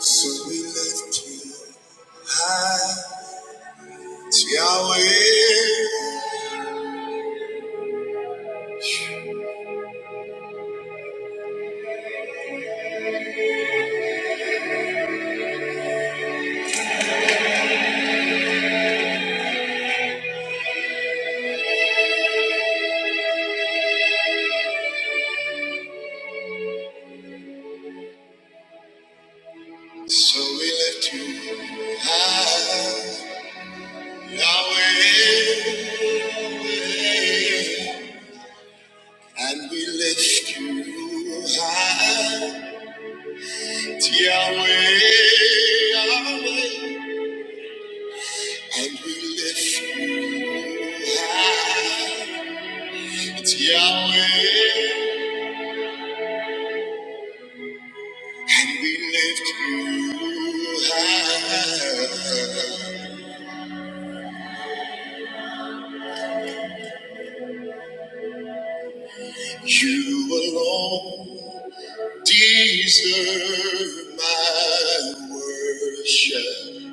So we lift you high, Yahweh. So we lift you high, Yahweh. And we lift you high, Yahweh. Yahweh. And we lift you high, Yahweh. And we lift you high. You alone deserve my worship.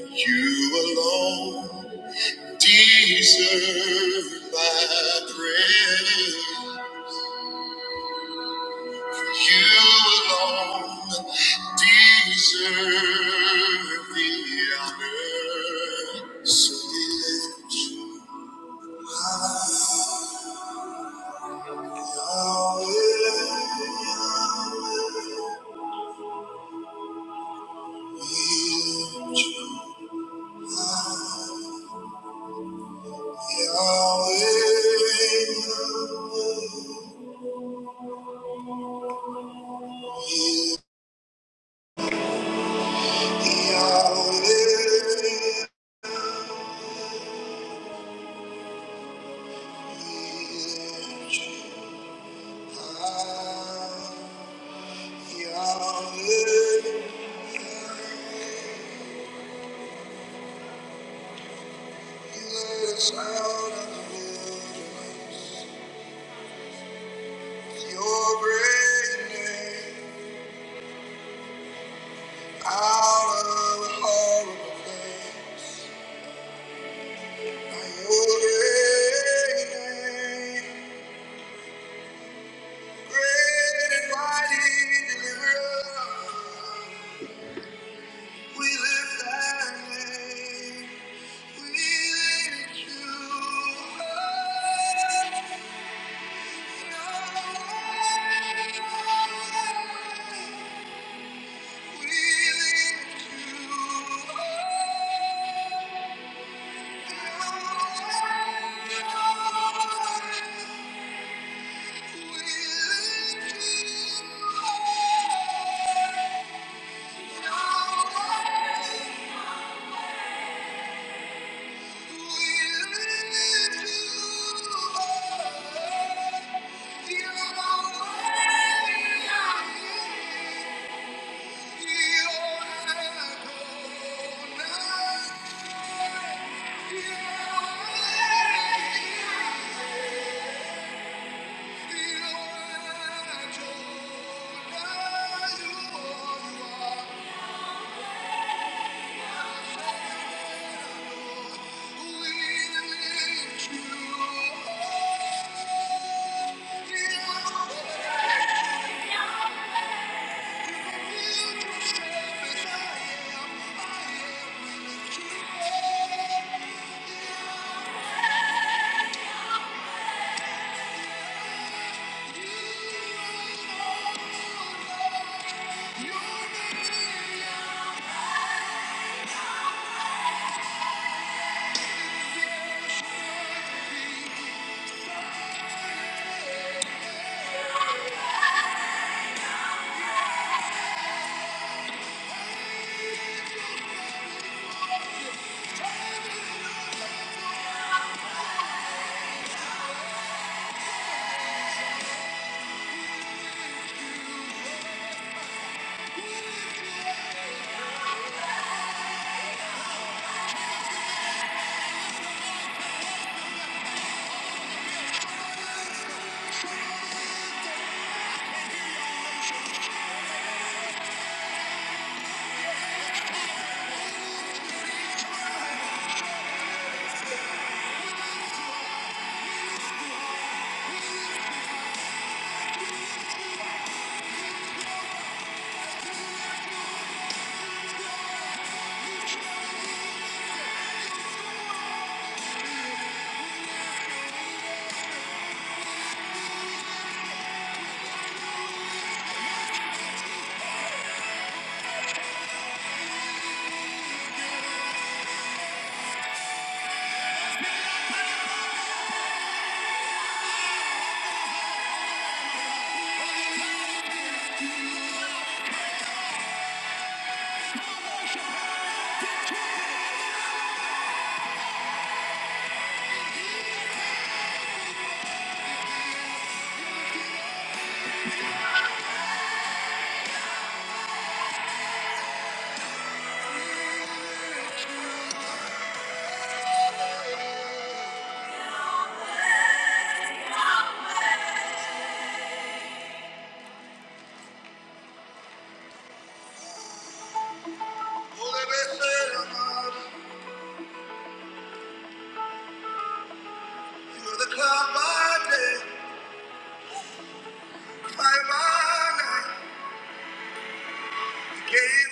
You alone deserve my praise. You alone deserve the honor. So we lift you up, Yahweh. We lift you up. Yahweh, Thank you. We lift you up.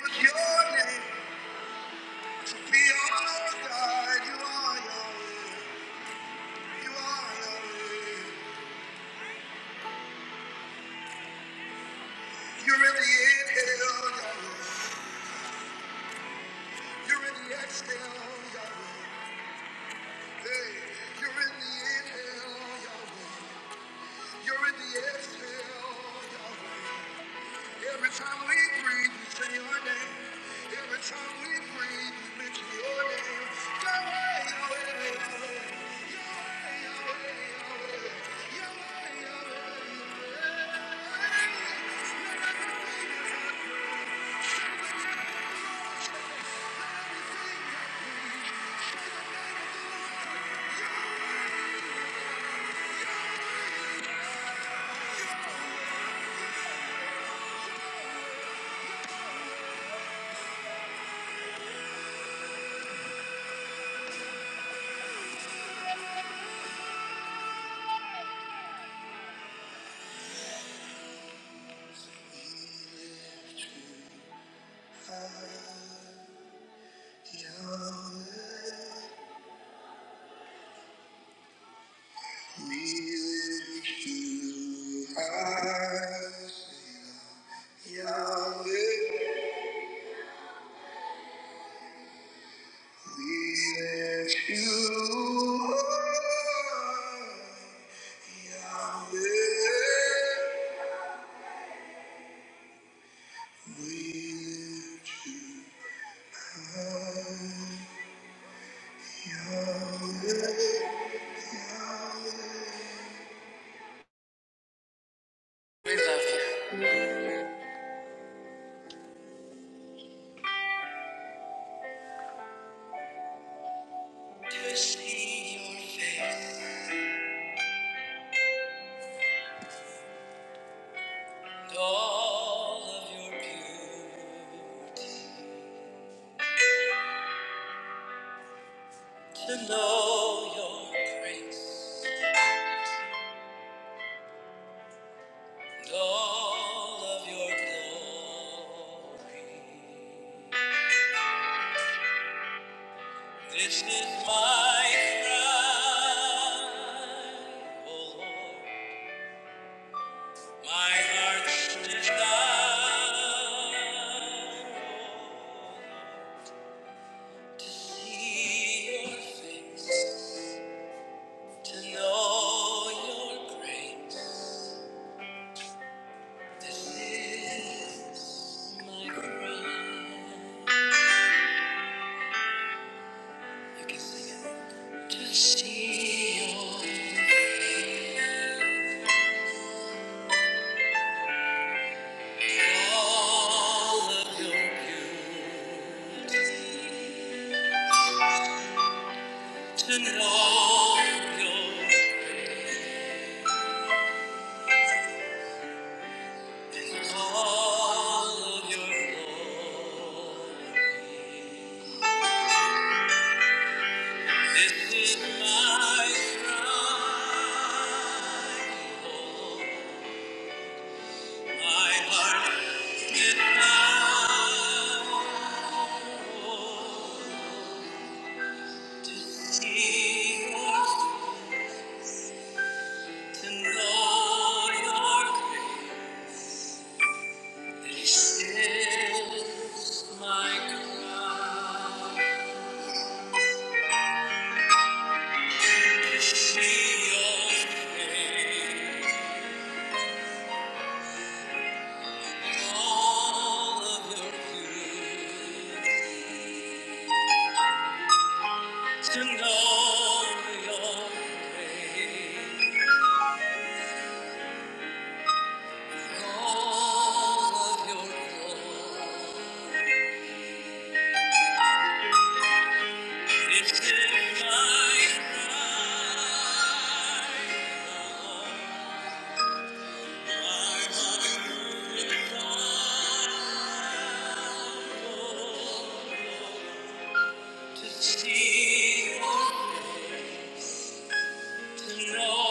Your name, be our God, you are Yahweh, you are Yahweh. You're in the inhale, Yahweh. You're in the exhale, Yahweh. You're in the inhale, Yahweh. You're in the exhale. We love you. To see your face, and all of your beauty. To know your grace, and all of your glory. This is my cry, O Lord. My heart stretches to see your face, to know your grace. This is my cry. To see all of your beauty, to know your All of your glory. This is my cry, Lord. My heart is bound to see your- to know your grace. This is my cry. See your face. all of your beauty, to know your grace, all of your glory. It's in my cry, my heart is on to see, to know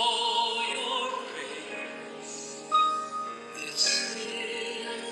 your grace. It's in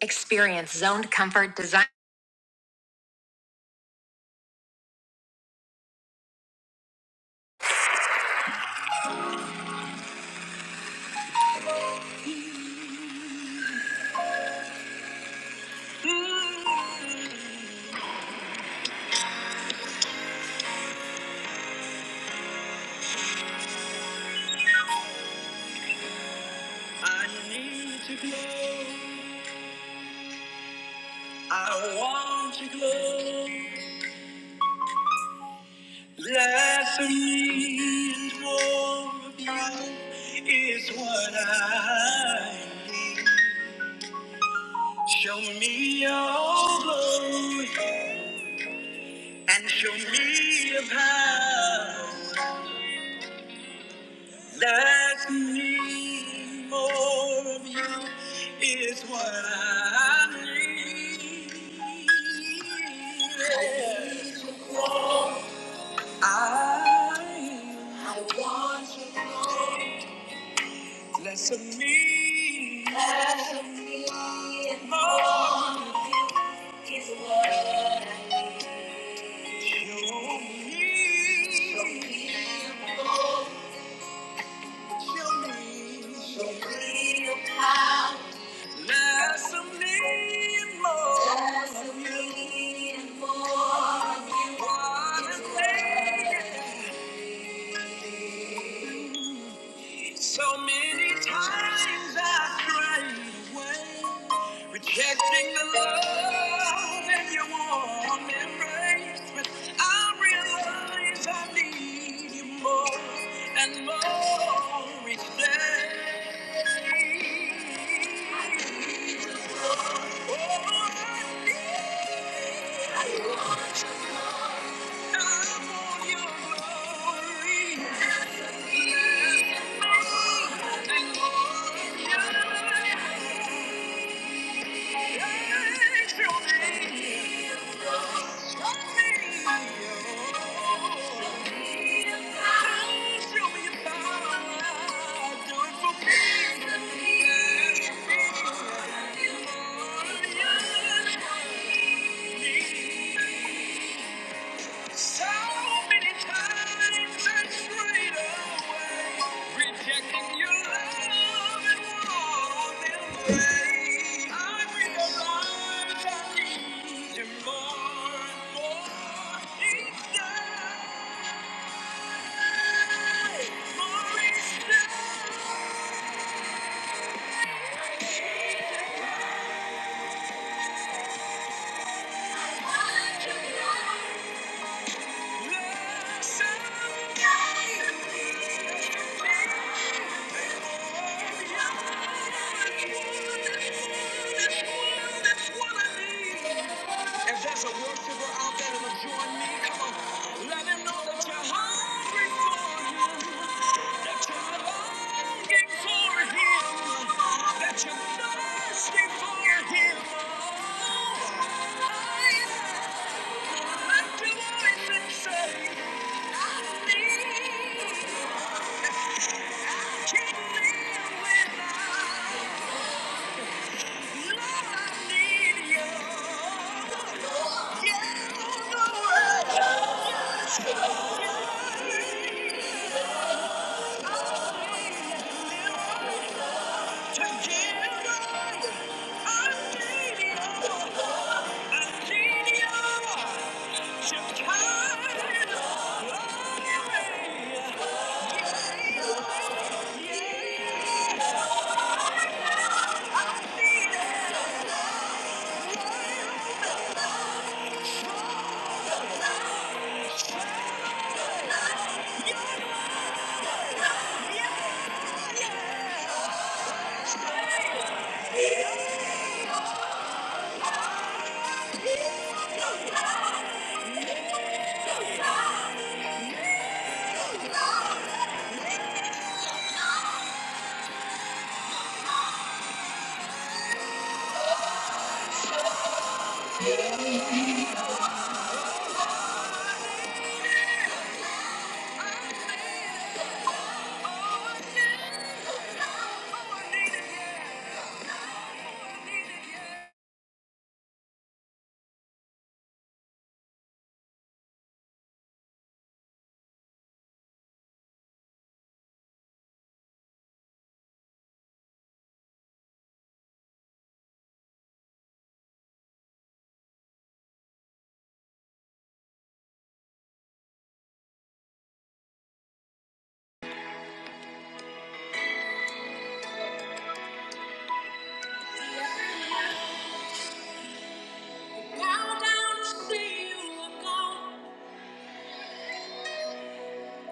Experience zoned comfort design. I need to glow. I want to glow. Less of me and more of you is what I show me your glory and show me your power. Less of me and more of you is what I need. Yes. I less of me, more of you. There's a need more of you. What a thing it is. So many times I cried away, rejecting the love in your warm embrace. But I realize I need you more and more each day. Oh, I need you. Thank you. So many times I strayed away, rejecting your love and walking away. I realize I need you more and more each day, more each day. I just want If there's a worshiper out there that'll join me, come on, let him know that you're hungry for him. That you're longing for him, that you're thirsty for him. Oh, I am. Yeah. Bow down to see you alone,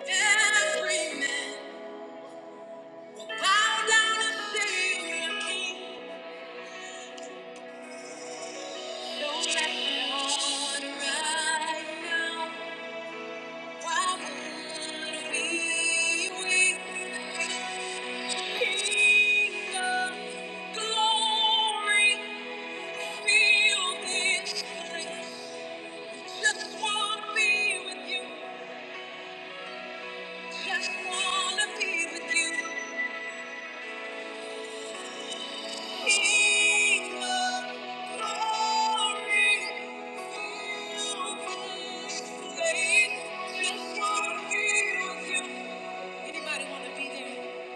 every man. Bow down and serve your king. Don't let your heart right Why would we wait? King of glory, feel this place. Just wanna be with you. Just wanna be with you. Anybody want to be there?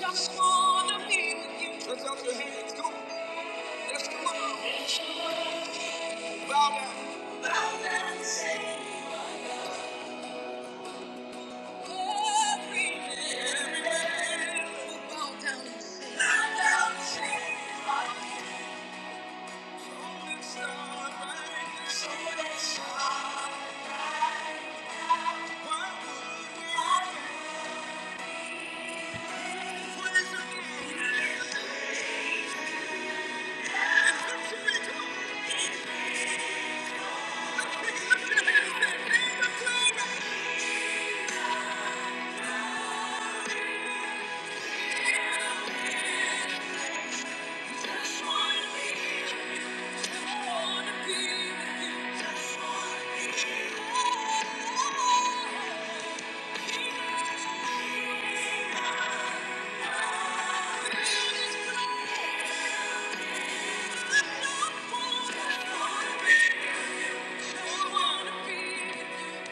Just wanna be with you. Let's up your hands, come on. Let's come on. Bow down. Bow down and say, Every man. Bow down and say, Bow down and say, Thank you.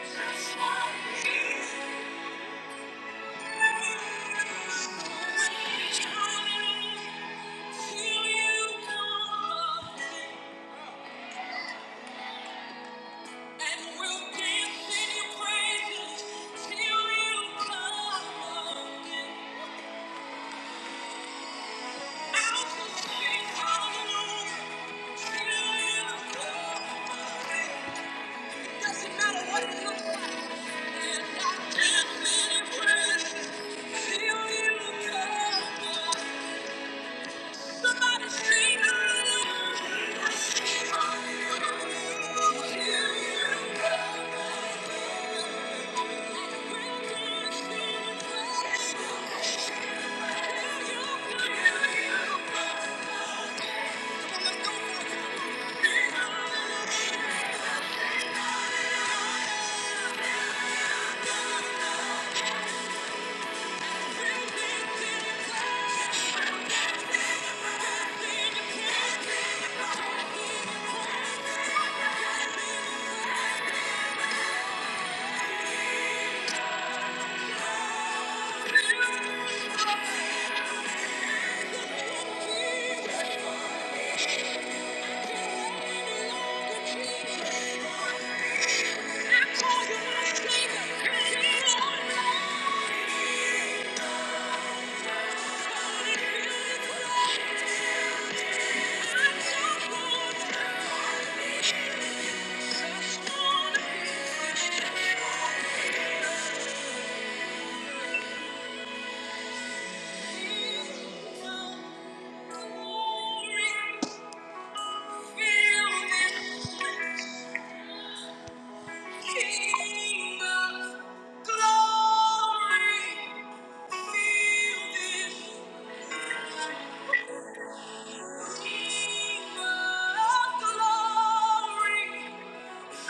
Just wanna be with you. Doesn't matter what it looks like. Somebody sing hallelujah. Thank you. King of glory,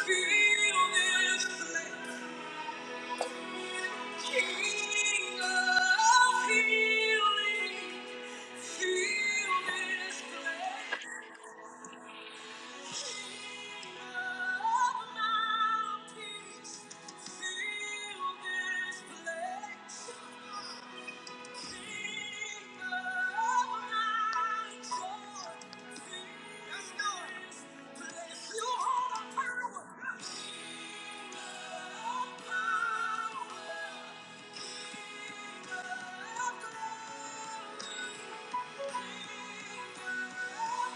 feel this place. King of healing, feel this place. King Thank you.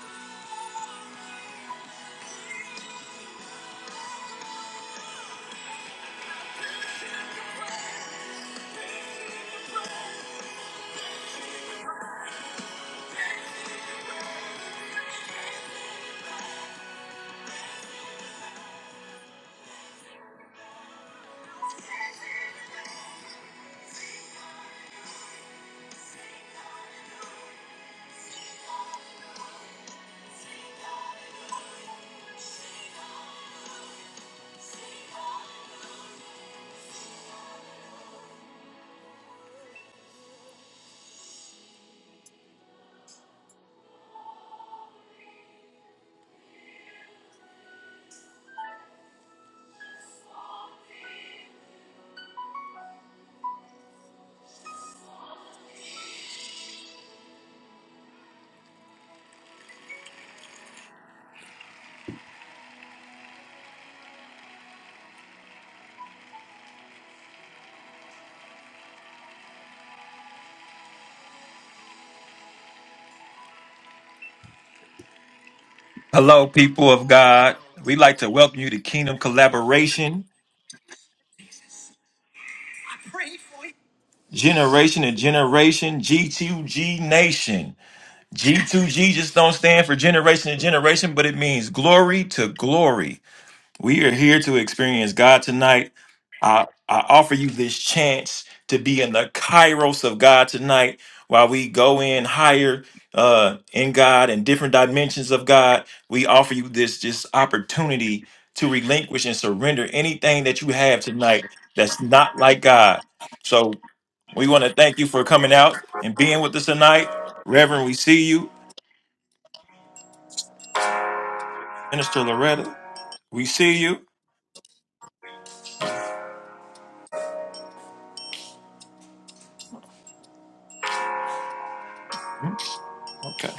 Hello, people of God. We'd like to welcome you to Kingdom Collaboration, Generation to Generation, G2G Nation. G2G just don't stand for generation to generation, but it means glory to glory. We are here to experience God tonight. I, I offer you this chance to be in the kairos of God tonight while we go in higher uh, in God and different dimensions of God. We offer you this this opportunity to relinquish and surrender anything that you have tonight that's not like God. So we want to thank you for coming out and being with us tonight. Reverend, we see you. Minister Loretta, we see you. Oh, hmm, Okay.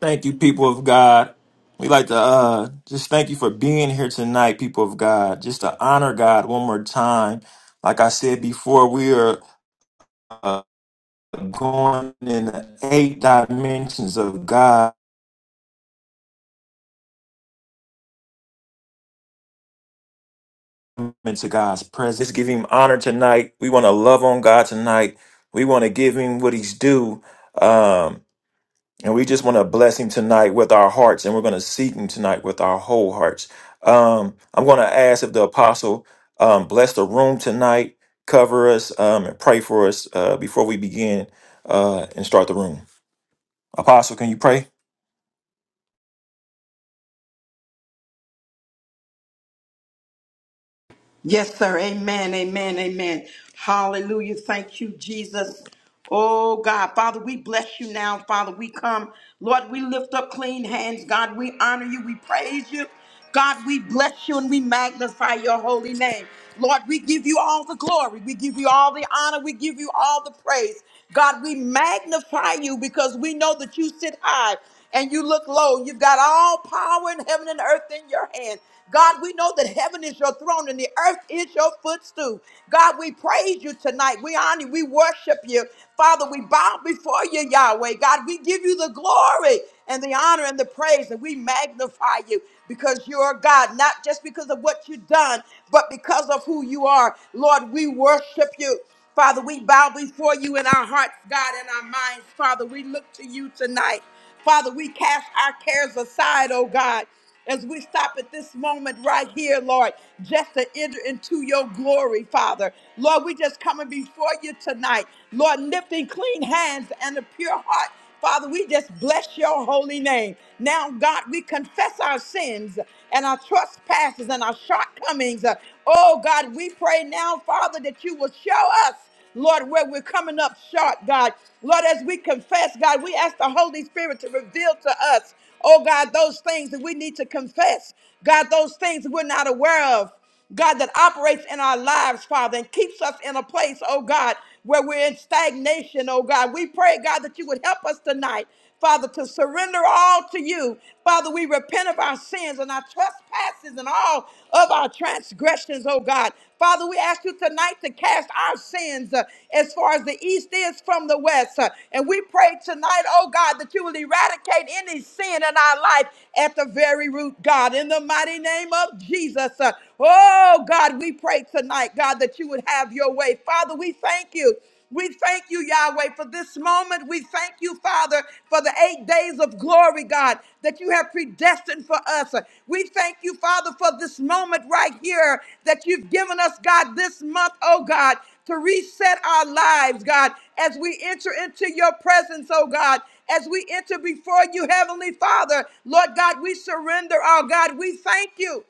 Thank you, people of God. We like to uh, just thank you for being here tonight, people of God. Just to honor God one more time. Like I said before, we are uh, going in the eight dimensions of God into God's presence. Let's give Him honor tonight. We want to love on God tonight. We want to give Him what He's due. Um, And we just want to bless him tonight with our hearts, and we're going to seek him tonight with our whole hearts. Um, I'm going to ask if the apostle um, bless the room tonight, cover us, um, and pray for us uh, before we begin uh, and start the room. Apostle, can you pray? Yes, sir. Amen. Amen. Amen. Hallelujah. Thank you, Jesus. Oh, God. Father, we bless you now. Father, we come. Lord, we lift up clean hands. God, we honor you. We praise you. God, we bless you and we magnify your holy name. Lord, we give you all the glory. We give you all the honor. We give you all the praise. God, we magnify you because we know that you sit high and you look low. You've got all power in heaven and earth in your hand. God, we know that heaven is your throne and the earth is your footstool. God, we praise you tonight. We honor you. We worship you. Father, we bow before you, Yahweh. God, we give you the glory and the honor and the praise, and we magnify you because you're God, not just because of what you've done, but because of who you are. Lord, we worship you. Father, we bow before you in our hearts, God, in our minds. Father, we look to you tonight. Father, we cast our cares aside, oh God, as we stop at this moment right here, Lord, just to enter into your glory, Father. Lord, we just coming before you tonight, Lord, lifting clean hands and a pure heart. Father, we just bless your holy name. Now, God, we confess our sins and our trespasses and our shortcomings. Oh, God, we pray now, Father, that you will show us. Lord, where we're coming up short, God. Lord, as we confess, God, we ask the Holy Spirit to reveal to us, oh God, those things that we need to confess. God, those things that we're not aware of. God, that operates in our lives, Father, and keeps us in a place, oh God, where we're in stagnation, oh God. We pray, God, that you would help us tonight. Father, to surrender all to you. Father, we repent of our sins and our trespasses and all of our transgressions, oh God. Father, we ask you tonight to cast our sins uh, as far as the east is from the west. uh, and we pray tonight, oh God, that you will eradicate any sin in our life at the very root, God. In the mighty name of Jesus. uh, oh God, we pray tonight, God, that you would have your way. Father, we thank you. We thank you, Yahweh, for this moment. We thank you, Father, for the eight days of glory, God, that you have predestined for us. We thank you, Father, for this moment right here that you've given us, God, this month, oh God, to reset our lives, God, as we enter into your presence, oh God. As we enter before you, Heavenly Father, Lord God, we surrender, oh God. We thank you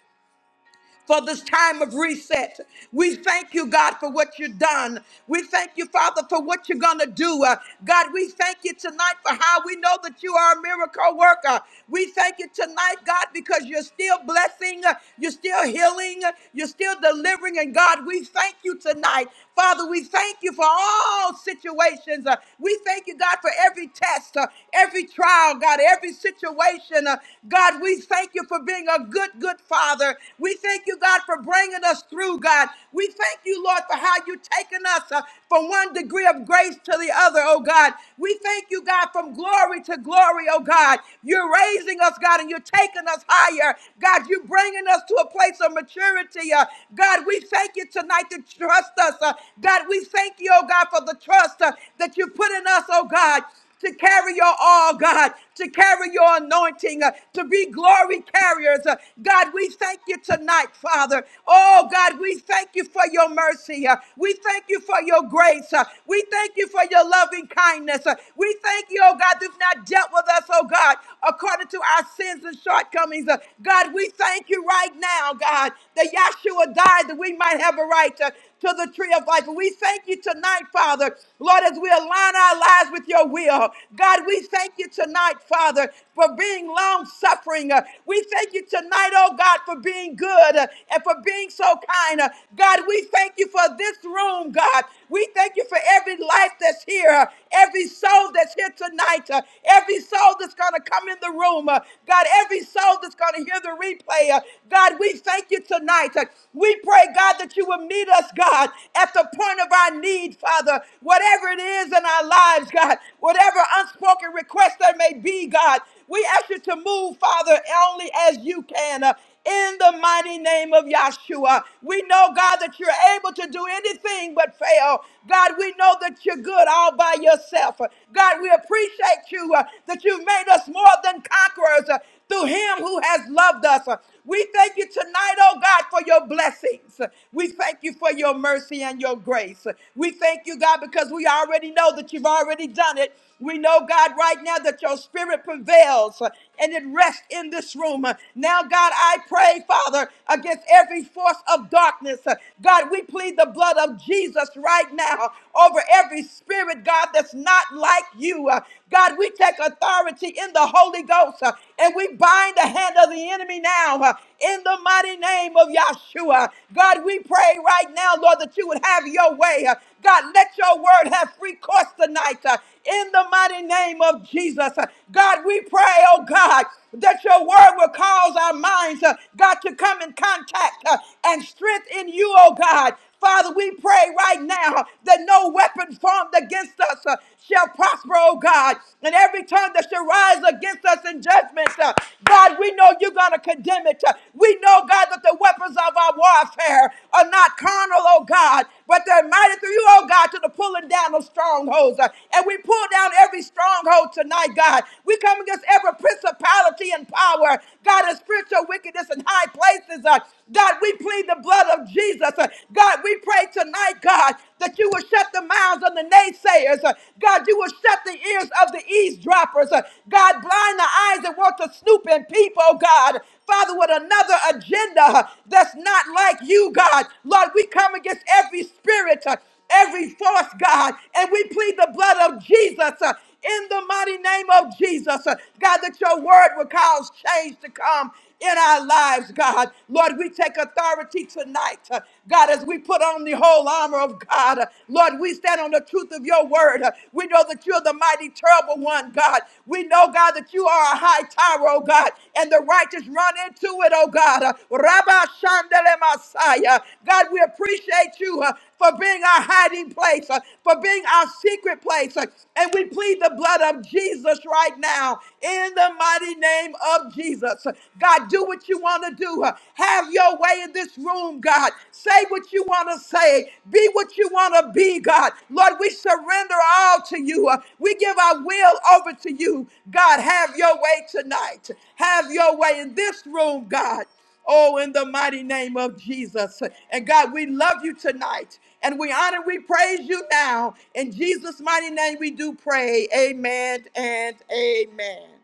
for this time of reset. We thank you, God, for what you've done. We thank you, Father, for what you're going to do. Uh, God, we thank you tonight for how we know that you are a miracle worker. We thank you tonight, God, because you're still blessing, uh, you're still healing, uh, you're still delivering. And God, we thank you tonight. Father, we thank you for all situations. Uh, we thank you, God, for every test, uh, every trial, God, every situation. Uh, God, we thank you for being a good, good Father. We thank you, God, for bringing us through, God. We thank you, Lord, for how you have taken us uh, from one degree of grace to the other, oh God. We thank you, God, from glory to glory, oh God. You're raising us, God, and you're taking us higher. God, you're bringing us to a place of maturity. uh, God, we thank you tonight to trust us. uh, God, we thank you, oh God, for the trust uh, that you put in us, oh God to carry your all, God, to carry your anointing, uh, to be glory carriers. Uh, God, we thank you tonight, Father. Oh, God, we thank you for your mercy. Uh, we thank you for your grace. Uh, we thank you for your loving kindness. Uh, we thank you, oh God, that you've not dealt with us, oh God, according to our sins and shortcomings. Uh, God, we thank you right now, God, that Yahshua died that we might have a right. Uh, to the tree of life. And we thank you tonight, Father, Lord, as we align our lives with your will. God, we thank you tonight, Father, for being long suffering. We thank you tonight, oh God, for being good uh, and for being so kind. Uh, God, we thank you for this room, God. We thank you for every life that's here, uh, every soul that's here tonight, uh, every soul that's going to come in the room. uh, God, every soul that's going to hear the replay. uh, God, we thank you tonight. Uh, We pray, God, that you will meet us, God, at the point of our need, Father. Whatever it is in our lives, God, whatever unspoken request there may be, God, we ask you to move, Father, only as you can. uh, in the mighty name of Yahshua. We know, God, that you're able to do anything but fail. God, we know that you're good all by yourself. God, we appreciate you uh, that you've made us more than conquerors uh, through him who has loved us. Uh, We thank you tonight, oh God, for your blessings. We thank you for your mercy and your grace. We thank you, God, because we already know that you've already done it we know, God, right now that your spirit prevails uh, and it rests in this room. Uh, Now, God, I pray, Father, against every force of darkness. Uh, God, we plead the blood of Jesus right now over every spirit, God, that's not like you. Uh, God, we take authority in the Holy Ghost uh, and we bind the hand of the enemy now. Uh, in the mighty name of Yahshua. God, we pray right now, Lord, that you would have your way. Uh, God, let your word have free course tonight uh, in the mighty name of Jesus. Uh, God, we pray, oh God, that your word will cause our minds, uh, God, to come in contact uh, and strength in you, oh God. Father, we pray right now that no weapon formed against us uh, shall prosper, oh God. And every tongue that shall rise against us in judgment. uh, God, we know you're going to condemn it. uh, We know, God, that the weapons of our warfare are not carnal, oh God, but they're mighty through you, oh God, to the pulling down of strongholds. uh, And we pull down every stronghold tonight, God. We come against every principality and power, God, and spiritual wickedness in high places. uh, God, we plead the blood of Jesus. uh, God, we pray tonight, God, that you will shut the mouths of the naysayers naysayers. Uh, God, you will shut the ears of the eavesdroppers. Uh, God, blind the eyes that want to snoop in people, oh God. Father, with another agenda uh, that's not like you, God. Lord, we come against every spirit, uh, every force, God, and we plead the blood of Jesus. uh, in the mighty name of Jesus, Uh, God, that your word will cause change to come in our lives, God. Lord, we take authority tonight, uh, God, as we put on the whole armor of God. Uh, Lord, we stand on the truth of your word. Uh, We know that you're the mighty, terrible one, God. We know, God, that you are a high tower, oh God, and the righteous run into it, oh God. Uh, Rabba Shandele Messiah. God, we appreciate you uh, for being our hiding place, uh, for being our secret place. uh, And we plead the blood of Jesus right now in the mighty name of Jesus. God, do what you want to do. Have your way in this room, God. Say what you want to say. Be what you want to be, God. Lord, we surrender all to you. We give our will over to you. God, have your way tonight. Have your way in this room, God. Oh, in the mighty name of Jesus. And God, we love you tonight. And we honor, we praise you now. In Jesus' mighty name, we do pray. Amen and amen.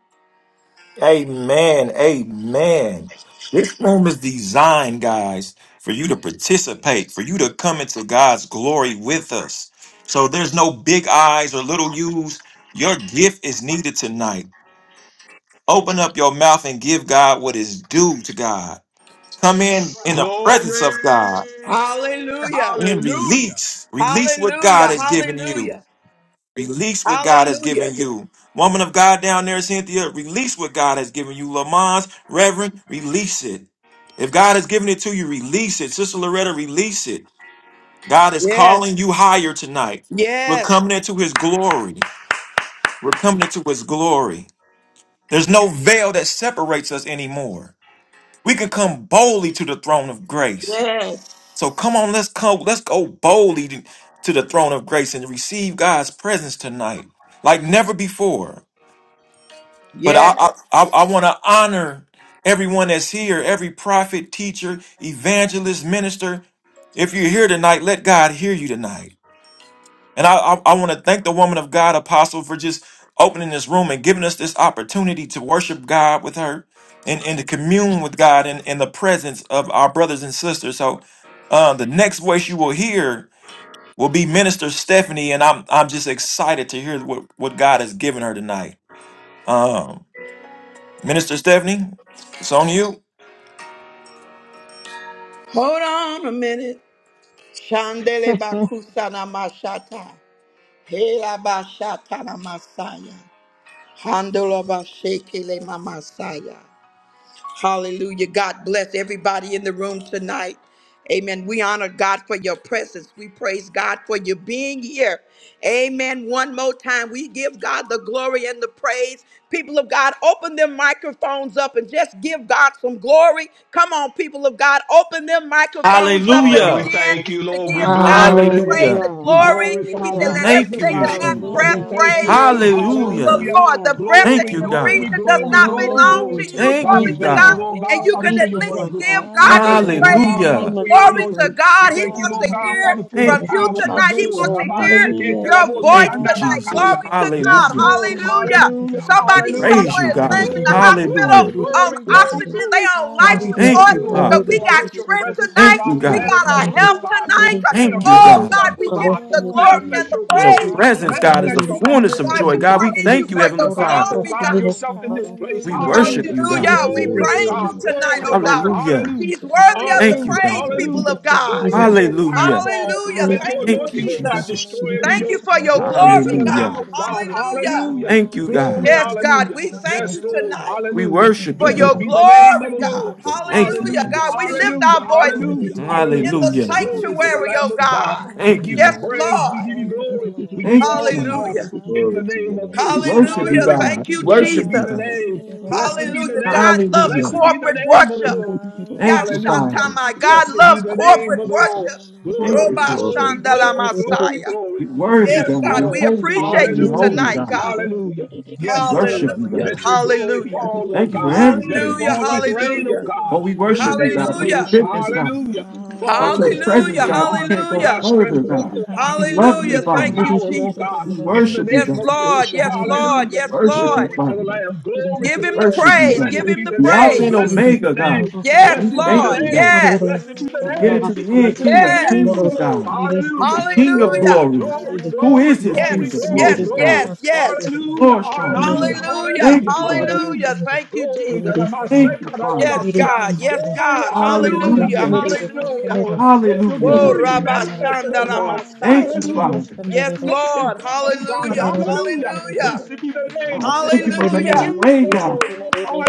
Amen. Amen. This room is designed, guys, for you to participate, for you to come into God's glory with us. So there's no big eyes or little U's. Your gift is needed tonight. Open up your mouth and give God what is due to God. Come in in the presence Glory. of God Hallelujah. and Hallelujah. release. Release what God Hallelujah. has given you. Hallelujah. Release what God has Hallelujah. given you. Woman of God down there, Cynthia, release what God has given you. Lamont, Reverend, release it. If God has given it to you, release it. Sister Loretta, release it. God is Yes. calling you higher tonight. We're Yes. coming into his glory. We're coming into his glory. There's no veil that separates us anymore. We can come boldly to the throne of grace. Yes. So come on, let's come, let's go boldly to to the throne of grace and receive God's presence tonight, like never before. But I Yes. I, I, I want to honor everyone that's here, every prophet, teacher, evangelist, minister. If you're here tonight, let God hear you tonight. And I, I, I want to thank the woman of God, Apostle, for just opening this room and giving us this opportunity to worship God with her and, and to commune with God in, in the presence of our brothers and sisters. So uh, the next voice you will hear will be Minister Stephanie, and I'm I'm just excited to hear what, what God has given her tonight. Um, Minister Stephanie, it's on you. Hold on a minute. Shandele Hallelujah. bakusana mashata. Hela bashata na masaya. Handola bashekele mamasaya. Hallelujah. God bless everybody in the room tonight. Amen. We honor God for your presence. We praise God for you being here. Amen. One more time, we give God the glory and the praise. People of God, open them microphones up and just give God some glory. Come on, people of God, open them microphones up and Father, we Hallelujah. begin thank you, to Lord. We give bless God your some name. praise Hallelujah. and We glory. He glorify, said, we Hallelujah. Let Thank you, Praise everything your magnify. that name, hath Yeshua. God, Lord. breath we Hallelujah. thank you, Hallelujah. Praise praise Lord. Thank God. you, ye Lord, the Jesus. Hallelujah. Hallelujah. Lord. Hallelujah. Oh, The breath I that Thank Glory, don't you, you're hallelujah. glory, breathing God. does Hallelujah. glory, know not about my glory, belong Hallelujah, Glory to glory. to God. your you. Thank God, we Glory you, Thank name, you, to thank God. you, God. Lord. God. Lord God, And you success, Glory. Father, can for at Thank but you, your it is least Lord presence. give God. We God Thank you, some thank you, God. Hallelujah. Lord In praise. God, the Thank Father, name you, Hallelujah. for of your Lord. Glory to Jesus. anointing. We God. He Glory, thank It's you, wants to Lord not God, about us, hear Father, Hallelujah. for your God. from Thank Thank It's you, you you, all power. about Lord. And tonight. He you, your Jesus. wants to God. Rabba, hear Seke, Hallelujah. In the your Telabo, name Glory. voice Thank you, Sianda, tonight. Jesus. Glory Hallelujah, to Lord. God. Yes, Abba, Hallelujah. Lord. Hallelujah. Yeshua. Hallelujah. Somebody glory Eh, to Praise Hallelujah. somewhere your you, is name, laying Glory, God. in the Hallelujah, of hospital glory, Hallelujah. on glory, hallelujah, Jesus. glory, Father. oxygen. They glory. on God, life Thank we you. Thank thank support, you, you, Lord. but Father. we God, hallelujah, got let your strength presence, oh tonight. Thank you, God, Thank be We you God. got our manifested, oh help hallelujah. God. tonight. Thank you, Thank you, for Lord. Manifest Oh God, yourself, God. oh we give God. you the glory Glory, and Manifest the the your In your glory. praise. presence, God, is the Manifest your hallelujah. fullness of Thank you, omniscience, God, joy. we oh God, we God. Lord. praise you thank you, for Heavenly your Magnify, Father. oh glory, God, God. Glory, yourself in this place. We Thank hallelujah. you, Lord. worship Thank Hallelujah. you, you, Hallelujah. God. We Glory good Jesus. to praise Glory, God. you Lord. tonight, Glory to oh Thank God. God. you, Hallelujah. Lord. Hallelujah. He's worthy of the Thank you, Hallelujah. Glory to praise, God. your people Hallelujah. of name, Lord God. Lord, let your Jesus. fire Hallelujah. fall. Hallelujah. Let your Thank you, Thank you, anointing, oh Jesus. Hallelujah. God, destroy Jesus. every Thank you Hallelujah. yoke. for your Glory to glory, the Lamb Thank Hallelujah. of God. you, God. Lord. Hallelujah. Hallelujah. Thank you, Glory, Glory. God. Yes, God, glory. Hallelujah. we thank Yes, you Lord. Hallelujah. tonight We Hallelujah. Thank worship for you, Thank your Blessed God. be you. the name of glory, the God. Lord. Yes, Lord. Thank you, Hallelujah, Thank Hallelujah. you, God. We Jesus. Lord. lift Hallelujah. our voices Glory Hallelujah. to your in Hallelujah. the name, Hallelujah. Glory to Jesus. the sanctuary, Lamb oh of God. God. We Thank you, give you Yes, God. praise. Hallelujah. We Lord. give you Thank you, glory. We Lord. give you Thank you. all the Father. Glory. honor Hallelujah. in the Glory to your name Hallelujah. of Give name, We you Father. Yahushua. worship you, Hallelujah. glory. Hallelujah. God. Thank We you, Blessed worship be you, the God. Jesus. name. Hallelujah. Blessed be the Hallelujah. Thank and you, name. God Lord loves Hallelujah. Blessed be Jesus. the corporate name of the worship. Lord. Thank you, Hallelujah. Father. Hallelujah. Yashatama. God Blessed be loves the name of corporate the Glory, Lord. worship. hallelujah. Thank you, Glory Glory, Thank Roba you, Father. progress. glory, Shandala glory, Jesus. glory, Messiah. glory. You're worthy, Yes, Yes, God. God, You're we Lord. holy, Hallelujah. appreciate holy, you Thank you, holy, Hallelujah. tonight, Thank Lord God. God. God. Hallelujah. you We Yes, for having worship Lord. us you, Hallelujah. here. Let Hallelujah. God. your you. glory Hallelujah. Hallelujah. fall, Thank oh Thank you for God. Hallelujah, Let it Hallelujah. everything. fall Thank like you, rain, oh Hallelujah. Oh, God, Jesus. we in the worship you, name God, of for your Hallelujah. Hallelujah. Yahushua. goodness, God. Hallelujah fall Without in your this Thank Hallelujah. you place, presence, Hallelujah. oh God, we God. can't go God, Hallelujah. stretch further, forth, Hallelujah. God. oh God, We your love for you, Hallelujah. Hallelujah. omnipotent Thank Father. you, power, Lord Hallelujah. Jesus. God, We coming in the with worship you, Yes, name Thank God. of you, Lord. Yahushua. Yes, Jesus. Lord. Hallelujah. Yes, Worship you, Lord. Glory to Hallelujah. the Father. Lamb. Glory Give to the him the Lamb. Worship you, praise. Give God. Blessed him be Thank the the you, The Alpha name. praise. and Blessed Jesus. be the Omega, name. God. Yes, Blessed We be thank the Lord. you, me. God. name. Hallelujah. Yes. Blessed be We the Glory. get name. into the end, Blessed be King of the Yes. name of the Kings, Hallelujah. Lord. God, Thank you, Lord the Hallelujah. God. King Glory, of Hallelujah. Glory. glory, Who glory, Hallelujah. is this Thank glory, you, King of Yes. Lord glory, Glory, Yes. glory. Yes. God? Jesus. Yes. The you. Hallelujah. Lord In strong the and name Hallelujah. Holy mighty. Lord Hallelujah. Thank Hallelujah. you, God. Hallelujah. Hallelujah. Jesus. Thank you, Glory to the Jesus. Thank you, Hallelujah, Yes, Father. Masekarabasia. God. Jesus. Yes, Glory, God. We hallelujah. thank Hallelujah. you, Hallelujah. Yes, Lord Lord. Hallelujah. God. Let your Hallelujah, We God. glory be manifested, glorify oh Korabashandala your God. name, Messiah. Thank you, Hallelujah. Father. Let Jesus. Yes, the anointing Lord. flow, oh Thank you, God. Hallelujah. God. Hallelujah, Hallelujah. Hallelujah. Blessed hallelujah, be the name. God, thank you Blessed for hallelujah. be the making a Hallelujah. name of way, of the Jesus, God. Lord.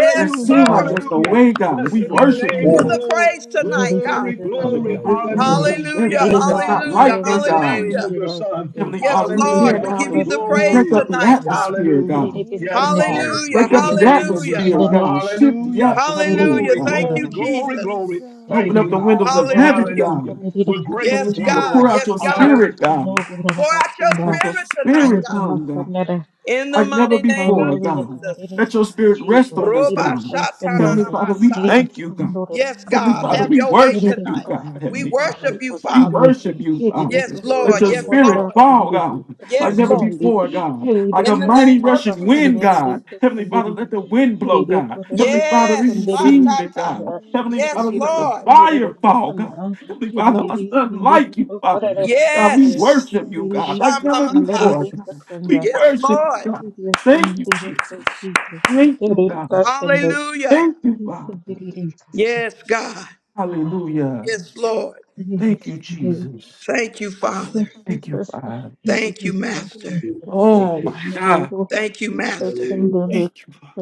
Yes, It seems Lord. like there's no Hallelujah. way, God. We Blessed Jesus. be the We worship give you, name you of the Lord, the God. Lord. praise tonight, God. Glory, Hallelujah, to your Father, we glory. name, Lord. repent Rabbi. Sunday. on Hallelujah. every- Hallelujah. Diddy Yes, everything We goes that's not Father. Sunday, worship like Hallelujah. you, In you, the Rogas and God. Lord. name of Hallelujah. Diddy your goes Son. Sunday. Heavenly Yes, Father, We we Diddy Lord. tear take Hallelujah. We down adore give you the, Okaras the you, we and praise break Borgas Glory. up the Lord. tonight, Sunday. God. atmosphere, Hallelujah. Diddy God. take his We Yes, Sunday. Glory Father to Hallelujah. your Break in glorify up name, the the Father. your name Hallelujah. of your In atmosphere, name. the son. God. name of Shift the Hallelujah. Jesus, Harry takes atmosphere, Hallelujah. Glory, Sunday. Thank God. glory, you, glory, We Jesus. glory. exalt Diddy Open Thank up take you, the thee, us God. O windows some of more at heaven, Hallelujah. us Hallelujah. and God. Diddy God. We're take us grateful Yes, Heavenly to Sunday. you, Father, God. pour Lord. out Yes, your Diddy God. take Hallelujah. us spirit, Praise your Sunday, God. Pour name. Gorakas out and your Let your spirit tonight, spirit God. come, God the In the like never mighty name of before, Hallelujah, God. God. In the Jesus. Let your name of spirit rest Jesus. Praise on He us, you, did it Roba God. first and then. Heavenly Jesus. shatanana Father, we He did Messiah. it thank you, second God. or the Yes, Thank Heavenly second God, you, day. Father, have we your Lord. way He did worship Thank it you, you. tonight. first God. and We then Heavenly for the worship Father, you, we second Father. day. worship Thank you, you, He did Father. it Yes, first Glory Let and Lord. your to then Jesus. Yes, your for name, spirit the Lord. Father. second fall, God, like Yes, never Lord. day. before, He God. did Like it a In the Thank name mighty you, of rushing first and wind, then. Jesus. God. Jesus. Heavenly Father, let the wind He blow, did it God. Thank Heavenly you, Father, we Yes. Lord He God. Ha did it receive ta it, first and ta. God. then. Glory He Heavenly to Yes, did Father, it your He did it let first the Lord. and then. He name, did it fire fall, Jesus. God. Heavenly He did Father, it us unlike you, Father. first and God, we then. Yes. worship Thank you, He did it God, like you, never Shamamaha. before, God. Jesus. We Yes, worship Lord. you, God. Hallelujah, Thank you, Jesus. Jesus. That- Thank you, God. Hallelujah, Hallelujah. Thank you, Jesus. Oh, Jesus. Hallelujah, Jesus. Father. Yes, God. Hallelujah, Hallelujah. Yes, Lord. Hallelujah, Thank you, Jesus. Thank you, Father. Thank you, Jesus. Father. Hallelujah, Thank you, Jesus. Hallelujah, Jesus. Master. Hallelujah, we thank Oh, you. my Hallelujah, God. Thank you, Jesus. Master. hallelujah, Thank you, Father.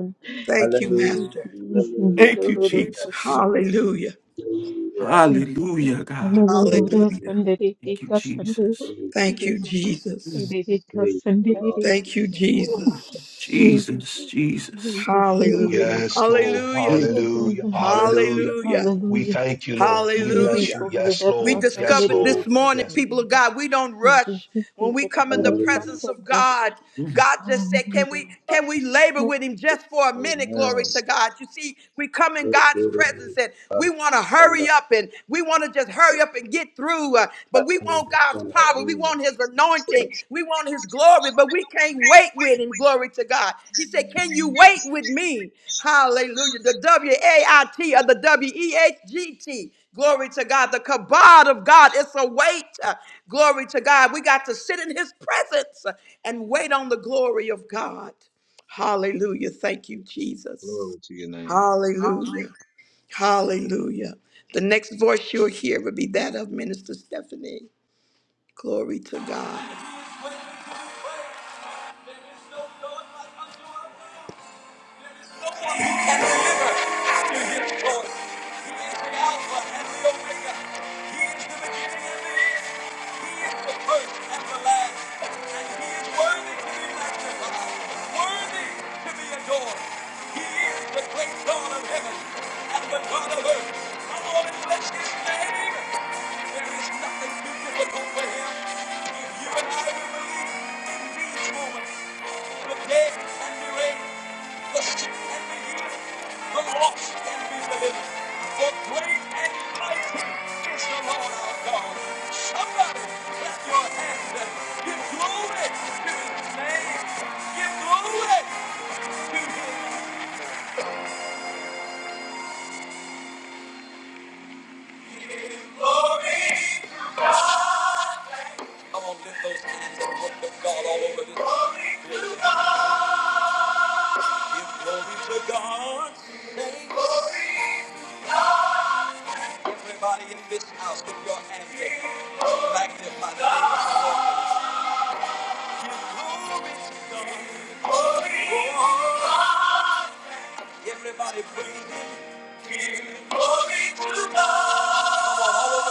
Thank you, Master. hallelujah, Thank you, Jesus. Hallelujah. hallelujah. Hallelujah, God. Hallelujah, Praise, Hallelujah, praise, Hallelujah. Jesus. Thank you, Jesus. you. Thank you, Jesus. Mm. praise, praise the Lord. Thank you, Ooh, Jesus. Jesus, Jesus. Praise, Hallelujah. Yes, Lord. Hallelujah. Thank you, Hallelujah, God. Hallelujah. Hallelujah. Hallelujah. Hallelujah. We Hallelujah. thank you, Lord. We Glory, bless Hallelujah. you. glory, Yes, that We Lord. Sunday, Yes, discovered that is this Lord. the morning, Yes. people Sunday. of God, we don't This rush is when we the come in the God of hallelujah. presence of Sunday. God. Mm. God just said, Can Hallelujah. we can we labor with him just for a minute? Amen. Glory to God. You see, we come in No God's greater presence love and we want to than that. hurry up and we want to just hurry up and get through. uh, but we want God's thunder. power. We Hallelujah. want his anointing. We want his glory, but we can't wait with him. Glory to God. He said, Can you wait with me? Hallelujah. The W A I T or the W E H G T. Glory to God. The kabod of God, it's a weight. Uh, Glory to God. We got to sit in his presence uh, and wait on the glory of God. Hallelujah. Thank you, Glory Jesus. to your name. Hallelujah. Hallelujah. The next voice you'll hear will be that of Minister Stephanie. Glory to God. No one can deliver after his choice. He is the Alpha and the Omega. He is the beginning and the end. He is the first and the last. And he is worthy to be magnified, worthy to be adored. He is the great God of heaven and the God of earth. Come on and bless his name. There is nothing too difficult for him. If you and I will believe in these moments, the dead can be raised, the sick can be healed, the lost can be delivered. The great and mighty is the Lord our God. Somebody clap your hands and give glory to his name. Give glory to him. I want to lift those hands and worship God all over this. Glory to God. Give glory to God. Say, glory. Everybody in this house, with your hands up. Magnify the name of the Lord. Give glory to God. Glory. Oh, Everybody praise Him. Give glory to God.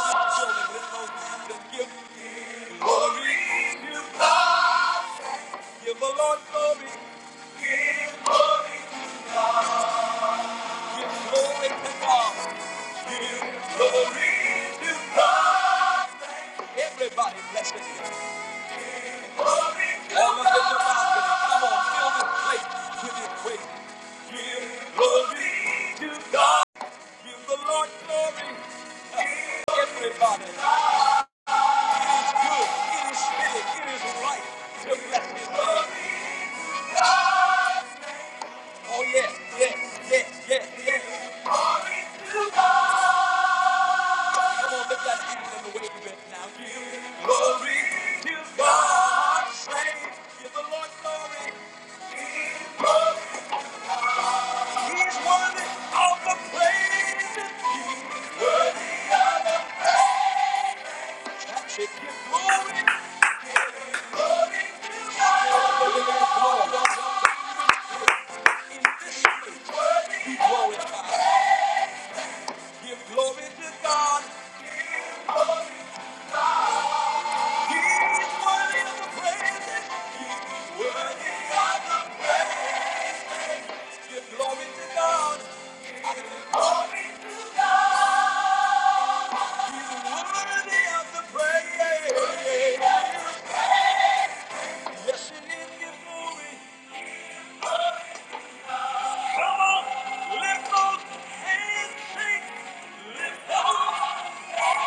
Come on, all over this building, lift those hands and give glory to God. Give the Lord glory. Give glory to God. Give glory to God. Give glory to God. Everybody bless him. Glory to All of them God. About to Come on, fill this place with his praise. Give glory to God. Give the Lord glory. Everybody. It is good. It is fitting. It is right to bless his name. Oh yeah, yeah, yeah, yeah, yeah. Glory to God. Come on, lift that hand in the way you bent now. Give glory to God. Praise, give the Lord glory. He's worthy of the praise. That's it. Give glory to God. Be glorified. Give glory to God. He's worthy of the praise. He's worthy of the praise. Give glory to God. Glory to God. He's worthy of the praise. Yes, it is your glory. Come on, lift those hands, sing. Lift those hands,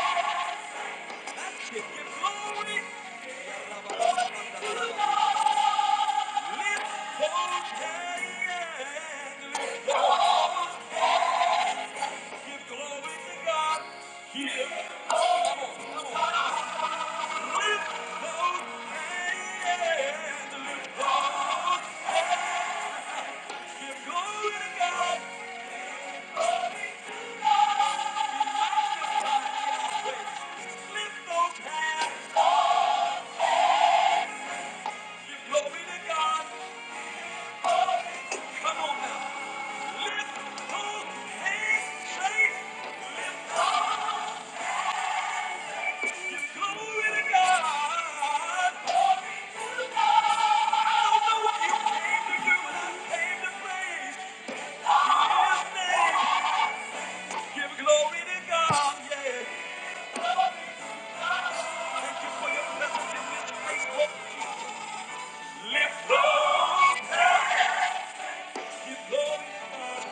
give your glory. Lift those hands, give glory to God. Here, lift those hands, lift those, give glory to God. Lift those hands. Give glory to God. Come on now. Lift those hands. Say, lift up. Give glory Glory to God. I don't know what you came to do, but I came to praise His name. Give glory to God. Yeah. Lift those hands. Give glory to God.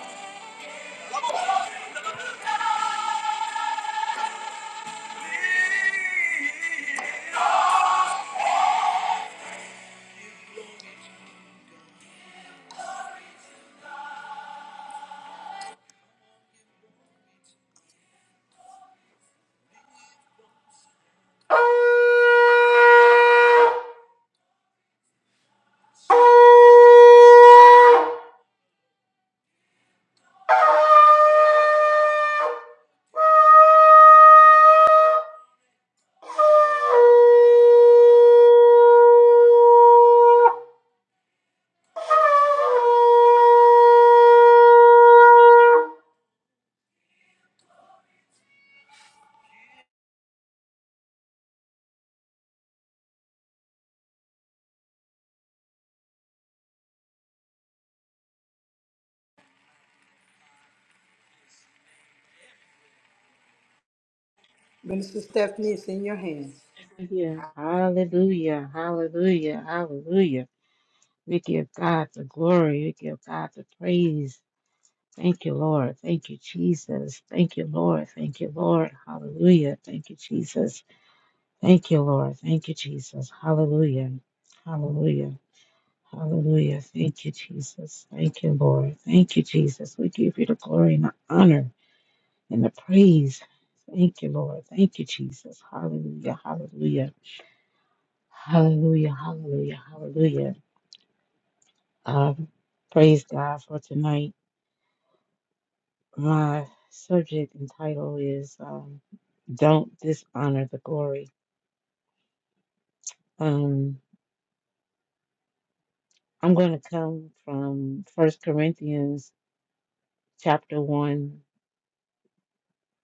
Minister Stephanie, it's in your hands. Hallelujah. Hallelujah. Hallelujah. Hallelujah. We give God the glory. We give God the praise. Thank you, Lord. Thank you, Jesus. Thank you, Lord. Thank you, Lord. Hallelujah. Thank you, Jesus. Thank you, Lord. Thank you, Jesus. Hallelujah. Hallelujah. Hallelujah. Thank you, Jesus. Thank you, Lord. Thank you, Jesus. We give you the glory and the honor and the praise. Thank you, Lord. Thank you, Jesus. Hallelujah. Hallelujah. Hallelujah. Hallelujah. Hallelujah. Um, praise God for tonight. My subject and title is um, Don't Dishonor the Glory. Um, I'm going to come from First Corinthians chapter 1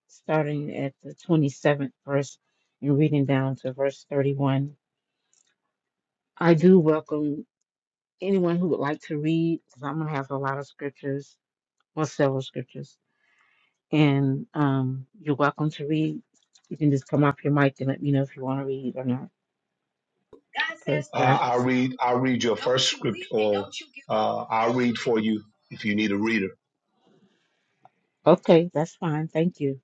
starting at the 27th verse and reading down to verse 31. I do welcome anyone who would like to read, because I'm going to have a lot of scriptures, well, several scriptures. And um, you're welcome to read. You can just come off your mic and let me know if you want to read or not. Praise God. I'll read your uh, I'll read for you if you need a reader. Okay, that's fine. Thank you.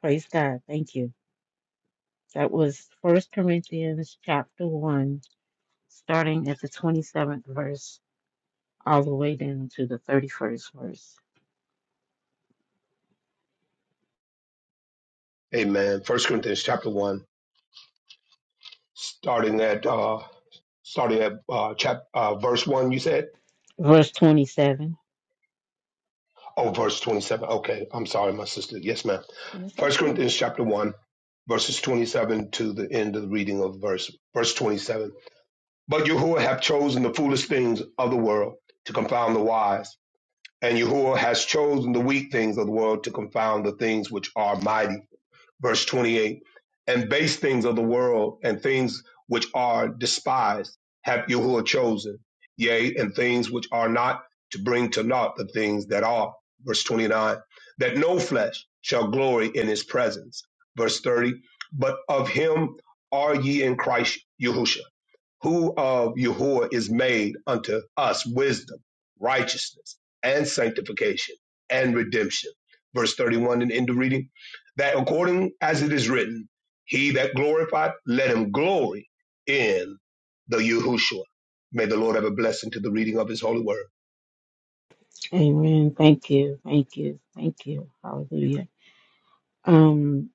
Praise God. Thank you. That was First Corinthians chapter 1, starting at the 27th verse, all the way down to the 31st verse. Amen. First Corinthians chapter one, starting at uh starting at uh chap uh verse one, you said? Verse 27. Oh, verse 27. Okay. I'm sorry, my sister. Yes, ma'am. It's First okay. Corinthians chapter 1, verses 27 to the end of the reading of verse verse 27. But Yahuwah have chosen the foolish things of the world to confound the wise, and Yahuwah has chosen the weak things of the world to confound the things which are mighty verse 28 and base things of the world and things which are despised have Yahuwah chosen, yea, and things which are not to bring to naught the things that are. Verse 29 that no flesh shall glory in his presence. Verse 30 but of him are ye in Christ Yahushua who of Yahuwah is made unto us wisdom, righteousness, and sanctification, and redemption. Verse 31 in the end of reading, that according as it is written, he that glorified, let him glory in the Yahushua. May the Lord have a blessing to the reading of his holy word. Amen. Thank you. Thank you. Thank you. Hallelujah. Um,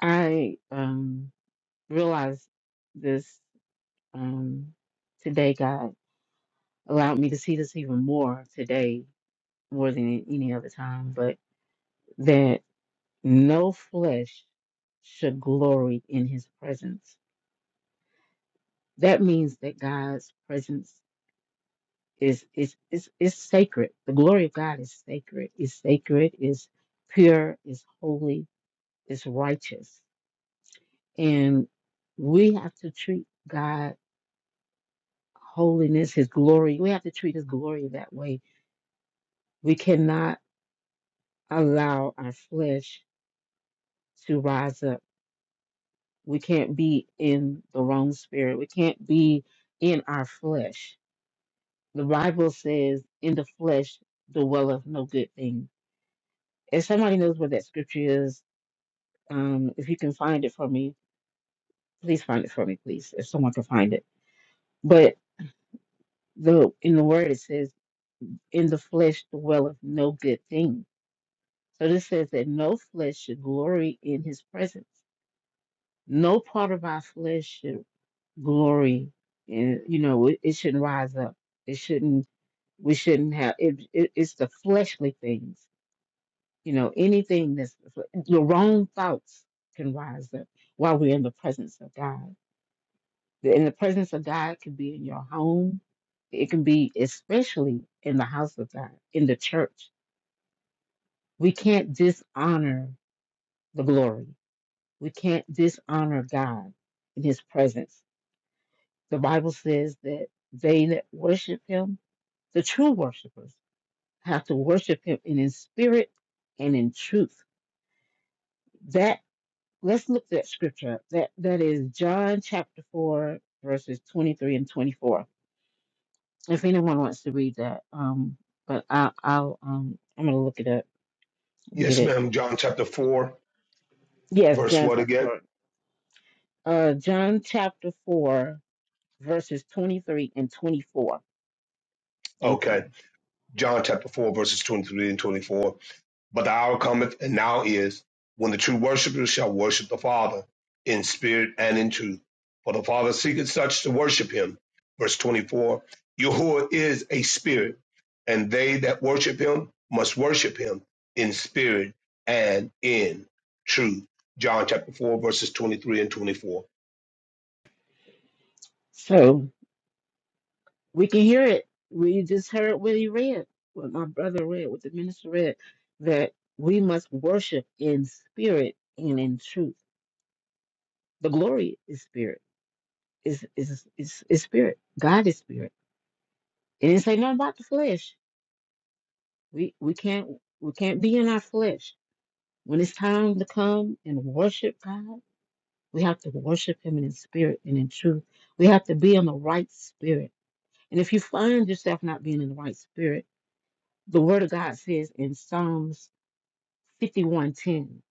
I um realized this um today, God allowed me to see this even more today, more than any other time, but that no flesh should in his presence. That means that God's presence is is is is sacred. The glory of God is sacred, is sacred, is pure, is holy is righteous. And we have to treat God holiness, his glory. We have to treat his glory that way. We cannot allow our flesh to rise up. We can't be in the wrong spirit. We can't be in our flesh. The Bible says, in the flesh dwelleth no good thing. If somebody knows what that scripture is, um, if you can find it for me, please find it for me, please. If someone can find it. But the in the word it says in the flesh dwelleth no good thing. So this says that no flesh should glory in his presence. No part of our flesh should glory in, you know, it, it shouldn't rise up. It shouldn't, we shouldn't have, it, it, it's the fleshly things, you know, anything that's, the wrong thoughts can rise up while we're in the presence of God. In the presence of God could be in your home. It can be especially in the house of God, in the church We can't dishonor the glory. We can't dishonor God in his presence. The Bible says that they that worship him, the true worshipers, have to worship him in his spirit and in truth. That let's look at scripture. up. That that is John chapter four, verses twenty-three and twenty-four. If anyone wants to read that, um, but I, I'll um, I'm gonna look it up and get Yes, it. ma'am. John chapter 4, Yes, verse John what chapter again? four. Uh, John chapter four verses 23 and 24. Thank Okay. you. John chapter 4, verses 23 and 24. But the hour cometh and now is when the true worshipers shall worship the Father in spirit and in truth. For the Father seeketh such to worship him. Verse 24 Yahuwah is a spirit, and they that worship him must worship him in spirit and in truth. John chapter 4, verses 23 and 24. So we can hear it. We just heard what he read, what my brother read, what the minister read, that we must worship in spirit and in truth. The glory is spirit. Is is is is spirit. God is spirit. It didn't say nothing about the flesh. We we can't we can't be in our flesh. When it's time to come and worship God, we have to worship Him in spirit and in truth. We have to be in the right spirit. And if you find yourself not being in the right spirit, the word of God says in Psalms 51:10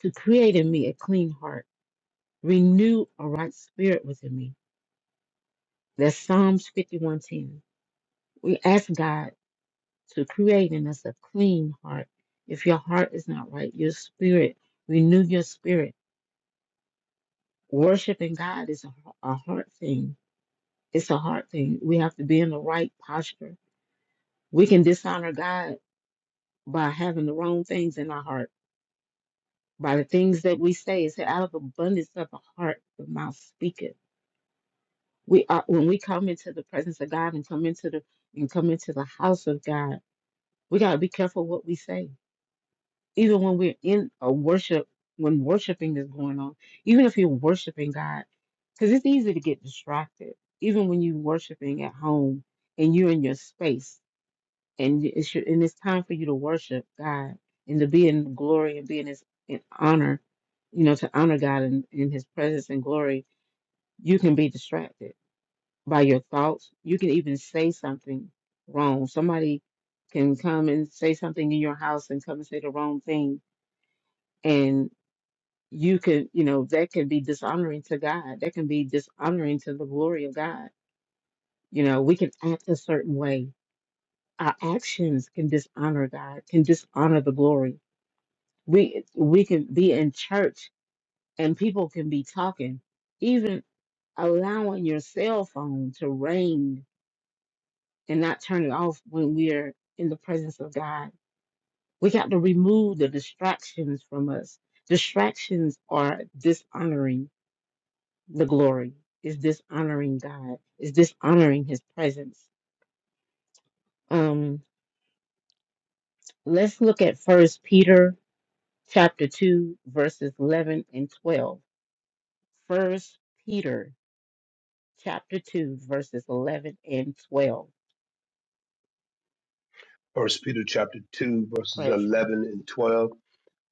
to create in me a clean heart, renew a right spirit within me. That's Psalms 51:10. We ask God to create in us a clean heart. If your heart is not right, your spirit, renew your spirit. Worshiping God is a, a heart thing. It's a heart thing. We have to be in the right posture. We can dishonor God by having the wrong things in our heart by the things that we say. It said, out of abundance of the heart, the mouth speaketh. We are when we come into the presence of God and come into the and come into the house of God, we gotta be careful what we say. Even when we're in a worship, when worshiping is going on, even if you're worshiping God, because it's easy to get distracted. Even when you're worshiping at home and you're in your space, and y- it's your, and it's time for you to worship God and to be in glory and be in His in honor, you know, to honor God in, in His presence and glory. You can be distracted by your thoughts. You can even say something wrong. Somebody can come and say something in your house and come and say the wrong thing, and you can, you know, that can be dishonoring to God. That can be dishonoring to the glory of God. You know, we can act a certain way. Our actions can dishonor God, can dishonor the glory we we can be in church and people can be talking even allowing your cell phone to ring and not turn it off when we're in the presence of god we got to remove the distractions from us distractions are dishonoring the glory is dishonoring god is dishonoring his presence um let's look at first peter chapter 2 verses 11 and 12 first peter chapter 2, verses 11 and 12. First Peter chapter 2, verses Praise God. 11 and 12.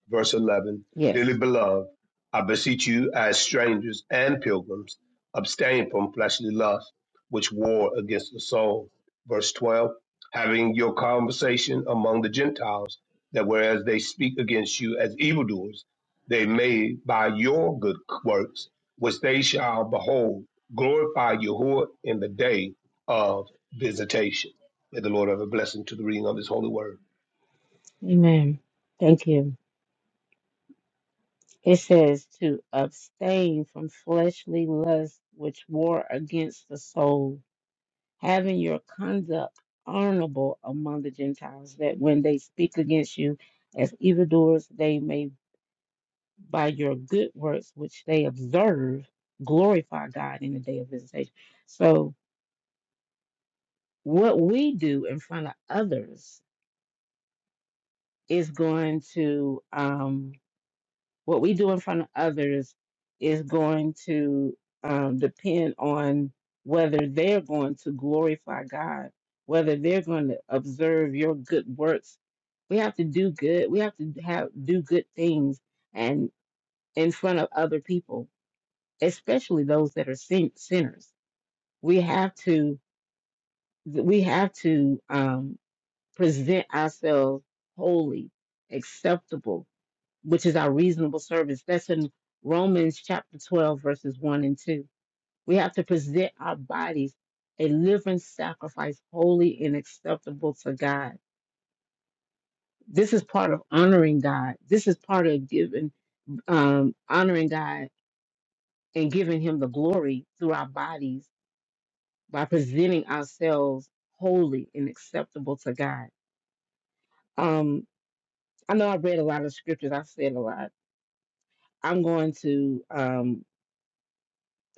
verse 11 Yes. Dearly beloved, I beseech you as strangers and pilgrims, abstain from fleshly lusts which war against the soul. Verse 12 Having your conversation among the Gentiles, that whereas they speak against you as evildoers, they may by your good works, which they shall behold, glorify Yahuwah in the day of visitation. May the Lord have a blessing to the reading of his holy word. Amen. Thank you. It says to abstain from fleshly lusts which war against the soul, having your conduct honorable among the Gentiles, that when they speak against you as evildoers, they may by your good works which they observe glorify God in the day of visitation. So what we do in front of others is going to um, what we do in front of others is going to um, depend on whether they're going to glorify God, whether they're going to observe your good works. We have to do good. We have to have do good things and in front of other people, especially those that are sin- sinners. We have to we have to um, present ourselves holy, acceptable, which is our reasonable service. That's in Romans chapter 12, verses 1 and 2. We have to present our bodies a living sacrifice, holy and acceptable to God. This is part of honoring God. This is part of giving, um, honoring God and giving Him the glory through our bodies by presenting ourselves holy and acceptable to God. Um, I know I read a lot of scriptures. I said a lot. I'm going to. um,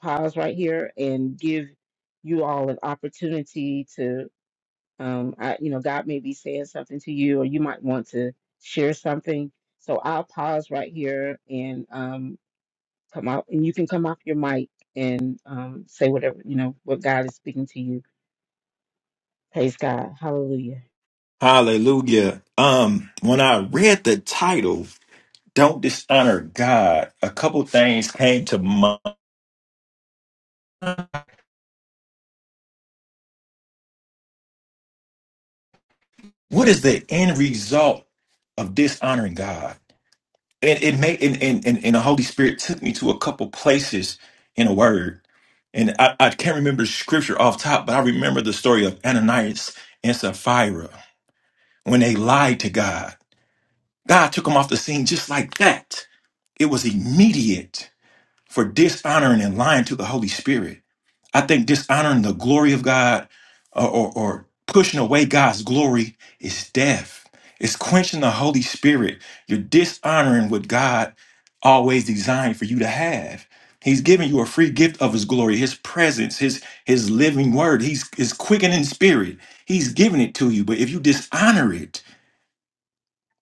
pause right here and give you all an opportunity to, um, I, you know, God may be saying something to you, or you might want to share something. So I'll pause right here and um, come out, and you can come off your mic and um, say whatever you know what God is speaking to you. Praise God, Hallelujah. Hallelujah. Um, when I read the title, Don't Dishonor God, a couple things came to mind. What is the end result of dishonoring God? And it made and and, and, and the Holy Spirit took me to a couple places in a word. And I, I can't remember the scripture off top, but I remember the story of Ananias and Sapphira when they lied to God. God took them off the scene just like that. It was immediate for dishonoring and lying to the Holy Spirit. I think dishonoring the glory of God or, or, or pushing away God's glory is death. It's quenching the Holy Spirit. You're dishonoring what God always designed for you to have. He's giving you a free gift of his glory, his presence, his his living word. He's is quickening spirit. He's giving it to you. But if you dishonor it,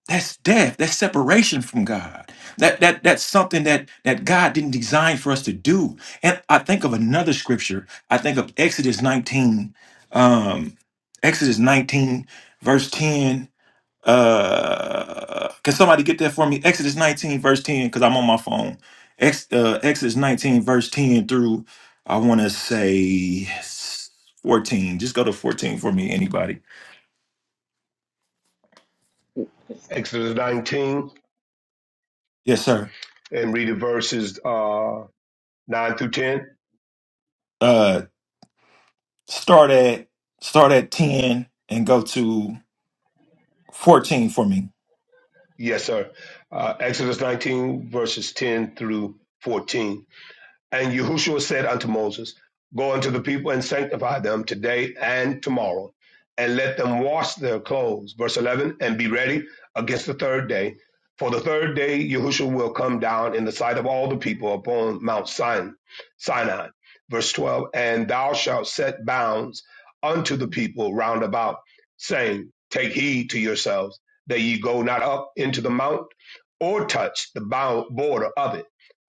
that's death. That's separation from God. That that that's something that that God didn't design for us to do. And I think of another scripture. I think of Exodus 19, um, Exodus 19, verse 10. Uh, can somebody get that for me? Exodus 19, verse 10, because I'm on my phone. Ex, uh, Exodus 19, verse 10 through I want to say 14. Just go to 14 for me, anybody. Exodus 19 Yes, sir. and read the verses uh, 9 through 10? Uh, Start at start at ten and go to fourteen for me. Yes, sir. Uh, Exodus 19, verses 10 through 14. And Yahushua said unto Moses, Go unto the people and sanctify them today and tomorrow, and let them wash their clothes. Verse 11, and be ready against the third day. For the third day Yahushua will come down in the sight of all the people upon Mount Sin- Sinai. Verse 12, and thou shalt set bounds unto the people round about, saying, Take heed to yourselves that ye go not up into the mount or touch the bound border of it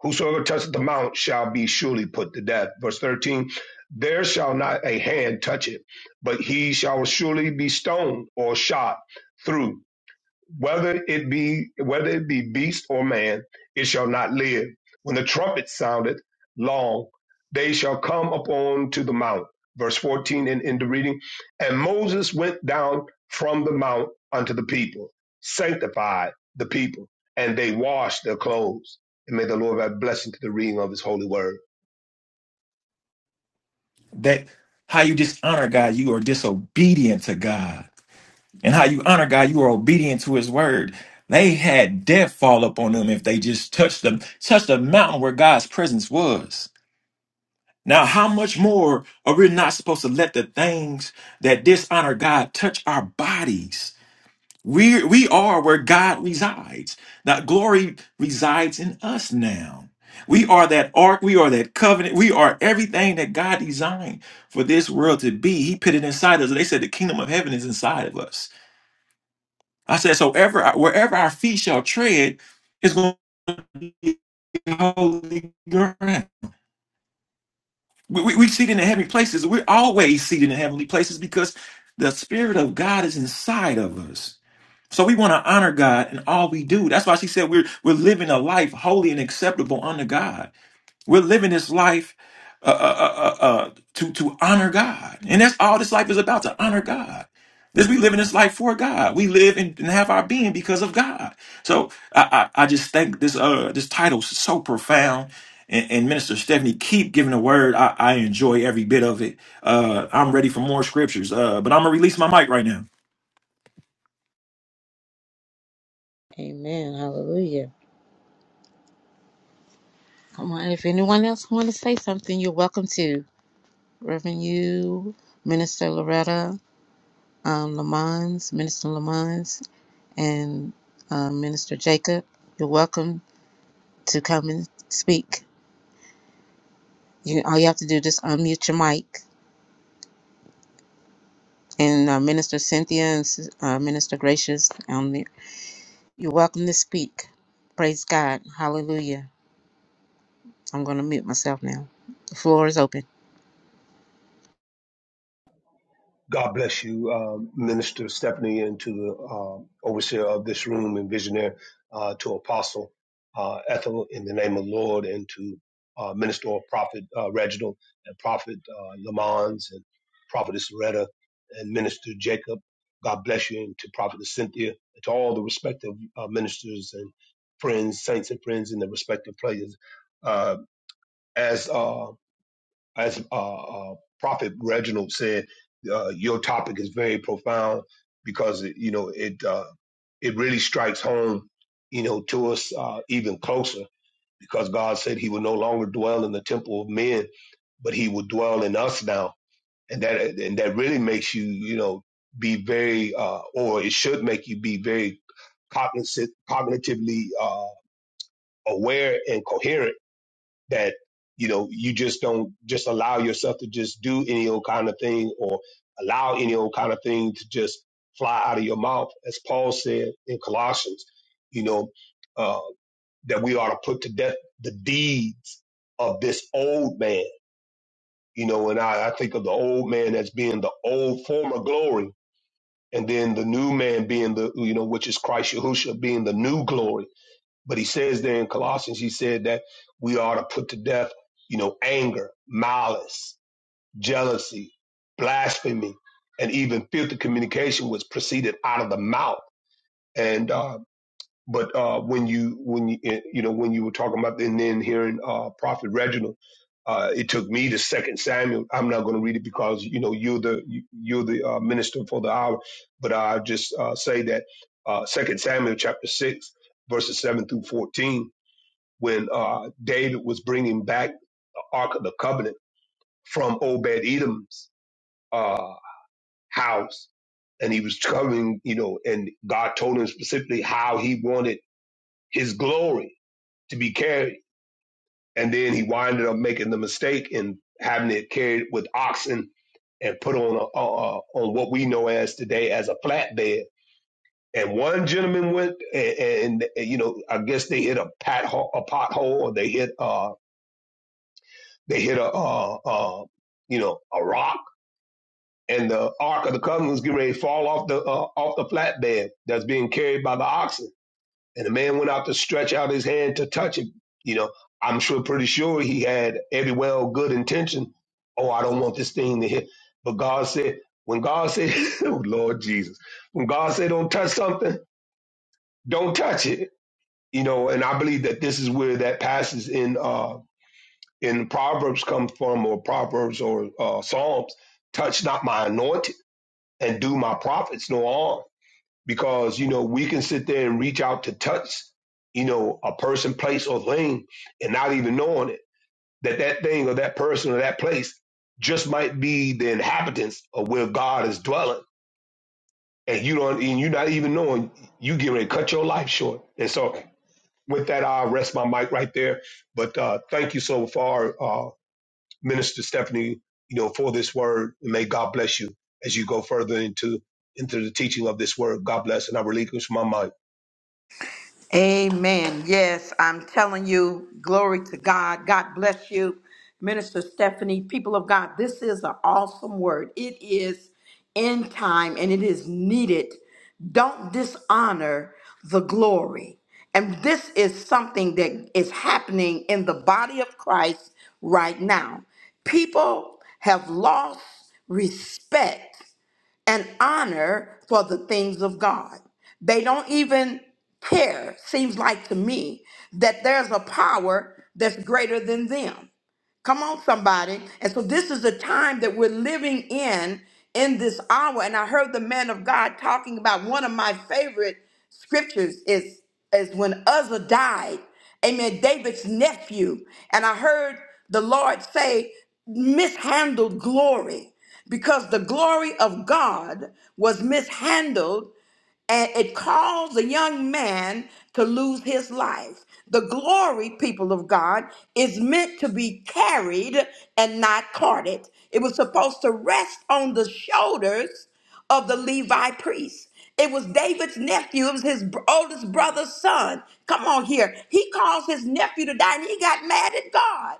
Whosoever toucheth the mount shall be surely put to death. Verse 13, there shall not a hand touch it, but he shall surely be stoned or shot through whether it be whether it be beast or man, it shall not live. When the trumpet sounded long, they shall come upon to the mount. Verse 14 in, in the reading. And Moses went down from the mount unto the people, sanctified the people, and they washed their clothes. And may the Lord have blessing to the reading of his holy word. That how you dishonor God, you are disobedient to God. and how you honor God, you are obedient to his word. They had death fall up on them if they just touched them, touched the mountain where God's presence was. Now, how much more are we not supposed to let the things that dishonor God touch our bodies? We we are where God resides. That glory resides in us now. We are that ark, we are that covenant, we are everything that God designed for this world to be. He put it inside us. They said the kingdom of heaven is inside of us. I said, so ever wherever our feet shall tread is going to be holy ground. We, we, we seated in the heavenly places. We're always seated in heavenly places because the Spirit of God is inside of us. So we want to honor God in all we do. That's why she said we're we're living a life holy and acceptable unto God. We're living this life uh, uh, uh, uh, uh, to to honor God, and that's all this life is about to honor God. This we living this life for God. We live and, and have our being because of God. So I, I, I just think this uh this title is so profound. And, and Minister Stephanie, keep giving the word. I, I enjoy every bit of it. Uh, I'm ready for more scriptures. Uh, but I'm gonna release my mic right now. Amen. Hallelujah. Come on. If anyone else want to say something, you're welcome to. Reverend you, Minister Loretta, um, Lamons, Minister Lamons. and um, Minister Jacob. You're welcome to come and speak. You, all you have to do is just unmute your mic. This is a Gracious, um, you're welcome to speak. Praise God. Hallelujah. I'm going to mute myself now. The floor is open. God bless you, uh, Minister Stephanie, and to the uh, overseer of this room and visionary, uh, to Apostle uh, Ethel, in the name of the Lord, and to uh, Minister or Prophet uh, Reginald, and Prophet uh, Lamons, and Prophetess Loretta, and Minister Jacob. God bless you, and to Prophetess Cynthia, and to all the respective uh, ministers and friends, saints and friends in the respective places. Uh, as uh, as uh, uh, Prophet Reginald said, uh, your topic is very profound because it, you know it uh, it really strikes home, you know, to us uh, even closer because God said He would no longer dwell in the temple of men, but He would dwell in us now, and that and that really makes you you know be very uh, or it should make you be very cognizant, cognitively uh, aware and coherent that you know you just don't just allow yourself to just do any old kind of thing or allow any old kind of thing to just fly out of your mouth as paul said in colossians you know uh, that we ought to put to death the deeds of this old man you know and I, I think of the old man as being the old former glory and then the new man being the you know which is christ yahushua being the new glory but he says there in Colossians, he said that we ought to put to death, you know, anger, malice, jealousy, blasphemy, and even filthy communication was proceeded out of the mouth. And uh, but uh, when you when you eh, you know when you were talking about and then hearing uh, Prophet Reginald, uh, it took me to Second Samuel. I'm not going to read it because you know you're the you- you're the uh, minister for the hour. But I just uh, say that uh, Second Samuel chapter six verses seven through fourteen when uh, David was bringing back the Ark of the Covenant from Obed Edom's uh, house, and he was covering, you know, and God told him specifically how he wanted his glory to be carried. And then he winded up making the mistake and having it carried with oxen and put on a, uh, on what we know as today as a flatbed. And one gentleman went, and, and, and you know, I guess they hit a pat a pothole, or they hit uh, They hit a, uh, uh, you know, a rock, and the ark of the covenant was getting ready to fall off the uh, off the flatbed that's being carried by the oxen. And the man went out to stretch out his hand to touch it. You know, I'm sure, pretty sure he had every well good intention. Oh, I don't want this thing to hit. But God said, when God said, oh Lord Jesus, when God said, don't touch something, don't touch it. You know, and I believe that this is where that passes in. Uh, in Proverbs come from, or Proverbs or uh, Psalms, touch not my anointed and do my prophets no harm. Because, you know, we can sit there and reach out to touch, you know, a person, place, or thing and not even knowing it, that that thing or that person or that place just might be the inhabitants of where God is dwelling. And you don't, and you're not even knowing, you get ready to cut your life short. And so with that, I'll rest my mic right there. But uh, thank you so far, uh, Minister Stephanie, you know, for this word. And may God bless you as you go further into into the teaching of this word. God bless, and I relinquish my mind. Amen. Yes, I'm telling you, glory to God. God bless you, Minister Stephanie. People of God, this is an awesome word. It is in time and it is needed. Don't dishonor the glory. And this is something that is happening in the body of Christ right now. People have lost respect and honor for the things of God. They don't even care, seems like to me, that there's a power that's greater than them. Come on, somebody. And so this is the time that we're living in in this hour. And I heard the man of God talking about one of my favorite scriptures is is when Uzzah died. Amen. David's nephew. And I heard the Lord say, mishandled glory. Because the glory of God was mishandled and it caused a young man to lose his life. The glory, people of God, is meant to be carried and not carted. It was supposed to rest on the shoulders of the Levi priest. It was David's nephew, it was his br- oldest brother's son. Come on here. He caused his nephew to die and he got mad at God.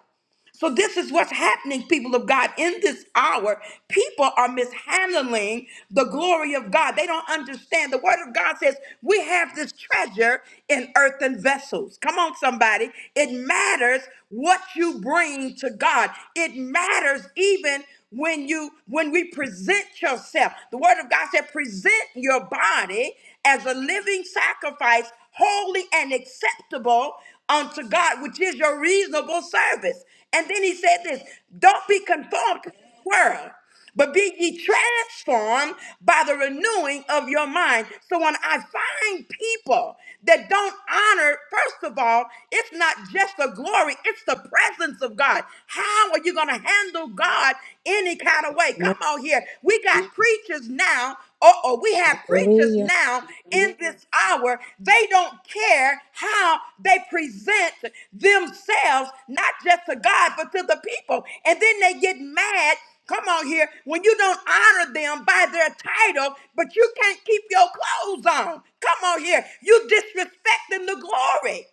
So this is what's happening, people of God. In this hour, people are mishandling the glory of God. They don't understand. The word of God says we have this treasure in earthen vessels. Come on, somebody. It matters what you bring to God. It matters even when you when we present yourself. The word of God said, present your body as a living sacrifice, holy and acceptable unto God, which is your reasonable service. And then he said this don't be conformed to the world, but be ye transformed by the renewing of your mind. So when I find people that don't honor, first of all, it's not just the glory, it's the presence of God. How are you going to handle God any kind of way? Come on here. We got preachers now now, or, or we have preachers now in this hour, they don't care how they present themselves, not just to God, but to the people. And then they get mad. Come on here, when you don't honor them by their title, but you can't keep your clothes on. Come on here, you disrespecting the glory.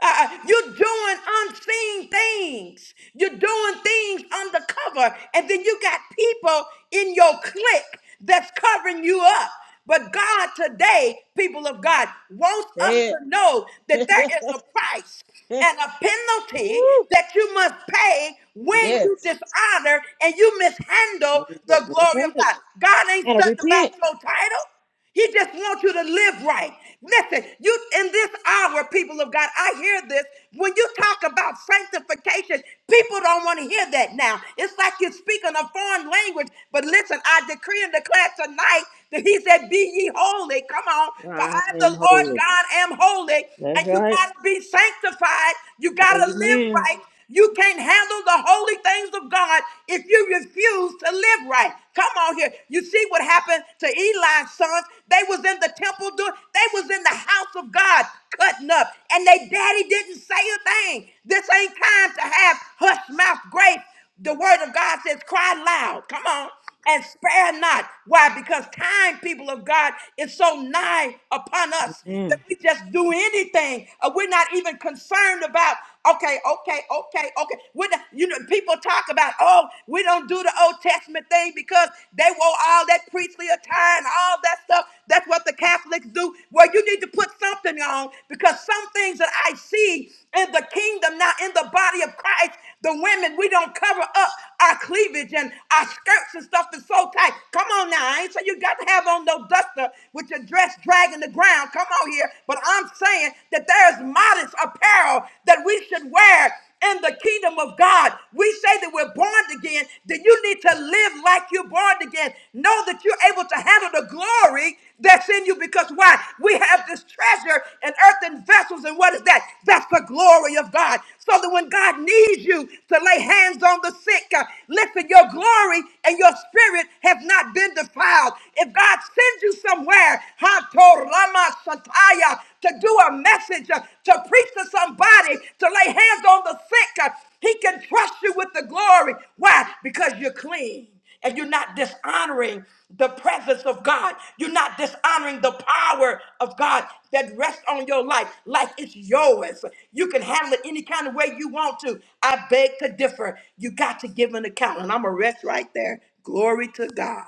Uh, uh, you're doing unseen things. You're doing things undercover. And then you got people in your clique that's covering you up. But God today, people of God, wants us Say to know that there it. is a price and a penalty Woo. that you must pay when Yes. you dishonor and you mishandle That's the glory right. of God. God ain't Gotta stuck about repent. your title. He just wants you to live right. Listen, you in this hour, people of God, I hear this. When you talk about sanctification, people don't want to hear that now. It's like you're speaking a foreign language. But listen, I decree and declare tonight that he said, Be ye holy. Come on. For I I, the am Lord holy. God, am holy. That's And you right. got to be sanctified. You got to live Amen. right. You can't handle the holy things of God if you refuse to live right. Come on here. You see what happened to Eli's sons? They was in the temple doing, they was in the house of God cutting up, and they daddy didn't say a thing. This ain't time to have hush mouth grace the word of God says, cry loud. Come on. And spare not. Why? Because time, people of God, is so nigh upon us that we just do anything. Uh, we're not even concerned about, okay, okay, okay, okay. We're not, you know, people talk about, oh, we don't do the Old Testament thing because they wore all that priestly attire and all that stuff. That's what the Catholics do. Well, you need to put something on because some things that I see in the kingdom now, in the body of Christ, the women, we don't cover up our cleavage and our skirts and stuff is so tight. Come on now, I ain't so you got to have on no duster with your dress dragging the ground. Come on here. But I'm saying that there's modest apparel that we should wear in the kingdom of God. We say that we're born again, that you need to live like you're born again. Know that you're able to handle the glory that's in you because why? We have this treasure in earthen vessels. And what is that? That's the glory of God. So that when God needs you to lay hands on the sick, uh, listen, your glory and your spirit have not been defiled. If God sends you somewhere, Hatorama Sataya, to do a message, uh, to preach to somebody, to lay hands on the sick, uh, he can trust you with the glory. Why? Because you're clean and you're not dishonoring the presence of God. You're not dishonoring the power of God that rests on your life like it's yours. You can handle it any kind of way you want to. I beg to differ. You got to give an account, and I'm going to rest right there. Glory to God.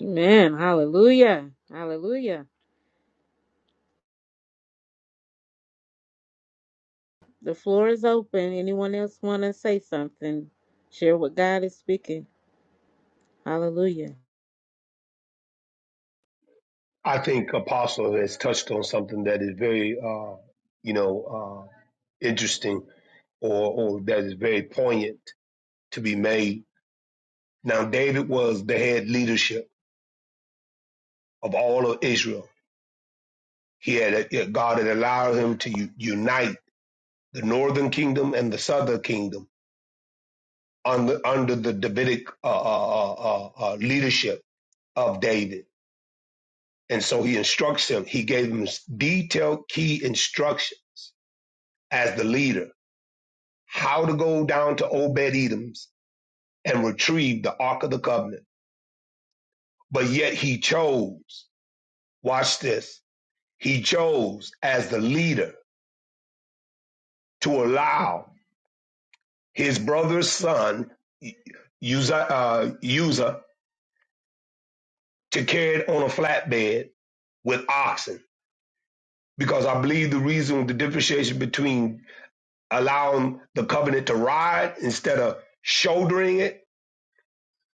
Amen. Hallelujah. Hallelujah. The floor is open. Anyone else want to say something? Share what God is speaking. Hallelujah. I think Apostle has touched on something that is very, uh, you know, uh, interesting or, or that is very poignant to be made. Now, David was the head leadership of all of Israel. He had uh, God had allowed him to u- unite the northern kingdom and the southern kingdom on the, under the Davidic uh, uh, uh, uh, uh, leadership of David. And so he instructs him. He gave him detailed key instructions as the leader how to go down to Obed Edom's and retrieve the Ark of the Covenant. But yet he chose, watch this, he chose as the leader to allow his brother's son, Uzzah, uh, Uzzah to carry it on a flatbed with oxen because I believe the reason the differentiation between allowing the covenant to ride instead of shouldering it,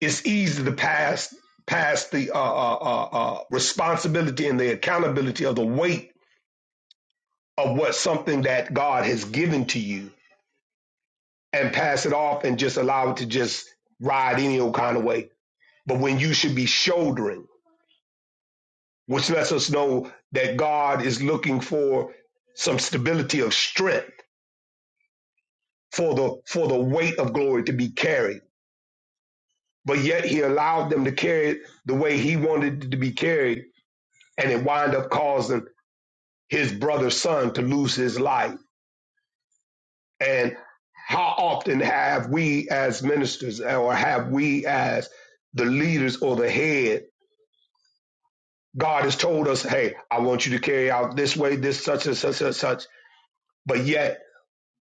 it's easy to pass pass the uh, uh, uh, uh, responsibility and the accountability of the weight of what something that God has given to you and pass it off and just allow it to just ride any old kind of way. But when you should be shouldering, which lets us know that God is looking for some stability of strength for the for the weight of glory to be carried. But yet he allowed them to carry it the way he wanted it to be carried, and it wind up causing his brother's son to lose his life. And how often have we as ministers or have we as the leaders or the head, God has told us, hey, I want you to carry out this way, this such and such and such. But yet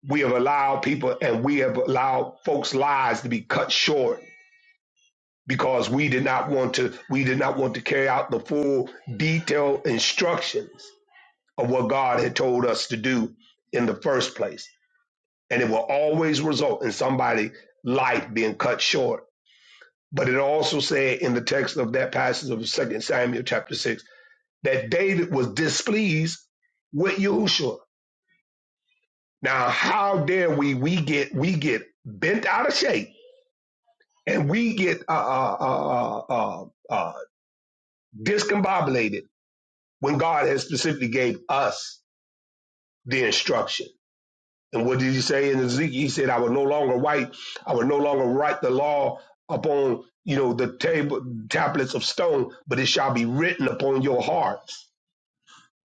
we have allowed people and we have allowed folks' lives to be cut short because we did not want to we did not want to carry out the full detailed instructions of what God had told us to do in the first place. And it will always result in somebody' life being cut short. But it also said in the text of that passage of Second Samuel chapter 6 that David was displeased with Yahushua. Now, how dare we we get we get bent out of shape and we get uh uh uh uh, uh uh, discombobulated when God has specifically gave us the instruction. And what did he say in Ezekiel? He said, I will no longer write, I will no longer write the law upon, you know, the table tablets of stone, but it shall be written upon your hearts.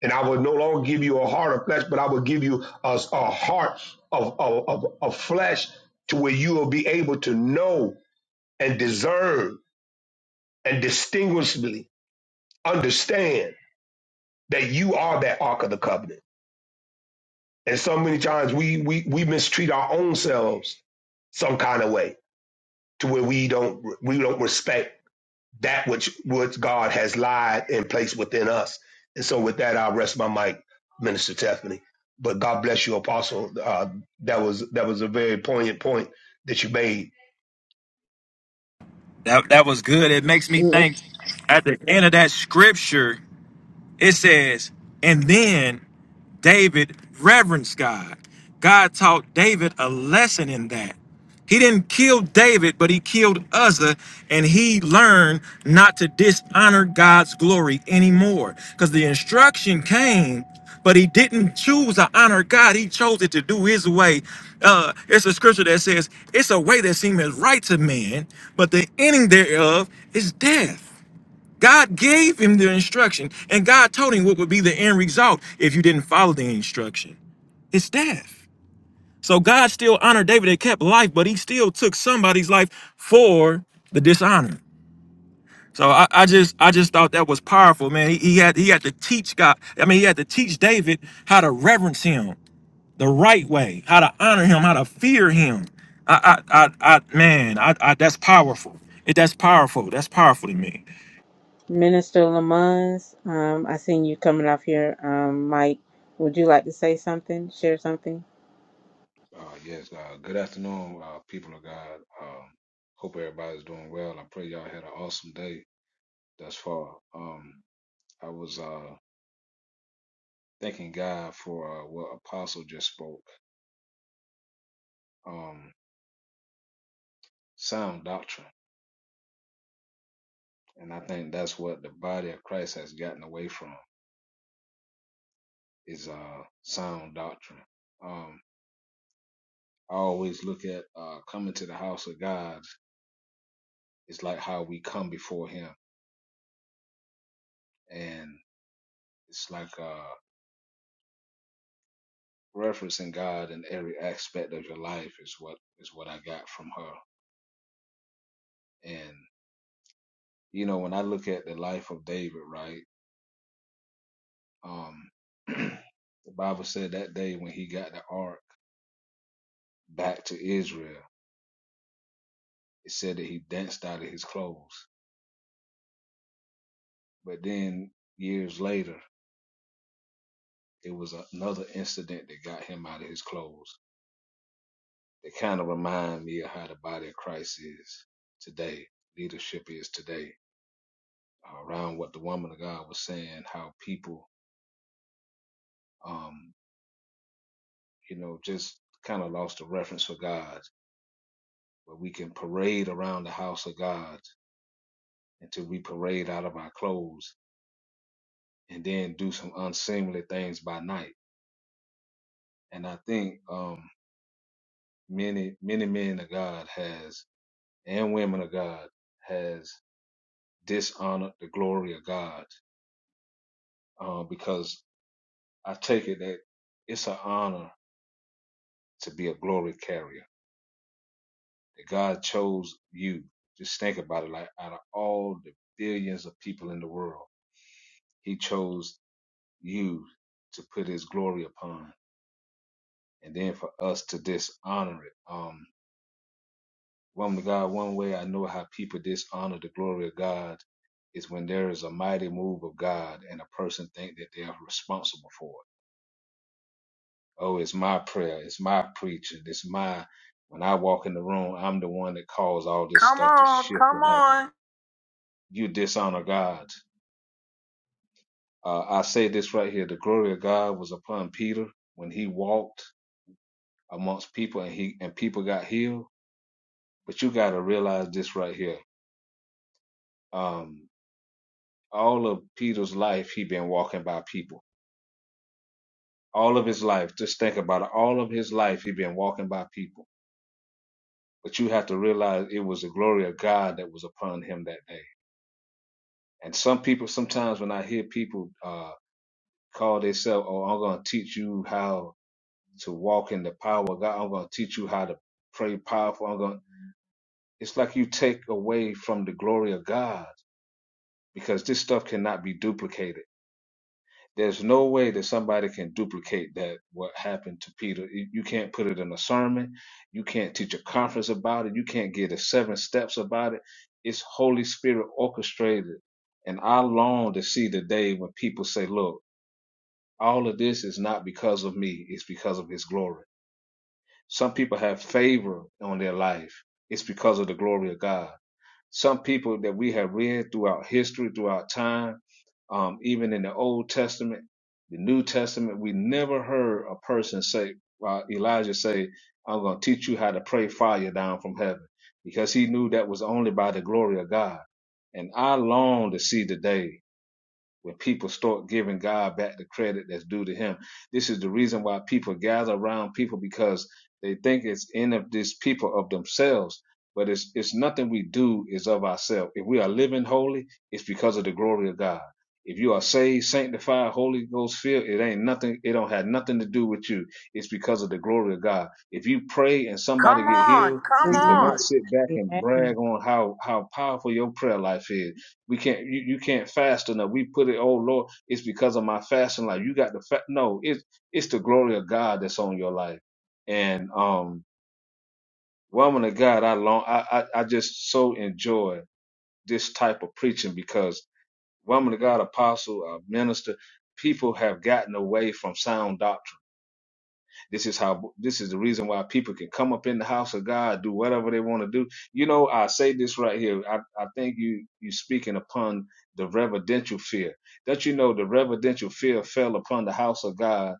And I will no longer give you a heart of flesh, but I will give you a, a heart of, of, of, of flesh to where you will be able to know and discern and distinguishably understand that you are that ark of the covenant And so many times we we we mistreat our own selves some kind of way to where we don't we don't respect that which which God has lied and placed within us. And so with that, I'll rest my mic, Minister Tiffany. But God bless you, Apostle. Uh, that was that was a very poignant point that you made. That that was good. It makes me Amen. think at the end of that scripture, it says, and then David reverenced God. God taught David a lesson in that. He didn't kill David, but he killed Uzzah, and he learned not to dishonor God's glory anymore. Because the instruction came, but he didn't choose to honor God. He chose it to do his way. Uh, it's a scripture that says, It's a way that seemeth right to man, but the ending thereof is death. God gave him the instruction, and God told him what would be the end result if you didn't follow the instruction. It's death. So God still honored David and kept life, but he still took somebody's life for the dishonor. So I, I just I just thought that was powerful, man. He, he had he had to teach God. I mean, he had to teach David how to reverence him the right way, how to honor him, how to fear him. I I I, I man, I, I that's powerful. It that's powerful. That's powerful to me. Minister Lamons, um, I seen you coming off your um, mic. Would you like to say something? Share something? Uh, yes, uh, good afternoon, uh, people of God. Um, hope everybody's doing well. I pray y'all had an awesome day thus far. Um, I was uh, thanking God for uh, what Apostle just spoke. Um, sound doctrine. And I think that's what the body of Christ has gotten away from is uh sound doctrine. Um I always look at uh coming to the house of God is like how we come before him and it's like uh referencing God in every aspect of your life is what is what I got from her. And you know when I look at the life of David, right? Um the Bible said that day when he got the ark back to Israel It said that he danced out of his clothes. But then years later, it was another incident that got him out of his clothes. It kind of reminds me of how the body of Christ is today. Leadership is today uh, around what the woman of God was saying, how people, um, you know, just kind of lost the reference for God. But we can parade around the house of God until we parade out of our clothes and then do some unseemly things by night. And I think, um, many many men of God has and women of God has dishonored the glory of God um, because I take it that it's an honor to be a glory carrier that God chose you. Just think about it, like out of all the billions of people in the world, He chose you to put His glory upon, and then for us to dishonor it. Um, Woman of God, one way I know how people dishonor the glory of God is when there is a mighty move of God and a person think that they are responsible for it. Oh, it's my prayer, it's my preaching, it's my when I walk in the room, I'm the one that caused all this stuff to shift and happen. You dishonor God. Uh, I say this right here: the glory of God was upon Peter when he walked amongst people and he and people got healed. But you got to realize this right here. Um, all of Peter's life he been walking by people. All of his life, just think about it. All of his life he been walking by people. But you have to realize it was the glory of God that was upon him that day. And some people, sometimes when I hear people uh, call themselves, "Oh, I'm going to teach you how to walk in the power of God. I'm going to teach you how to pray powerful." I'm going. It's like you take away from the glory of God because this stuff cannot be duplicated There's no way that somebody can duplicate that, what happened to Peter. You you can't put it in a sermon. You can't teach a conference about it. You can't get the seven steps about it. It's Holy Spirit orchestrated. And I long to see the day when people say, look, all of this is not because of me, it's because of his glory. Some people have favor on their life, it's because of the glory of God some people that we have read throughout history, throughout time, um, even in the Old Testament, the New Testament, we never heard a person say, uh, Elijah say, I'm going to teach you how to pray fire down from heaven because he knew that was only by the glory of God. And I long to see the day when people start giving God back the credit that's due to him. This is the reason why people gather around people because they think it's in of this people of themselves. But it's it's nothing we do is of ourselves. If we are living holy, it's because of the glory of God. If you are saved, sanctified, Holy Ghost filled, it ain't nothing, it don't have nothing to do with you. It's because of the glory of God. If you pray and somebody get healed, you cannot sit back and brag Amen. on how, how powerful your prayer life is we can't you, you can't fast enough. We put it, oh Lord, it's because of my fasting life. You got the fa-. no, it's it's the glory of God that's on your life. And um woman of God, I long I I, I just so enjoy this type of preaching because woman of God, apostle, uh, minister, people have gotten away from sound doctrine this is how this is the reason why people can come up in the house of God, do whatever they want to do. You know, I say this right here. I, I think you you speaking upon the reverential fear. That you know the reverential fear fell upon the house of God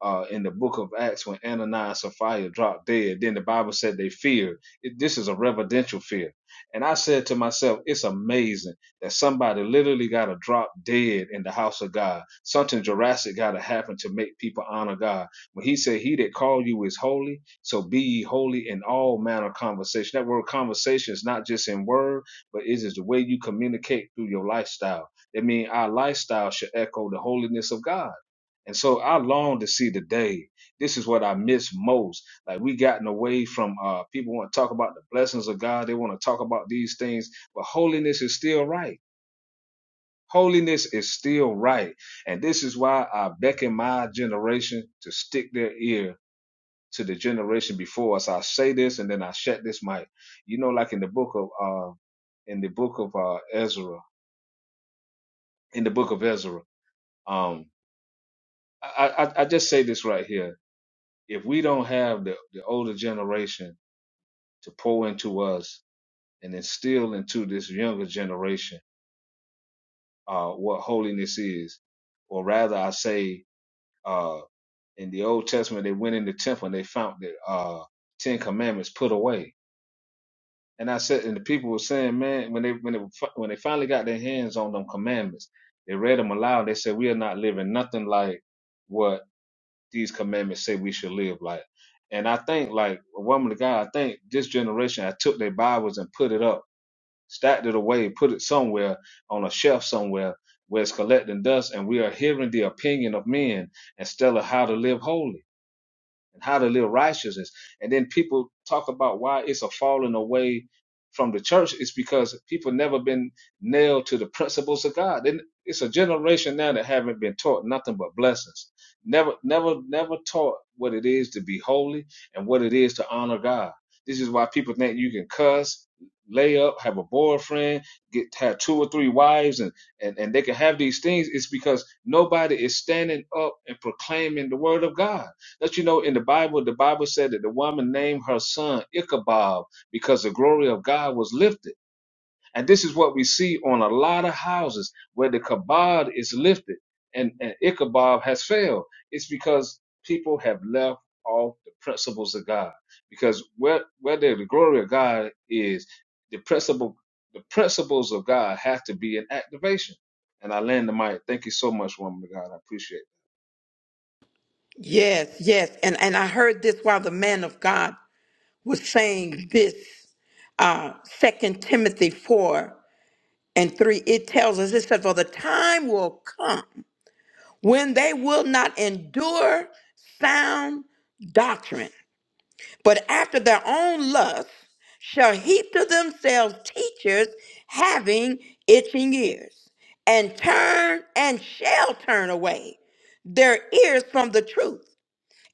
uh, in the book of Acts when Ananias and Sapphira dropped dead. Then the Bible said they feared. It- this is a reverential fear. And I said to myself, it's amazing that somebody literally got to drop dead in the house of God. Something Jurassic got to happen to make people honor God. When he said, He that called you is holy, so be ye holy in all manner of conversation. That word conversation is not just in word, but it is the way you communicate through your lifestyle. That means our lifestyle should echo the holiness of God and so I long to see the day. This is what I miss most. Like we gotten away from uh people want to talk about the blessings of God. They want to talk about these things, but holiness is still right. Holiness is still right. And this is why I beckon my generation to stick their ear to the generation before us. I say this and then I shut this mic. You know, like in the book of uh in the book of uh Ezra, in the book of Ezra, um I, I, I just say this right here if we don't have the, the older generation to pour into us and instill into this younger generation uh, what holiness is, or rather, I say, uh, in the Old Testament, they went in the temple and they found the uh, Ten Commandments put away. And I said, and the people were saying, man, when they when they when they finally got their hands on them commandments, they read them aloud. They said, we are not living nothing like what these commandments say we should live like. And I think like a woman of God, I think this generation I took their Bibles and put it up, stacked it away, put it somewhere on a shelf somewhere where it's collecting dust and we are hearing the opinion of men instead of how to live holy and how to live righteousness. And then people talk about why it's a falling away from the church. It's because people never been nailed to the principles of God. And it's a generation now that haven't been taught nothing but blessings. Never, never, never taught what it is to be holy and what it is to honor God. This is why people think you can cuss, lay up, have a boyfriend, get have two or three wives, and and, and they can have these things. It's because nobody is standing up and proclaiming the word of God let you know, in the Bible, the Bible said that the woman named her son Ichabod because the glory of God was lifted. And this is what we see on a lot of houses where the kabod is lifted and, and Ichabod has failed. It's because people have left off the principles of God. Because where where the glory of God is, the principle the principles of God have to be in activation. And I land the mic. Thank you so much, woman of God. I appreciate it. Yes, yes. And and I heard this while the man of God was saying this. Uh Second Timothy four and three, it tells us it said, For the time will come. when they will not endure sound doctrine, but after their own lust shall heap to themselves teachers having itching ears, and turn and shall turn away their ears from the truth,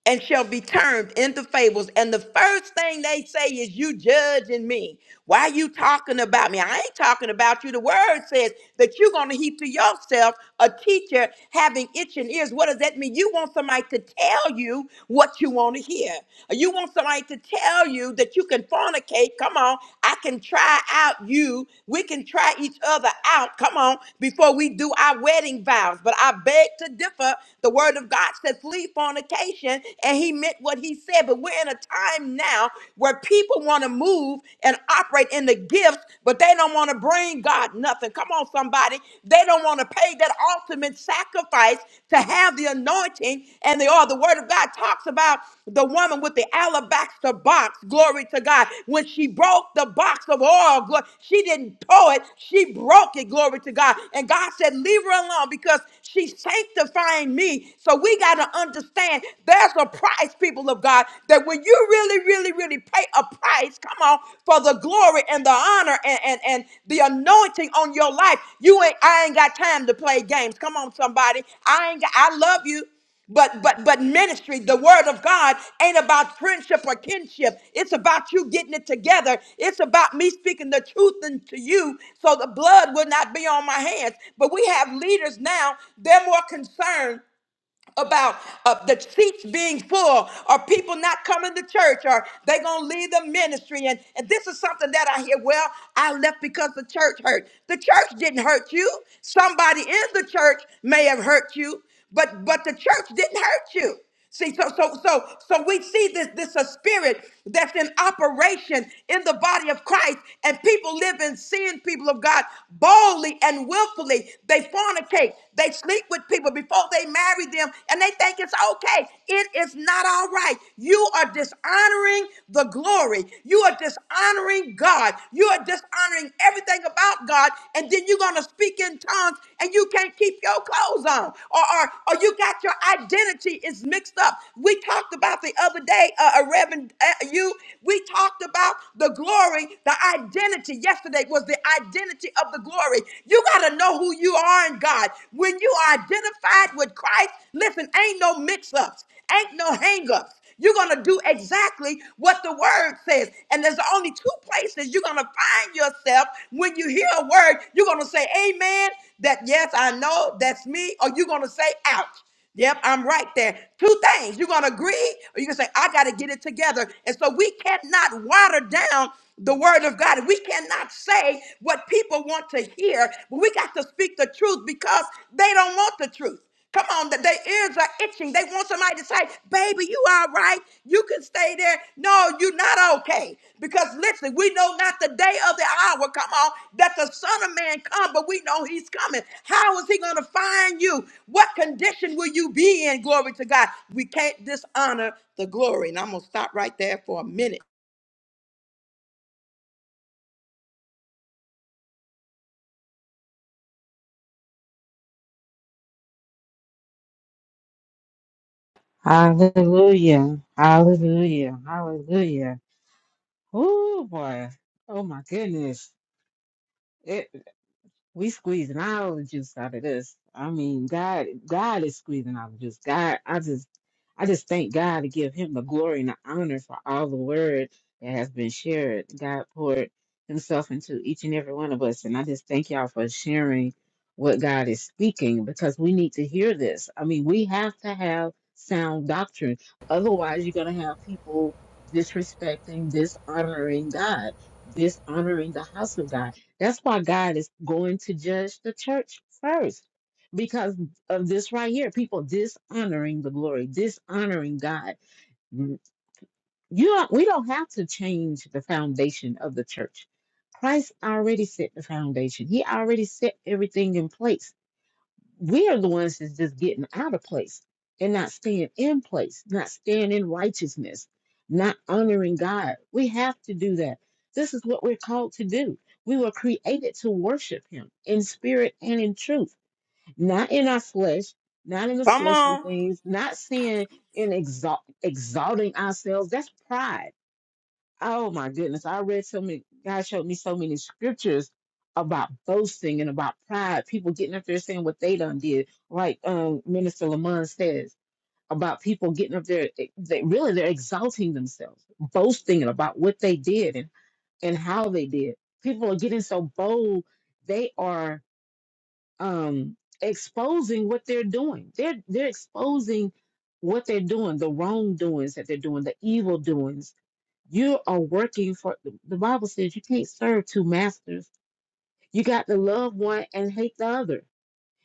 and shall be turned into fables. And the first thing they say is, You judging me. Why are you talking about me? I ain't talking about you. The word says that you're going to heap to yourself a teacher having itching ears. What does that mean? You want somebody to tell you what you want to hear. You want somebody to tell you that you can fornicate. Come on. I can try out you. We can try each other out. Come on. Before we do our wedding vows. But I beg to differ. The word of God said, flee fornication. And he meant what he said. But we're in a time now now where people want to move and operate in the gifts, but they don't want to bring God nothing. Come on, somebody. They don't want to pay that ultimate sacrifice to have the anointing and the oil. The word of God talks about the woman with the alabaster box. Glory to God. When she broke the box of oil, glo- she didn't pour it, she broke it. Glory to God. And God said, Leave her alone because she's sanctifying me. So we got to understand there's a a price, people of God, that when you really, really, really pay a price, come on, for the glory and the honor and, and, and the anointing on your life, you ain't I ain't got time to play games. Come on, somebody. I ain't got, I love you. But but but ministry, the word of God ain't about friendship or kinship. It's about you getting it together. It's about me speaking the truth into you so the blood will not be on my hands. But we have leaders now, they're more concerned about uh, the seats being full or people not coming to church or they going to leave the ministry. And, and this is something that I hear. Well, I left because the church hurt. The church didn't hurt you. Somebody in the church may have hurt you, but, but the church didn't hurt you. See, so so so so we see this this a spirit that's in operation in the body of Christ, and people live in sin, people of God, boldly and willfully. They fornicate, they sleep with people before they marry them, and they think it's okay. It is not all right. You are dishonoring the glory. You are dishonoring God. You are dishonoring everything about God God, and then you're gonna speak in tongues and you can't keep your clothes on, or or, or you got your identity is mixed up. We talked about the other day, uh, uh, Reverend, uh, you. We talked about the glory, the identity. Yesterday was the identity of the glory. You gotta know who you are in God. When you are identified with Christ, listen, ain't no mix-ups, ain't no hang-ups. You're going to do exactly what the word says. And there's only two places you're going to find yourself when you hear a word. You're going to say, Amen, that yes, I know, that's me. Or you're going to say, Ouch. Yep, I'm right there. Two things. You're going to agree or you can say, I got to get it together. And so we cannot water down the word of God. We cannot say what people want to hear, but we got to speak the truth because they don't want the truth. Come on, that their ears are itching. They want somebody to say, baby, you all right. You can stay there. No, you're not okay. Because listen, we know not the day of the hour, come on, that the Son of Man come, but we know he's coming. How is he going to find you? What condition will you be in? Glory to God. We can't dishonor the glory. And I'm going to stop right there for a minute. Hallelujah. Hallelujah. Hallelujah. Oh boy. Oh my goodness. we squeezing all the juice out of this. I mean, God, God is squeezing all the juice. God, I just, I just thank God to give Him the glory and the honor for all the word that has been shared. God poured Himself into each and every one of us, and I just thank y'all for sharing what God is speaking because we need to hear this. I mean, we have to have sound doctrine. Otherwise, you're gonna have people disrespecting, dishonoring God, dishonoring the house of God. That's why God is going to judge the church first because of this right here. People dishonoring the glory, dishonoring God. Mm, You don't, we don't have to change the foundation of the church. Christ already set the foundation. He already set everything in place we are the ones that's just getting out of place and not staying in place, not staying in righteousness, not honoring God. We have to do that. This is what we're called to do. We were created to worship Him in spirit and in truth, not in our flesh, not in the Come fleshly on. things, not seeing in exalt, exalting ourselves. That's pride Oh my goodness. I read so many, God showed me so many scriptures about boasting and about pride, people getting up there saying what they done did, like um, Minister Lamont says about people getting up there, eh, they, really they're exalting themselves, boasting about what they did and, and how they did. People are getting so bold, they are um, exposing what they're doing. They're, they're exposing what they're doing, the wrongdoings that they're doing, the evil doings you are working for the bible says you can't serve two masters you got to love one and hate the other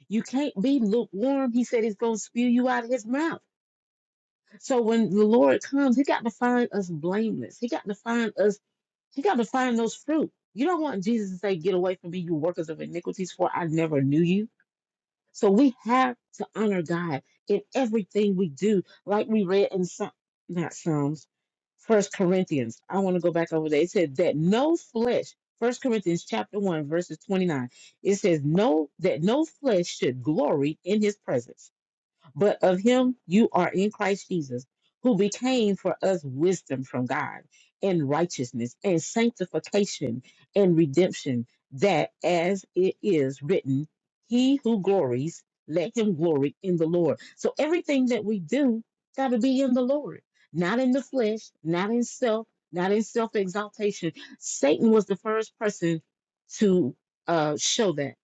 you can't be lukewarm he said he's going to spew you out of his mouth so when the lord comes he got to find us blameless he got to find us he got to find those fruit you don't want jesus to say get away from me you workers of iniquities for i never knew you so we have to honor God in everything we do, like we read in some not Psalms, First Corinthians. I want to go back over there. It said that no flesh, First Corinthians chapter one, verses 29. It says, No, that no flesh should glory in his presence. But of him you are in Christ Jesus, who became for us wisdom from God, and righteousness, and sanctification, and redemption, that as it is written, he who glories, let him glory in the Lord. So everything that we do got to be in the Lord, not in the flesh, not in self, not in self exaltation. Satan was the first person to uh, show that.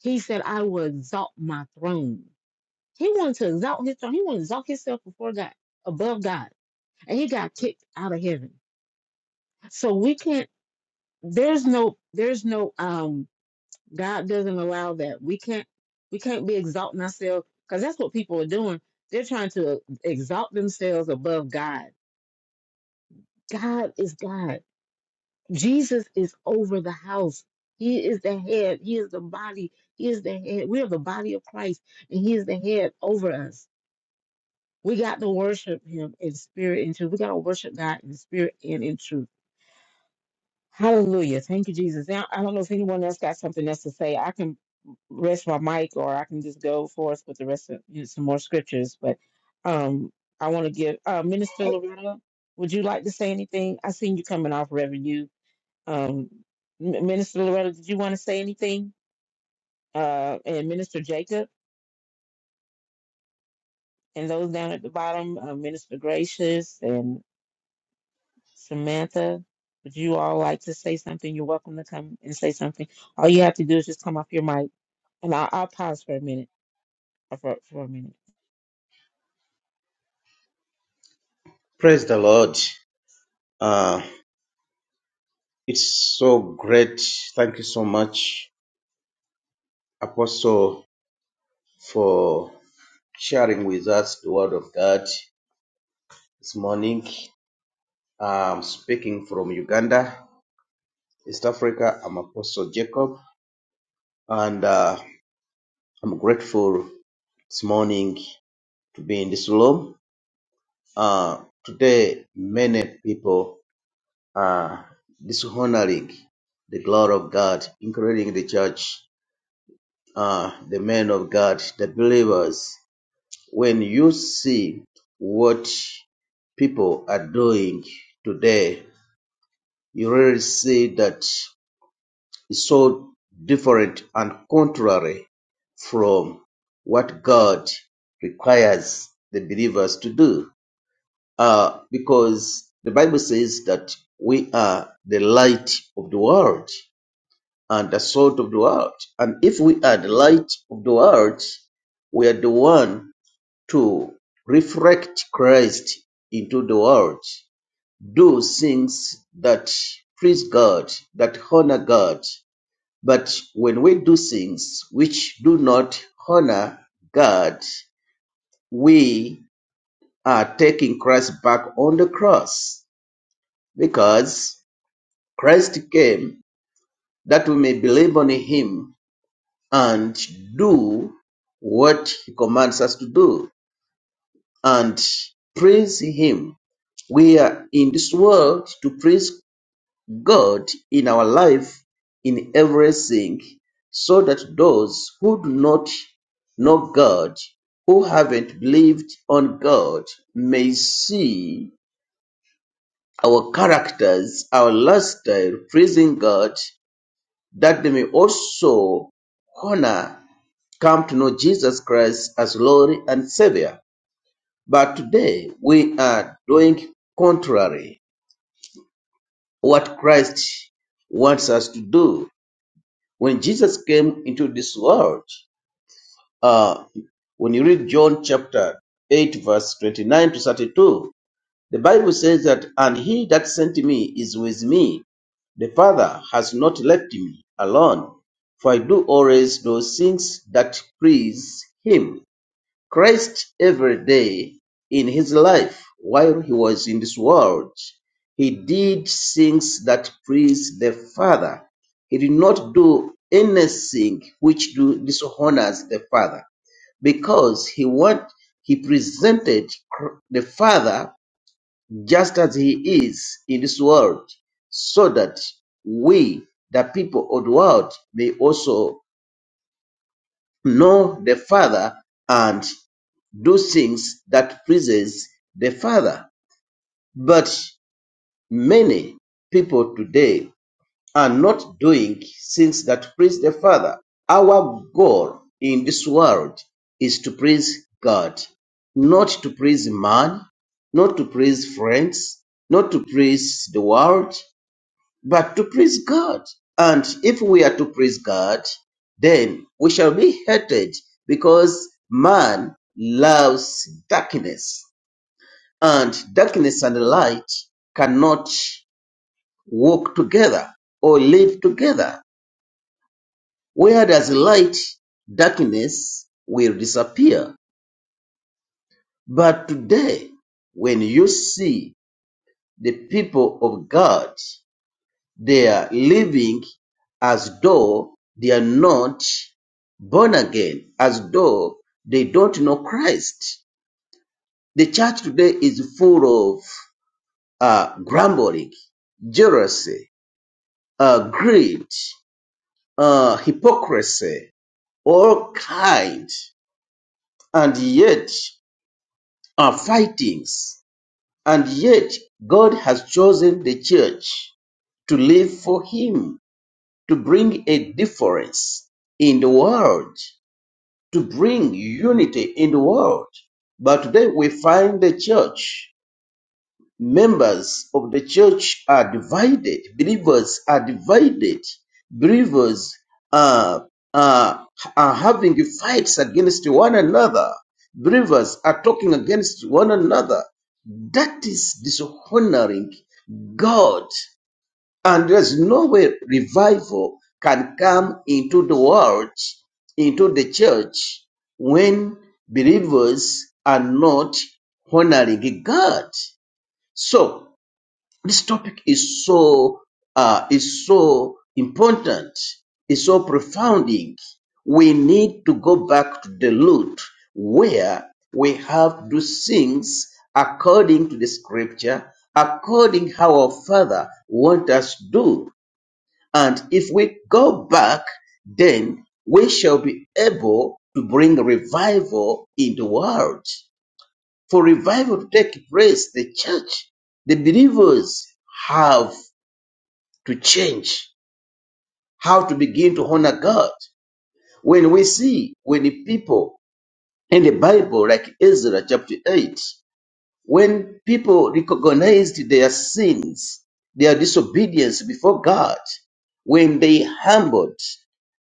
He said, I will exalt my throne. He wanted to exalt his throne. He wanted to exalt himself before God, above God, and he got kicked out of heaven. So we can't. There's no. There's no. Um. God doesn't allow that. We can't. We can't be exalting ourselves because that's what people are doing. They're trying to exalt themselves above God. God is God. Jesus is over the house. He is the head. He is the body. He is the head. We are the body of Christ, and He is the head over us. We got to worship him in spirit and truth. We got to worship God in spirit and in truth. Hallelujah. Thank you, Jesus. Now, I don't know if anyone else got something else to say. I can rest my mic or I can just go forth with the rest of you know, some more scriptures. But um, I want to give uh, Minister Loretta, would you like to say anything? I seen you coming off, Reverend. You, um, M- Minister Loretta, did you want to say anything? Uh, and Minister Jacob and those down at the bottom, uh, Minister Gracious and. Samantha, would you all like to say something? You're welcome to come and say something. All you have to do is just come off your mic, and I'll, I'll pause for a minute. uh, For, for a minute. Praise the Lord. Uh, it's so great. Thank you so much, Apostle, for sharing with us the word of God this morning. I'm speaking from Uganda, East Africa. I'm Apostle Jacob, and uh, I'm grateful this morning to be in this room. Uh, today, many people are dishonoring the glory of God, including the church, uh, the men of God, the believers. When you see what people are doing today You rarely see that is so different and contrary from what God requires the believers to do. Uh, because the Bible says that we are the light of the world and the salt of the world. And if we are the light of the world, we are the one to reflect Christ into the world do things that please God, that honor God. But when we do things which do not honor God, we are taking Christ back on the cross because Christ came that we may believe on him and do what he commands us to do and praise him. We are in this world to praise God in our life in everything, so that those who do not know God, who haven't believed on God, may see our characters, our lifestyle, praising God, that they may also honor, come to know Jesus Christ as Lord and Savior. But today we are doing contrary what Christ wants us to do When Jesus came into this world, uh, when you read John chapter 8, verse 29 to 32, the Bible says that, And he that sent me is with me. The Father has not left me alone, for I do always those things that please him. Christ every day in his life while he was in this world. He did things that pleased the Father. He did not do anything which do dishonors the Father because he want he presented the Father just as he is in this world so that we the people of the world may also know the Father and do things that pleases the Father. But many people today are not doing things that please the Father. Our goal in this world is to please God, not to please man, not to please friends, not to please the world, but to please God. And if we are to please God, then we shall be hated because man loves darkness and darkness and light cannot walk together or live together. Where there's light, darkness will disappear. But today, when you see the people of God, they are living as though they are not born again, as though they don't know Christ. The church today is full of uh, grumbling, jealousy, uh, greed, uh, hypocrisy, all kind, and yet are fightings. And yet God has chosen the church to live for Him, to bring a difference in the world, to bring unity in the world. But today we find the church Members of the church are divided. Believers are divided. Believers are, are, are having fights against one another. Believers are talking against one another. That is dishonoring God. And there's no way revival can come into the world, into the church, when believers are not honoring God. So this topic is so uh, is so important, is so profounding. We need to go back to the root where we have to things according to the scripture, according how our Father want us to do. And if we go back, then we shall be able to bring revival in the world. For revival to take place, the church, the believers have to change, how to begin to honor God. When we see, when the people in the Bible, like Ezra chapter 8, when people recognized their sins, their disobedience before God, when they humbled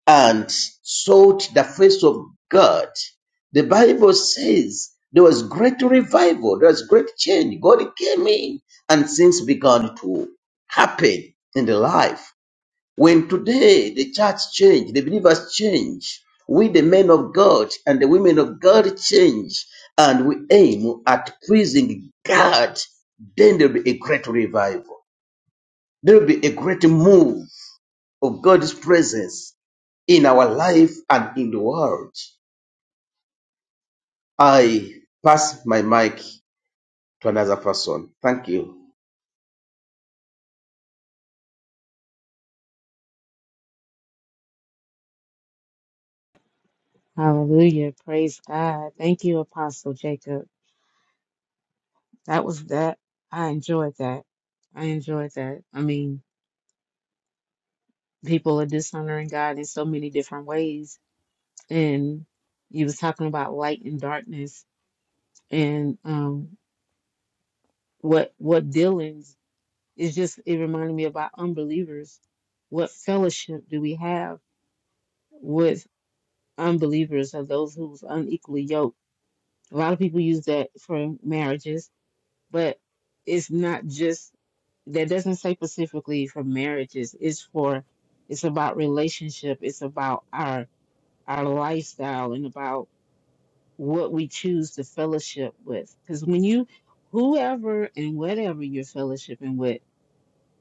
and sought the face of God, the Bible says there was great revival, there was great change. God came in and things began to happen in the life. When today the church change, the believers change, we the men of God and the women of God change, and we aim at pleasing God, then there'll be a great revival. There'll be a great move of God's presence in our life and in the world. I pass my mic to another person. Thank you. Hallelujah. Praise God. Thank you, Apostle Jacob. That was that. I enjoyed that. I enjoyed that. I mean, people are dishonoring God in so many different ways. And you was talking about light and darkness and um what what dealings It's just it reminded me about unbelievers. What fellowship do we have with unbelievers or those who's unequally yoked? A lot of people use that for marriages, but it's not just that doesn't say specifically for marriages. It's for it's about relationship. It's about our our lifestyle and about what we choose to fellowship with. Because when you whoever and whatever you're fellowshipping with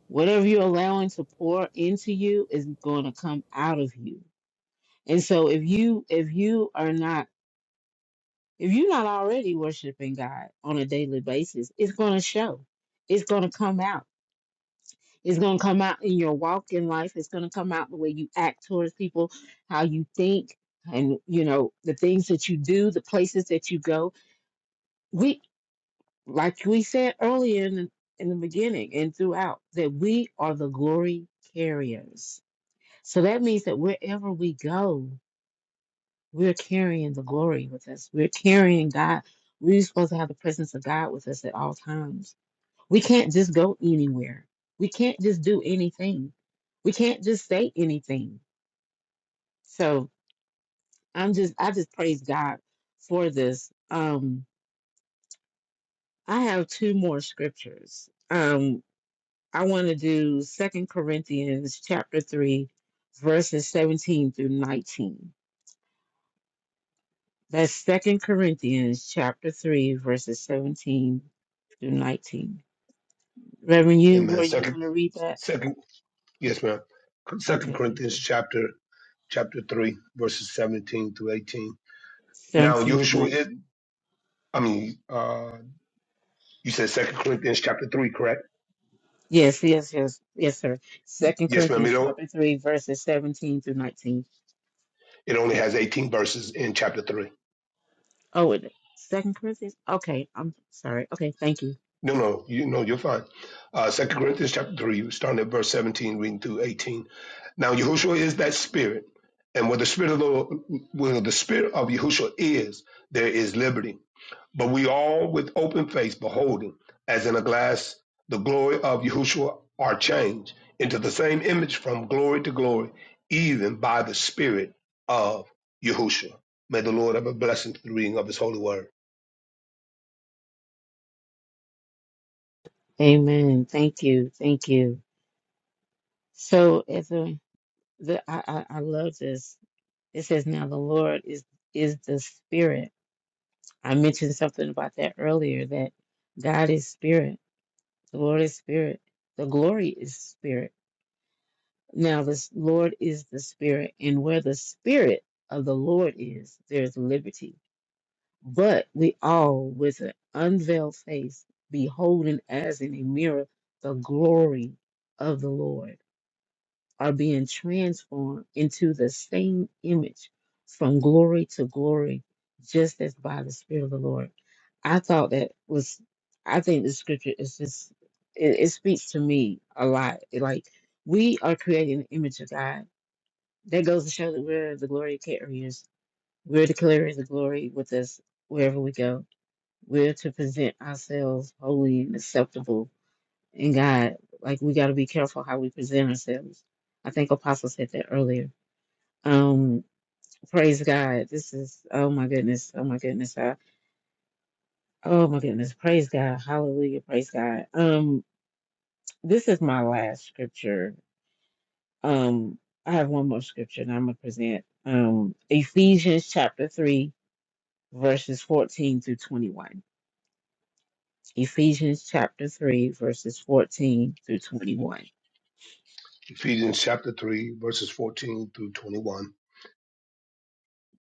whatever you're allowing to pour into you is going to come out of you and so if you if you are not if you're not already worshiping god on a daily basis it's going to show it's going to come out it's going to come out in your walk in life it's going to come out the way you act towards people how you think and you know the things that you do the places that you go we like we said earlier in the, in the beginning and throughout that we are the glory carriers So that means that wherever we go, we're carrying the glory with us. We're carrying God. We're supposed to have the presence of God with us at all times. We can't just go anywhere. We can't just do anything. We can't just say anything. So I'm just I just praise God for this. Um I have two more scriptures. Um I want to do Second Corinthians chapter 3 verses 17 through 19 That's Second Corinthians chapter three, verses seventeen through nineteen. Reverend, you were Amen. you Second going to read that? second yes, ma'am. Second Okay, thank Corinthians you. chapter chapter three, verses seventeen through eighteen. Now Seventeen through Yahushua is nineteen. I mean uh You said Second Corinthians chapter three, correct? Yes, yes, yes, yes, sir. Second Yes, ma'am. It, Corinthians o- chapter three, verses seventeen through nineteen. it only has eighteen verses in chapter three. Oh, it, Second Corinthians. Okay, I'm sorry. Okay, thank you. No, no, you know you're fine. Uh, Second Corinthians chapter three, starting at verse seventeen, reading through eighteen. Now Yahushua is that Spirit, and where the Spirit of the where the Spirit of Yahushua is, there is liberty. But we all, with open face, beholding, as in a glass, the glory of Yahushua, are changed into the same image from glory to glory, even by the Spirit of Yahushua. May the Lord have a blessing to the reading of his holy word. Amen. Thank you. Thank you. So, as the, the I, I I love this. It says, "Now the Lord is is the Spirit." I mentioned something about that earlier that God is spirit, the Lord is spirit, the glory is spirit. Now, this Lord is the spirit, and where the spirit of the Lord is, there's liberty. But we all, with an unveiled face, beholding as in a mirror the glory of the Lord are being transformed into the same image from glory to glory, just as by the Spirit of the Lord. I thought that was, I think the scripture is just, it, it speaks to me a lot. It, like, we are creating the image of God. That goes to show that we're the glory carriers. We're declaring the glory with us wherever we go. We're to present ourselves holy and acceptable and God. Like we got to be careful how we present ourselves. I think Apostle said that earlier. Um, praise God. This is oh my goodness, oh my goodness, I, oh my goodness. Praise God, Hallelujah, praise God. Um, this is my last scripture. Um, I have one more scripture, and I'm gonna present. Um, Ephesians chapter three, verses fourteen through twenty-one. Ephesians chapter 3, verses 14 through 21. Ephesians chapter 3, verses 14 through 21.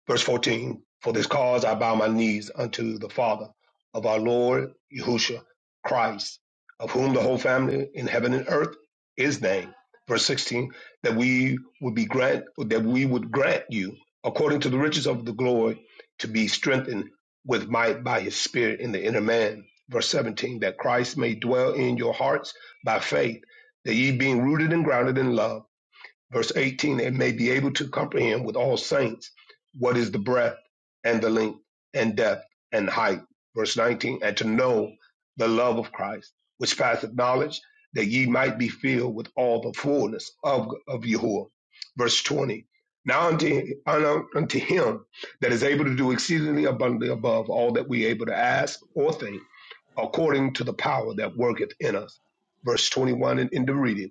Verse 14 For this cause I bow my knees unto the Father of our Lord Yahushua Christ, of whom the whole family in heaven and earth is named. Verse 16 That we would be grant that we would grant you, according to the riches of the glory, to be strengthened with might by his spirit in the inner man. Verse 17 That Christ may dwell in your hearts by faith, that ye being rooted and grounded in love Verse 18, and may be able to comprehend with all saints what is the breadth and the length and depth and height. Verse 19, and to know the love of Christ, which passeth knowledge, that ye might be filled with all the fullness of, of Yahuwah. Verse 20, now unto, unto him that is able to do exceedingly abundantly above all that we are able to ask or think, according to the power that worketh in us. Verse 21 in, in the reading.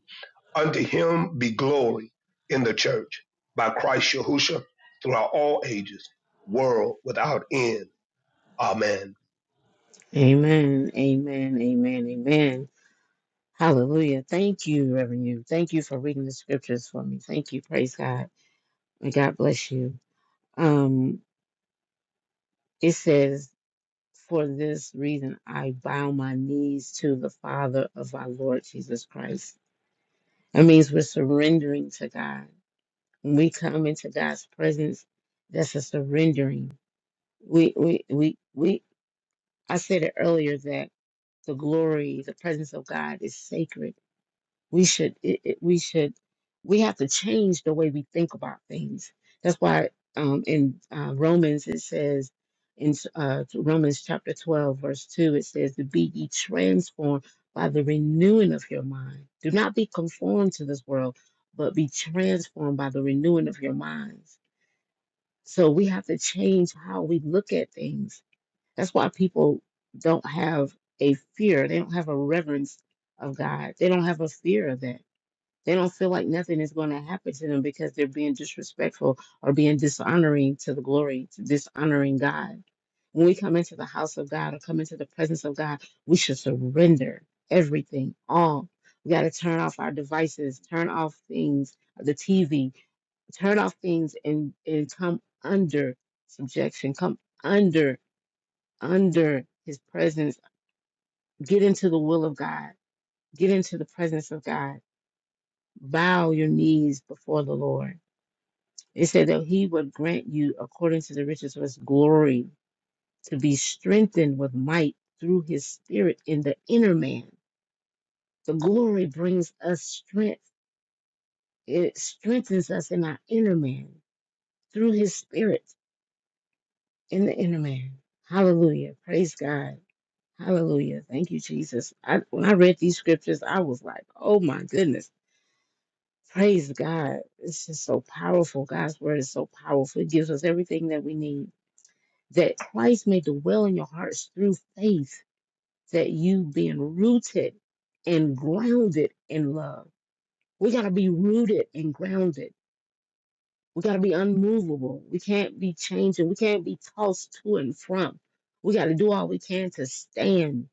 Unto him be glory in the church by Christ Yahushua throughout all ages, world without end. Amen. Amen, amen, amen, amen. Hallelujah. Thank you, Reverend. You. Thank you for reading the scriptures for me. Thank you. Praise God. And God bless you. Um, it says, For this reason I bow my knees to the Father of our Lord Jesus Christ. That means we're surrendering to God. When we come into God's presence, that's a surrendering. We we we we I said it earlier that the glory, the presence of God is sacred we should it, it, we should we have to change the way we think about things that's why um, in uh, romans it says in uh, romans chapter 12 verse 2 it says to be ye transformed by the renewing of your mind do not be conformed to this world but be transformed by the renewing of your minds so we have to change how we look at things that's why people don't have a fear they don't have a reverence of god they don't have a fear of that they don't feel like nothing is going to happen to them because they're being disrespectful or being dishonoring to the glory, dishonoring God. When we come into the house of God or come into the presence of God, we should surrender everything, all. We got to turn off our devices, turn off things, the TV, turn off things and, and come under subjection, come under, under his presence. Get into the will of God, get into the presence of God bow your knees before the Lord. It said that he would grant you, according to the riches of his glory, to be strengthened with might through his spirit in the inner man. The glory brings us strength. It strengthens us in our inner man through his spirit in the inner man. Hallelujah. Praise God. Hallelujah. Thank you, Jesus. I, when I read these scriptures, I was like, oh my goodness. Praise God. It's just so powerful. God's word is so powerful. It gives us everything that we need that Christ may dwell in your hearts through faith, that you being rooted and grounded in love. We got to be rooted and grounded. We got to be unmovable. We can't be changing. We can't be tossed to and from. We got to do all we can to stand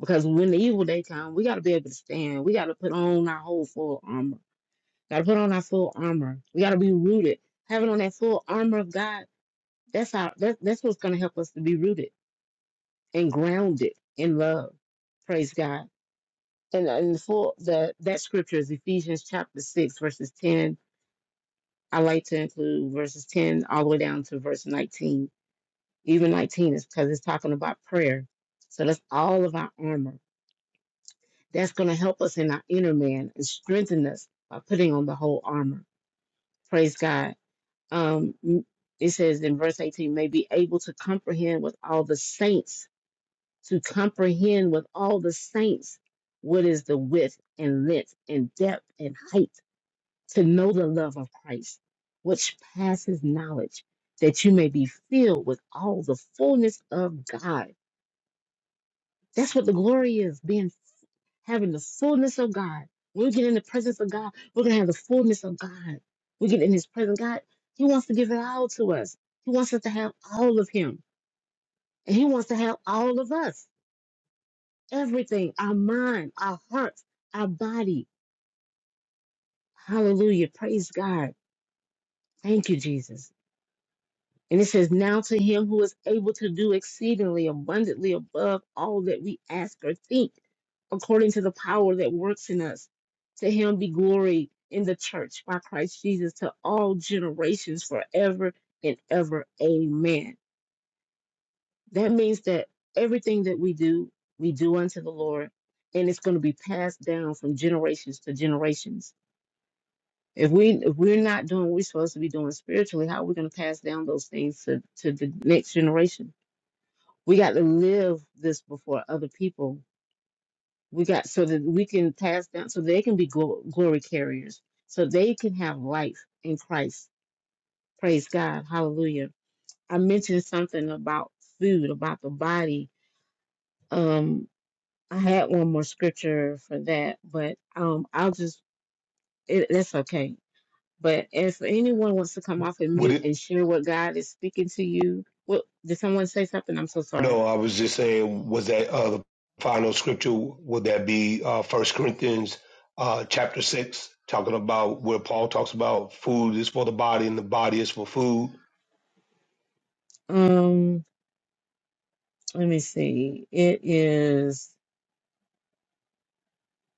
because when the evil day comes, we got to be able to stand. We got to put on our whole full armor. Got to put on our full armor. We got to be rooted. Having on that full armor of God, that's our that, that's what's going to help us to be rooted and grounded in love. Praise God. And, and for the that scripture is Ephesians chapter six, verses ten. I like to include verses ten all the way down to verse nineteen. Even nineteen is because it's talking about prayer. So that's all of our armor. That's going to help us in our inner man and strengthen us by putting on the whole armor. Praise God. Um, it says in verse 18, may be able to comprehend with all the saints to comprehend with all the saints what is the width and length and depth and height, to know the love of Christ, which passes knowledge, that you may be filled with all the fullness of God. That's what the glory is, being having the fullness of God. When we get in the presence of God, we're gonna have the fullness of God. We get in His presence, God. He wants to give it all to us. He wants us to have all of Him, and He wants to have all of us. everything our mind, our hearts, our body. Hallelujah. Praise God. Thank you, Jesus. And it says, Now to him who is able to do exceedingly abundantly above all that we ask or think, according to the power that works in us, to him be glory in the church by Christ Jesus to all generations forever and ever. Amen. That means that everything that we do, we do unto the Lord, and it's going to be passed down from generations to generations If we if we're not doing what we're supposed to be doing spiritually, how are we going to pass down those things to, to the next generation? We got to live this before other people. We got so that we can pass down so they can be glo- glory carriers, so they can have life in Christ. Praise God. Hallelujah. I mentioned something about food, about the body. Um, I had one more scripture for that, but um, I'll just it, that's okay But if anyone wants to come off of Would mute it, and share what God is speaking to you, what did someone say something? I'm so sorry. no, I was just saying, was that uh, the final scripture? Would that be uh, 1 Corinthians uh, chapter 6, talking about where Paul talks about food is for the body and the body is for food? Um, let me see. It is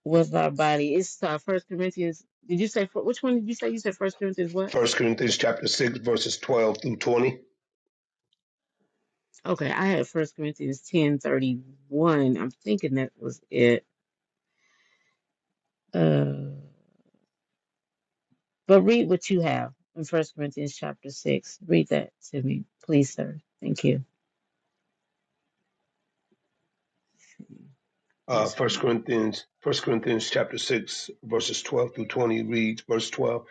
with our body. It's uh, First Corinthians. Did you say fir- which one did you say? You said First Corinthians what? First Corinthians chapter 6, verses 12 through 20. Okay, I had First Corinthians ten thirty one. I'm thinking that was it. Uh, but read what you have in First Corinthians chapter six. Read that to me, please, sir. Thank you. Uh, First 1 Corinthians. Corinthians, First Corinthians chapter 6, verses 12 through 20 reads, verse 12.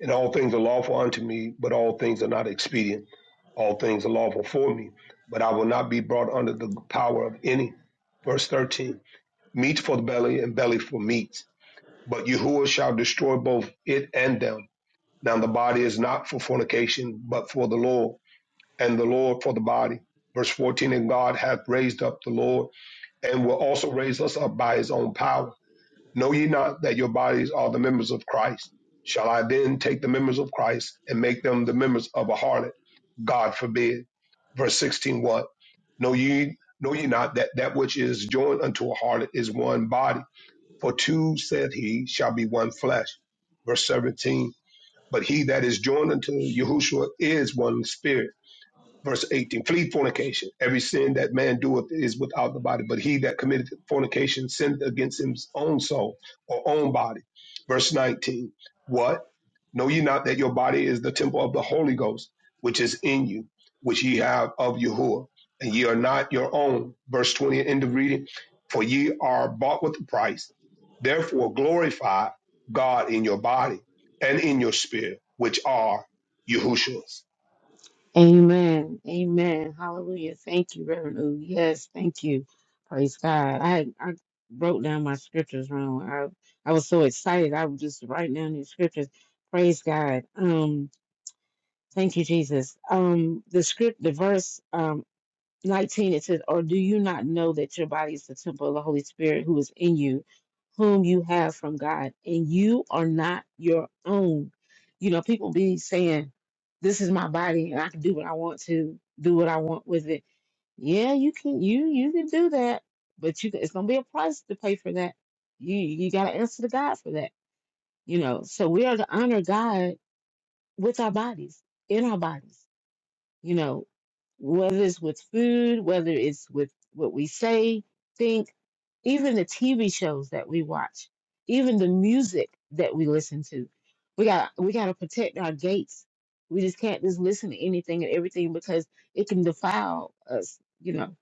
And all things are lawful unto me, but all things are not expedient. All things are lawful for me, but I will not be brought under the power of any. Verse 13 Meat for the belly, and belly for meat. But Yahuwah shall destroy both it and them. Now the body is not for fornication, but for the Lord, and the Lord for the body. Verse 14 And God hath raised up the Lord, and will also raise us up by his own power. Know ye not that your bodies are the members of Christ? Shall I then take the members of Christ and make them the members of a harlot? God forbid. Verse 16, what? Know ye, know ye not that that which is joined unto a harlot is one body? For two, said he, shall be one flesh. Verse 17, but he that is joined unto Yahushua is one spirit verse 18 flee fornication every sin that man doeth is without the body but he that committeth fornication sinneth against his own soul or own body verse 19 what know ye not that your body is the temple of the holy ghost which is in you which ye have of Yahuwah and ye are not your own verse 20 end of reading for ye are bought with a price therefore glorify god in your body and in your spirit which are Yahushua's Amen. Amen. Hallelujah. Thank you, Reverend. Ooh, yes, thank you. Praise God. I I wrote down my scriptures wrong. I I was so excited. I was just writing down these scriptures. Praise God. Um, thank you, Jesus. Um, the script, the verse. Um. 19 it says or do you not know that your body is the temple of the holy spirit who is in you whom you have from god and you are not your own you know people be saying this is my body and i can do what i want to do what i want with it yeah you can you you can do that but you it's gonna be a price to pay for that you you gotta answer to god for that you know so we are to honor god with our bodies in our bodies you know, whether it's with food, whether it's with what we say, think, even the TV shows that we watch, even the music that we listen to. We got we got to protect our gates. We just can't just listen to anything and everything because it can defile us, you know.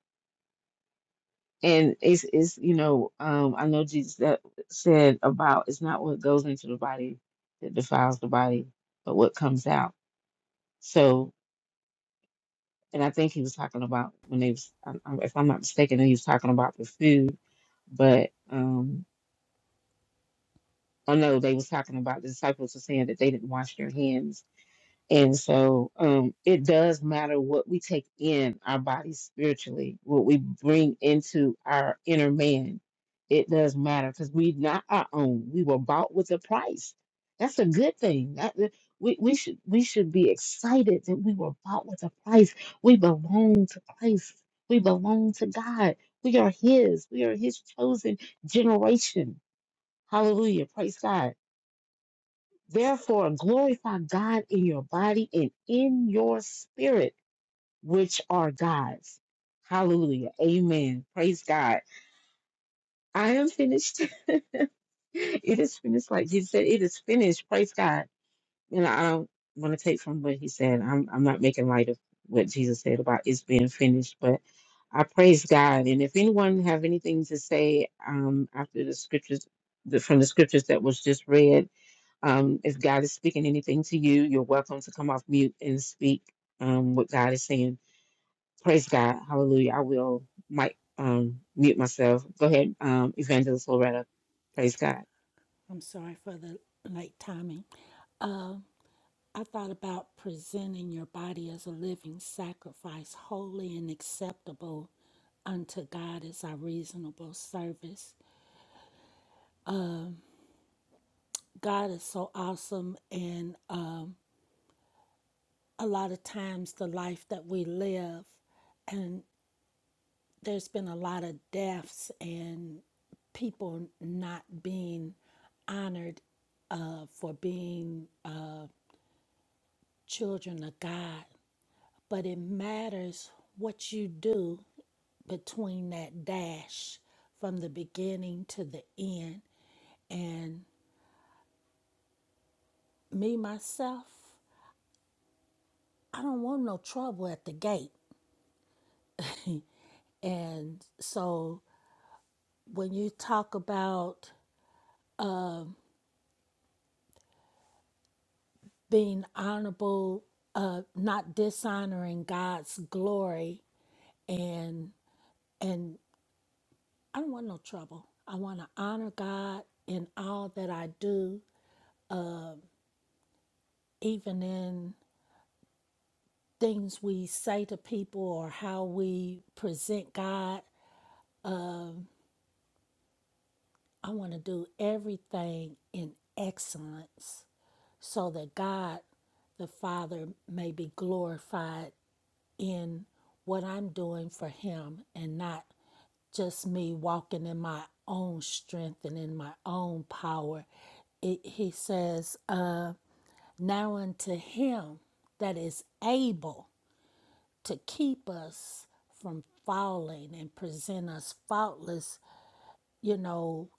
And it's it's you know um, I know Jesus that said about it's not what goes into the body that defiles the body, but what comes out. So. and I think he was talking about when they was, I- I- if I'm not mistaken, he was talking about the food. But um, oh no, they was talking about the disciples were saying that they didn't wash their hands and so um, it does matter what we take in our bodies spiritually, what we bring into our inner man. It does matter because we are not our own. We were bought with a price. That's a good thing. That, that- we, we should we should be excited that we were bought with a price. We belong to Christ. We belong to God. We are His. We are His chosen generation. Hallelujah. Praise God. Therefore, glorify God in your body and in your spirit, which are God's. Hallelujah. Amen. Praise God. I am finished. it is finished. Like he said, it is finished. Praise God. And I don't want to take from what he said. I'm, I'm not making light of what Jesus said about it's being finished, but I praise God. And if anyone have anything to say um, after the scriptures, the, from the scriptures that was just read, um, if God is speaking anything to you, you're welcome to come off mute and speak um, what God is saying. Praise God. Hallelujah. I will might um, mute myself. Go ahead, um, Evangelist Loretta. Praise God. I'm sorry for the late timing. Um, I thought about presenting your body as a living sacrifice, holy and acceptable unto God as our reasonable service. Uh, God is so awesome, and um, a lot of times the life that we live. and there's been a lot of deaths and people not being honored uh, for being uh, children of God. But it matters what you do between that dash from the beginning to the end. And me, myself, I don't want no trouble at the gate. and so when you talk about being honorable, uh, not dishonoring God's glory, and and I don't want no trouble. I want to honor God in all that I do, um, even in things we say to people or how we present God. Um, I want to do everything in excellence, so that God the Father may be glorified in what I'm doing for Him and not just me walking in my own strength and in my own power. It, he says, uh, Now unto him that is able to keep us from falling and present us faultless, you know,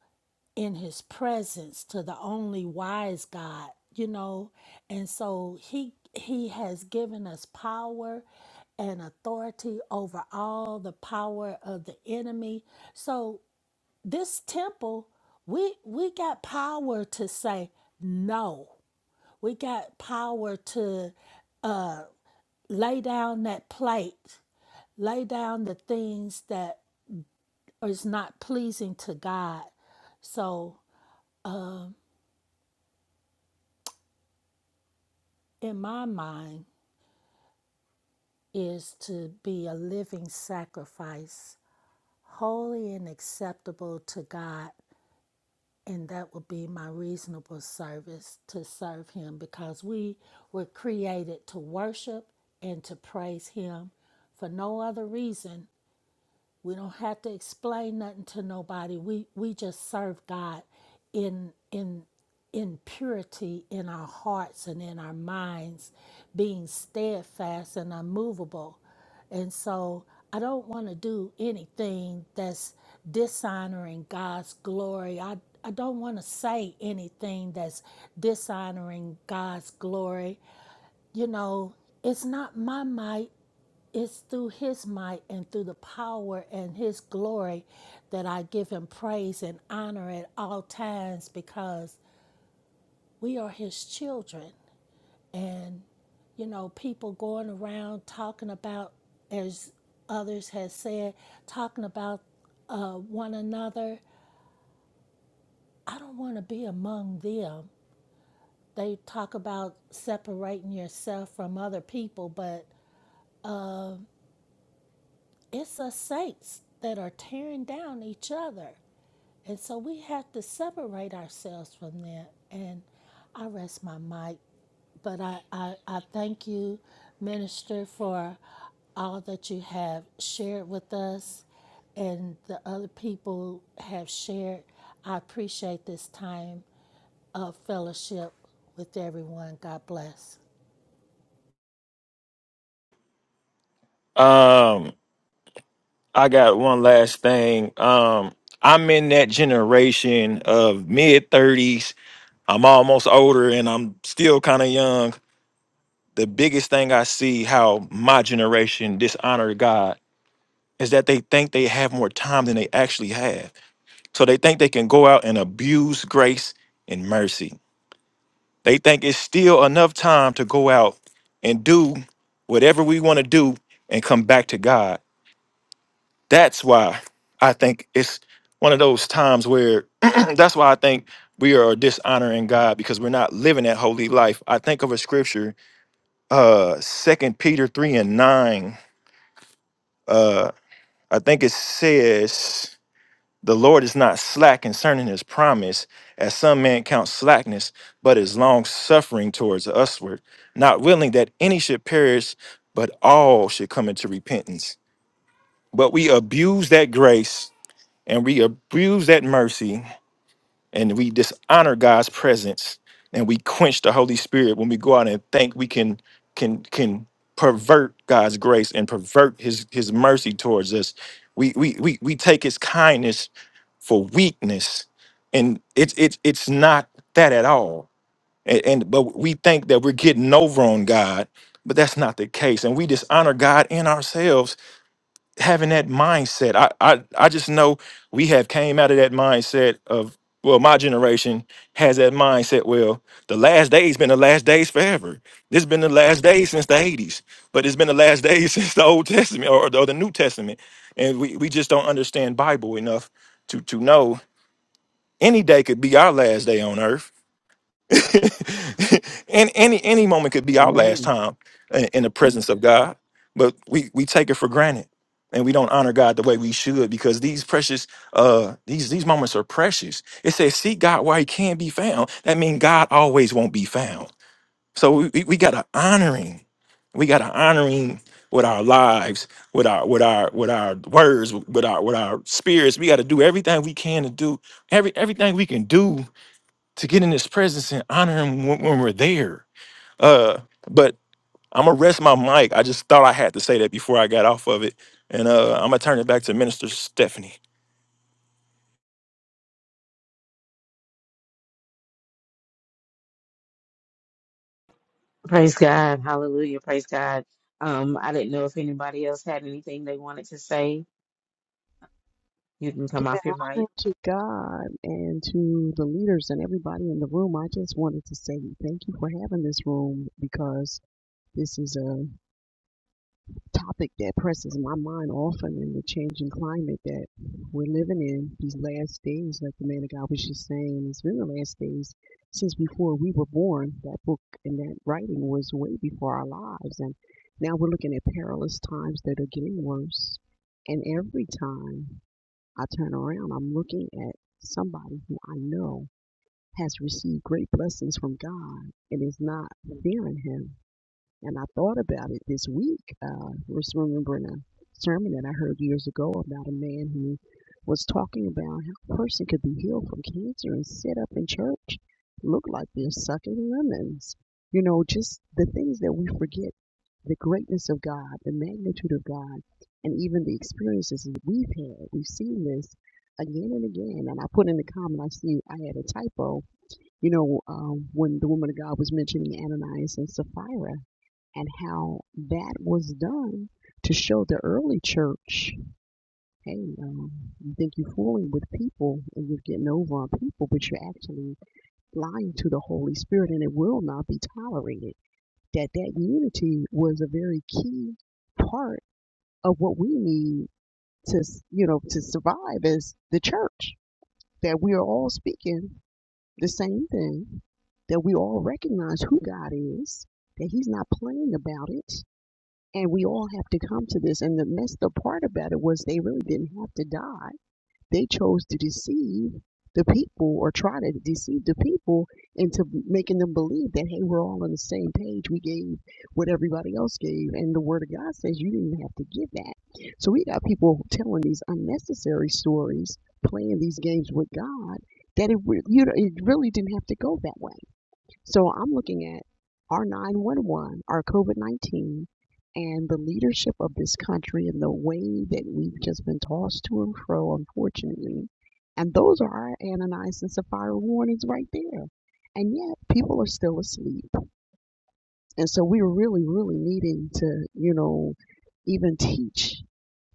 in his presence to the only wise God, you know. And so he he has given us power and authority over all the power of the enemy. So this temple we we got power to say no we got power to uh lay down that plate lay down the things that is not pleasing to god so um in my mind is to be a living sacrifice holy and acceptable to god and that would be my reasonable service to serve him because we were created to worship and to praise him for no other reason we don't have to explain nothing to nobody. We we just serve God in in in purity in our hearts and in our minds, being steadfast and unmovable. And so I don't want to do anything that's dishonoring God's glory. I, I don't want to say anything that's dishonoring God's glory. You know, it's not my might, it's through his might and through the power and his glory that I give him praise and honor at all times because we are his children. And, you know, people going around talking about, as others have said, talking about uh, one another. I don't want to be among them. They talk about separating yourself from other people, but it's us saints that are tearing down each other. And so we have to separate ourselves from that. And I rest my mic. But I, I, I thank you, Minister, for all that you have shared with us and the other people have shared. I appreciate this time of fellowship with everyone. God bless. Um I got one last thing. Um, I'm in that generation of mid 30s. I'm almost older and I'm still kind of young. The biggest thing I see how my generation dishonor God is that they think they have more time than they actually have. So they think they can go out and abuse grace and mercy. They think it's still enough time to go out and do whatever we want to do and come back to God. that's why I think it's one of those times where that's why I think we are dishonoring God because we're not living that holy life. I think of a scripture, uh Second Peter three and nine. Uh I think it says the Lord is not slack concerning his promise, as some men count slackness, but is long suffering towards usward, not willing that any should perish, but all should come into repentance. But we abuse that grace and we abuse that mercy and we dishonor God's presence and we quench the Holy Spirit when we go out and think we can can can pervert God's grace and pervert his his mercy towards us. We we we we take his kindness for weakness and it's it's it's not that at all. And, and but we think that we're getting over on God, but that's not the case. And we dishonor God in ourselves having that mindset. I, I I just know we have came out of that mindset of well, my generation has that mindset. Well, the last days been the last days forever. This has been the last days since the eighties, but it's been the last days since the Old Testament or, or the New Testament, and we, we just don't understand Bible enough to to know any day could be our last day on earth and any any moment could be our last Amen. time in, in the presence of God. But we we take it for granted, and we don't honor God the way we should because these precious uh these these moments are precious. It says, "Seek God while He can be found." That means God always won't be found. So we we, we gotta honor Him. We gotta honor Him with our lives, with our with our with our words, with our with our spirits. We gotta do everything we can to do every everything we can do to get in his presence and honor him when, when we're there. Uh, but I'm gonna rest my mic. I just thought I had to say that before I got off of it, and uh, I'm gonna turn it back to Minister Stephanie. Praise God. Hallelujah. Praise God. Um, I didn't know if anybody else had anything they wanted to say. You can come off Giving your honor mic. to God and to the leaders and everybody in the room, I just wanted to say thank you for having this room because this is a topic that presses my mind often in the changing climate that we're living in these last days, like the man of God was just saying. It's been the last days since before we were born. That book and that writing was way before our lives. And now we're looking at perilous times that are getting worse. And every time. I turn around, I'm looking at somebody who I know has received great blessings from God and is not fearing Him. And I thought about it this week. I Uh, was remembering a sermon that I heard years ago about a man who was talking about how a person could be healed from cancer and sit up in church, look like they're sucking lemons. You know, just the things that we forget the greatness of God, the magnitude of God, and even the experiences that we've had. We've seen this again and again. And I put in the comment, I see I had a typo. You know, um, when the woman of God was mentioning Ananias and Sapphira, and how that was done to show the early church, hey, um, you think you're fooling with people and you're getting over on people, but you're actually lying to the Holy Spirit, and it will not be tolerated. That that unity was a very key part of what we need to, you know, to survive as the church. That we are all speaking the same thing. That we all recognize who God is. That He's not playing about it And we all have to come to this. And the messed up part about it was they really didn't have to die. They chose to deceive the people or try to deceive the people into making them believe that, hey, we're all on the same page. We gave what everybody else gave. And the Word of God says you didn't have to give that. So we got people telling these unnecessary stories, playing these games with God, that it, re- you know, it really didn't have to go that way so I'm looking at our 911, our COVID 19, and the leadership of this country and the way that we've just been tossed to and fro, unfortunately. And those are our Ananias and Sapphira warnings right there. And yet people are still asleep. And so we're really, really needing to, you know, even teach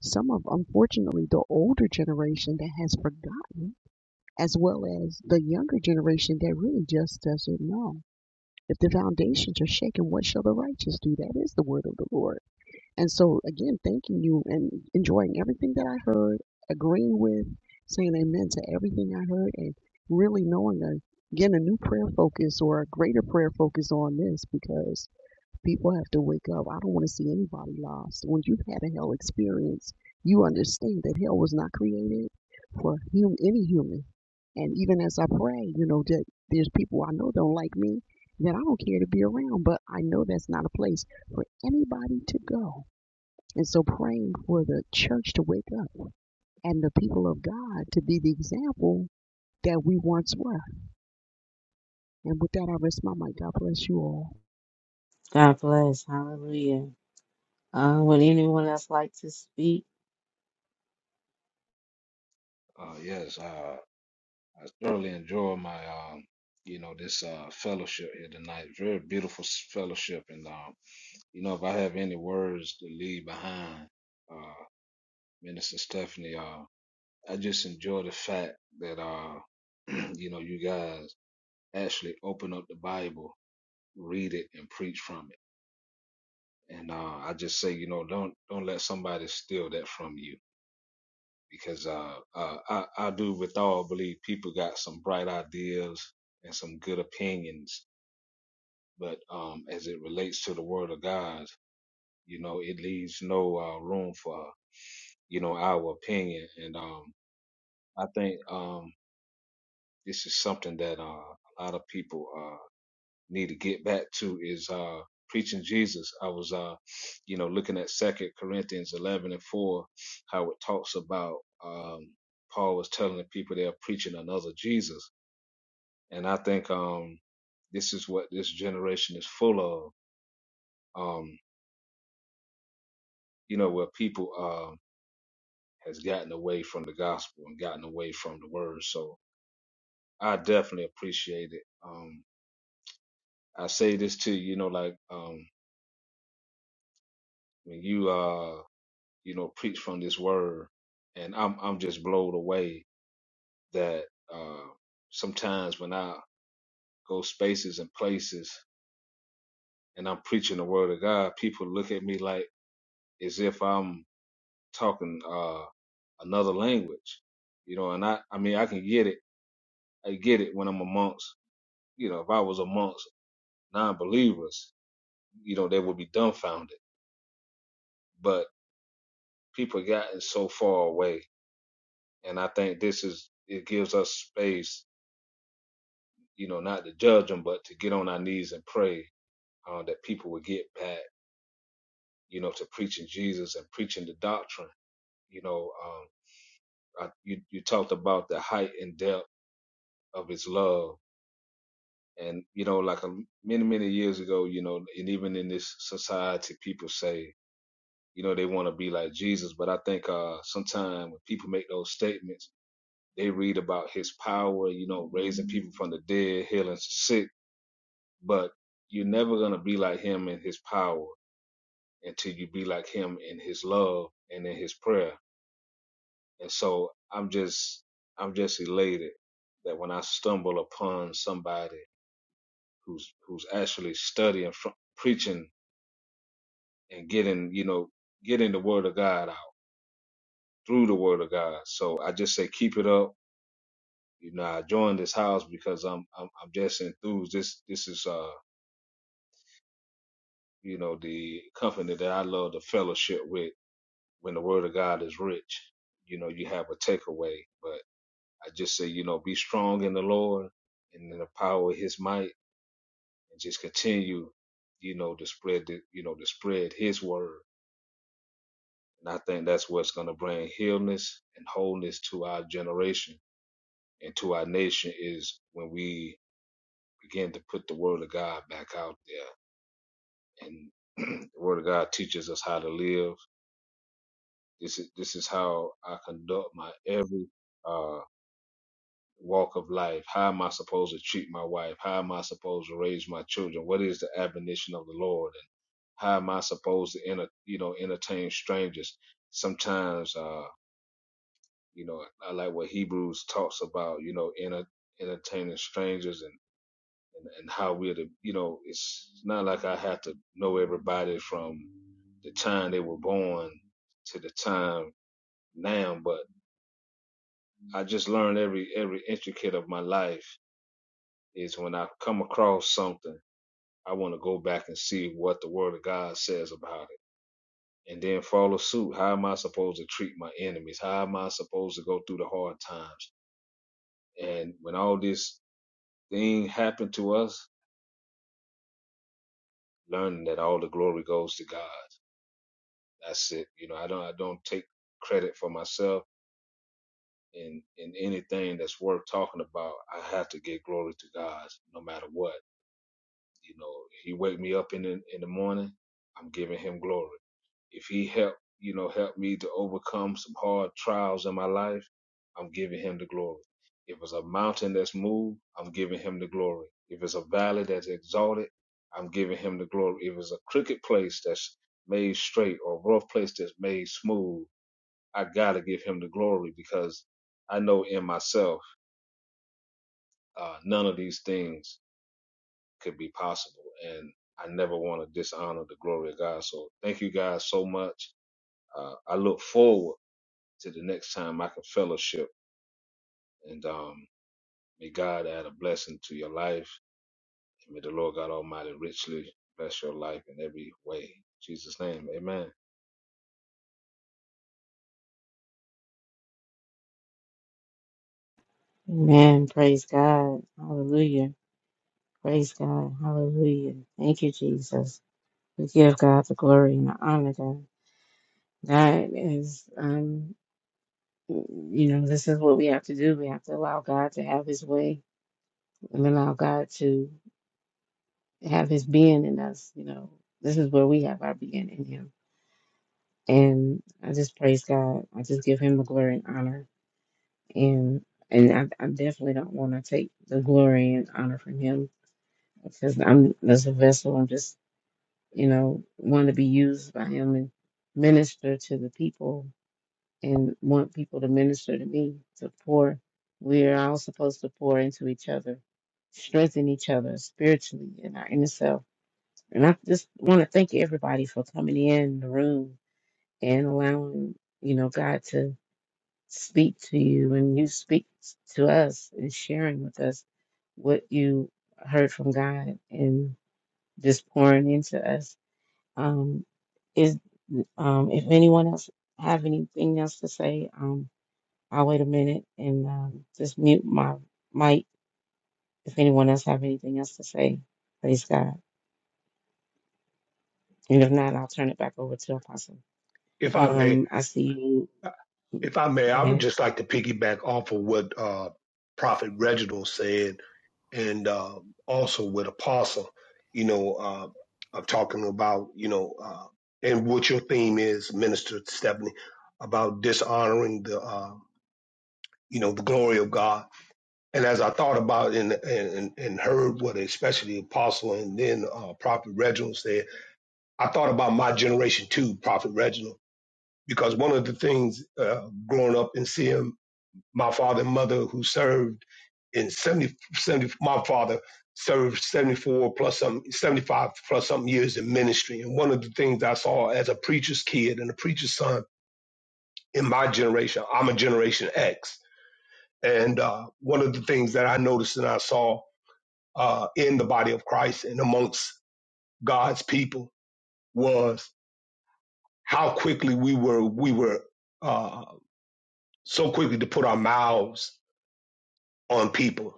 some of, unfortunately, the older generation that has forgotten, as well as the younger generation that really just doesn't know. If the foundations are shaken, what shall the righteous do? That is the word of the Lord. And so, again, thanking you and enjoying everything that I heard, agreeing with, saying amen to everything I heard, and really knowing a, again a new prayer focus or a greater prayer focus on this because. People have to wake up. I don't want to see anybody lost. When you've had a hell experience, you understand that hell was not created for hum- any human. And even as I pray, you know, that there's people I know don't like me that I don't care to be around, but I know that's not a place for anybody to go. And so praying for the church to wake up and the people of God to be the example that we once were. And with that, I rest my mic. God bless you all. God bless. Hallelujah. Uh, would anyone else like to speak? Uh, yes. uh, I thoroughly enjoy my, um, you know, this uh, fellowship here tonight. Very beautiful s- fellowship, and um, you know, if I have any words to leave behind, uh, Minister Stephanie, uh, I just enjoy the fact that, uh, you know, you guys actually open up the Bible, read it, and preach from it. And uh, I just say, you know, don't don't let somebody steal that from you, because uh, uh, I I do with all believe people got some bright ideas and some good opinions but um, as it relates to the Word of God, you know, it leaves no uh, room for you know our opinion, and um, I think um, this is something that uh, a lot of people uh, need to get back to is uh, preaching Jesus. I was, uh, you know, looking at Second Corinthians eleven and four, how it talks about um, Paul was telling the people they're preaching another Jesus, and I think um, this is what this generation is full of. Um, you know, where people uh, has gotten away from the gospel and gotten away from the word. So I definitely appreciate it. Um, I say this to you, you know, like um, when you uh, you know, preach from this word, and I'm I'm just blown away that uh, sometimes when I go spaces and places and I'm preaching the word of God, people look at me like as if I'm talking uh, another language, you know. And I I mean I can get it, I get it when I'm amongst you know, if I was a monk non-believers, you know, they would be dumbfounded. But people have gotten so far away, and I think this is it gives us space, you know, not to judge them, but to get on our knees and pray uh, that people would get back, you know, to preaching Jesus and preaching the doctrine. You know, um, I, you you talked about the height and depth of His love. And you know, like a, many many years ago, you know, and even in this society, people say you know they want to be like jesus but i think uh sometimes when people make those statements they read about his power you know raising people from the dead healing the sick but you're never going to be like him in his power until you be like him in his love and in his prayer and so i'm just i'm just elated that when i stumble upon somebody who's who's actually studying fr- preaching and getting you know getting the word of god out through the word of god so i just say keep it up You know, I joined this house because I'm I'm, I'm just enthused. This this is uh you know the company that I love to fellowship with when the Word of God is rich. You know, you have a takeaway, but I just say you know be strong in the Lord and in the power of His might, and just continue you know to spread the you know to spread His word. And I think that's what's going to bring healness and wholeness to our generation and to our nation is when we begin to put the word of God back out there and the Word of God teaches us how to live. This is this is how I conduct my every uh, walk of life. How am I supposed to treat my wife? How am I supposed to raise my children? What is the admonition of the Lord? And how am I supposed to enter, you know entertain strangers? Sometimes, uh, you know, I like what Hebrews talks about. You know, enter, entertaining strangers and. and, and how we're the you know it's not like I have to know everybody from the time they were born to the time now, but I just learned every every intricate of my life is when I come across something, I want to go back and see what the Word of God says about it, and then follow suit. How am I supposed to treat my enemies? How am I supposed to go through the hard times? And when all this thing happened to us, learning that all the glory goes to God That's it. You know, I don't I don't take credit for myself in in anything that's worth talking about. I have to give glory to God no matter what. You know, he wake me up in the, in the morning, I'm giving him glory. If he help, you know, help me to overcome some hard trials in my life, I'm giving him the glory. If it's a mountain that's moved, I'm giving him the glory. If it's a valley that's exalted, I'm giving him the glory. If it's a crooked place that's made straight or a rough place that's made smooth, I gotta give him the glory because I know in myself uh, none of these things could be possible, and I never want to dishonor the glory of God. So thank you guys so much. Uh, I look forward to the next time I can fellowship, and um, may God add a blessing to your life, and may the Lord God Almighty richly bless your life in every way. In Jesus' name, Amen. Amen. Praise God. Hallelujah. Praise God. Hallelujah. Thank you, Jesus. We give God the glory and the honor, God. That is, um, you know, this is what we have to do. We have to allow God to have his way and allow God to have his being in us. You know, this is where we have our being in him. And I just praise God. I just give him the glory and honor. And and I, I definitely don't want to take the glory and honor from him because I'm as a vessel. I'm just you know, want to be used by him and minister to the people and want people to minister to me, to pour. We're all supposed to pour into each other, strengthen each other spiritually in our inner self. And I just want to thank everybody for coming in the room and allowing, you know, God to speak to you and you speak to us and sharing with us what you heard from God and just pouring into us um, is um, if anyone else have anything else to say, um, I'll wait a minute and um, just mute my mic. If anyone else have anything else to say, praise God. And if not, I'll turn it back over to Apostle. if i may Um, I see you. If I may, Go I would ahead. just like to piggyback off of what uh, Prophet Reginald said, and uh, also with Apostle. You know, uh, i talking about you know, uh, and what your theme is, Minister Stephanie, about dishonoring the uh, you know the glory of God. And as I thought about and and, and heard what especially Apostle and then uh, Prophet Reginald said, I thought about my generation too, Prophet Reginald, because one of the things uh, growing up and seeing my father and mother who served in 70 70. my father served 74 plus some 75 plus something years in ministry and one of the things i saw as a preacher's kid and a preacher's son in my generation i'm a generation x and uh, one of the things that i noticed and i saw uh, in the body of christ and amongst god's people was how quickly we were we were uh, so quickly to put our mouths on people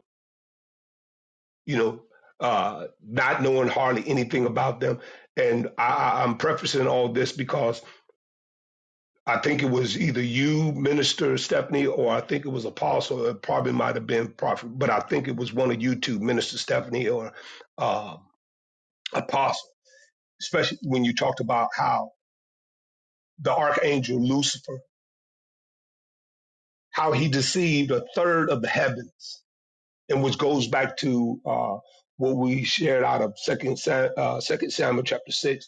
you know, uh, not knowing hardly anything about them. And I, I- am prefacing all this because I think it was either you, Minister Stephanie, or I think it was Apostle. It probably might have been Prophet, but I think it was one of you two, Minister Stephanie or uh, Apostle, especially when you talked about how the archangel Lucifer, how he deceived a third of the heavens, and which goes back to uh, what we shared out of Second Sam, uh, Second Samuel chapter six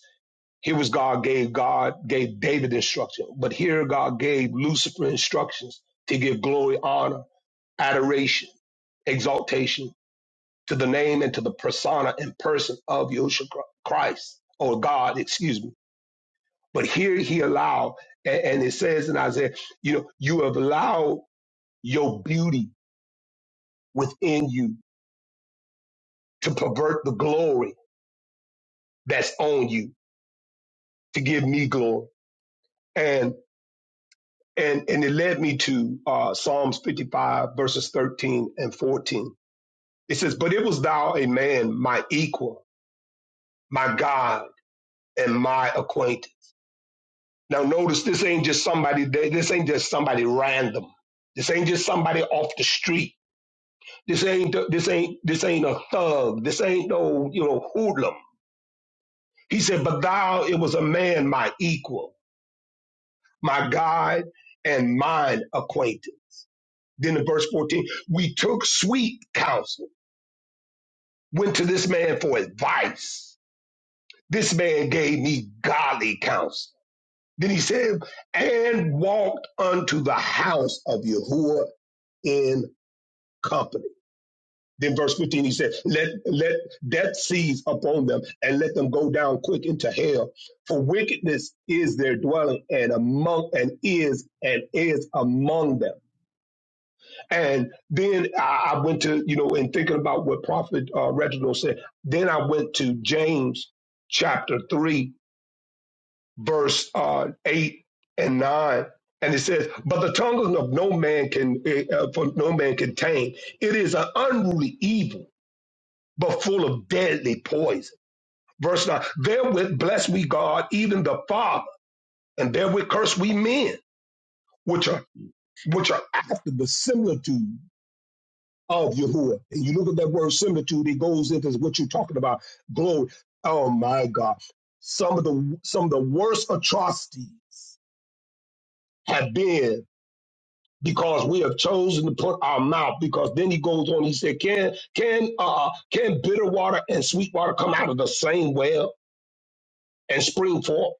Here was God gave God gave David instruction, but here God gave Lucifer instructions to give glory, honor, adoration, exaltation to the name and to the persona and person of Yahushua Christ or God, excuse me. But here he allowed, and, and it says in Isaiah, you know, you have allowed your beauty within you to pervert the glory that's on you to give me glory. and. and and it led me to uh, Psalms 55 verses 13 and 14. It says, "But it was thou a man, my equal, my God, and my acquaintance." Now notice this ain't just somebody. This ain't just somebody random. This ain't just somebody off the street. This ain't this ain't this ain't a thug. This ain't no you know hoodlum. He said, "But thou, it was a man, my equal, my God, and mine acquaintance." Then in verse 14, we took sweet counsel Went to this man for advice. This man gave me godly counsel. Then he said, and walked unto the house of Yahuwah in company. Then verse 15, he said, let, let death seize upon them and let them go down quick into hell. For wickedness is their dwelling and among, and is, and is among them And then I, I went to, you know, in thinking about what Prophet uh, Reginald said, then I went to James chapter 3, verse uh, 8 and 9. And it says, but the tongue of no man can, uh, for no man can tame. It is an unruly evil, but full of deadly poison. Verse 9, therewith bless we God, even the Father, and therewith curse we men, which are, which are after the similitude. of Yahuwah. And you look at that word similitude, it goes into what you're talking about. Glory. Oh my God. Some of the some of the worst atrocities have been because we have chosen to put our mouth. Because then he goes on, he said, Can can uh can bitter water and sweet water come out of the same well and spring forth?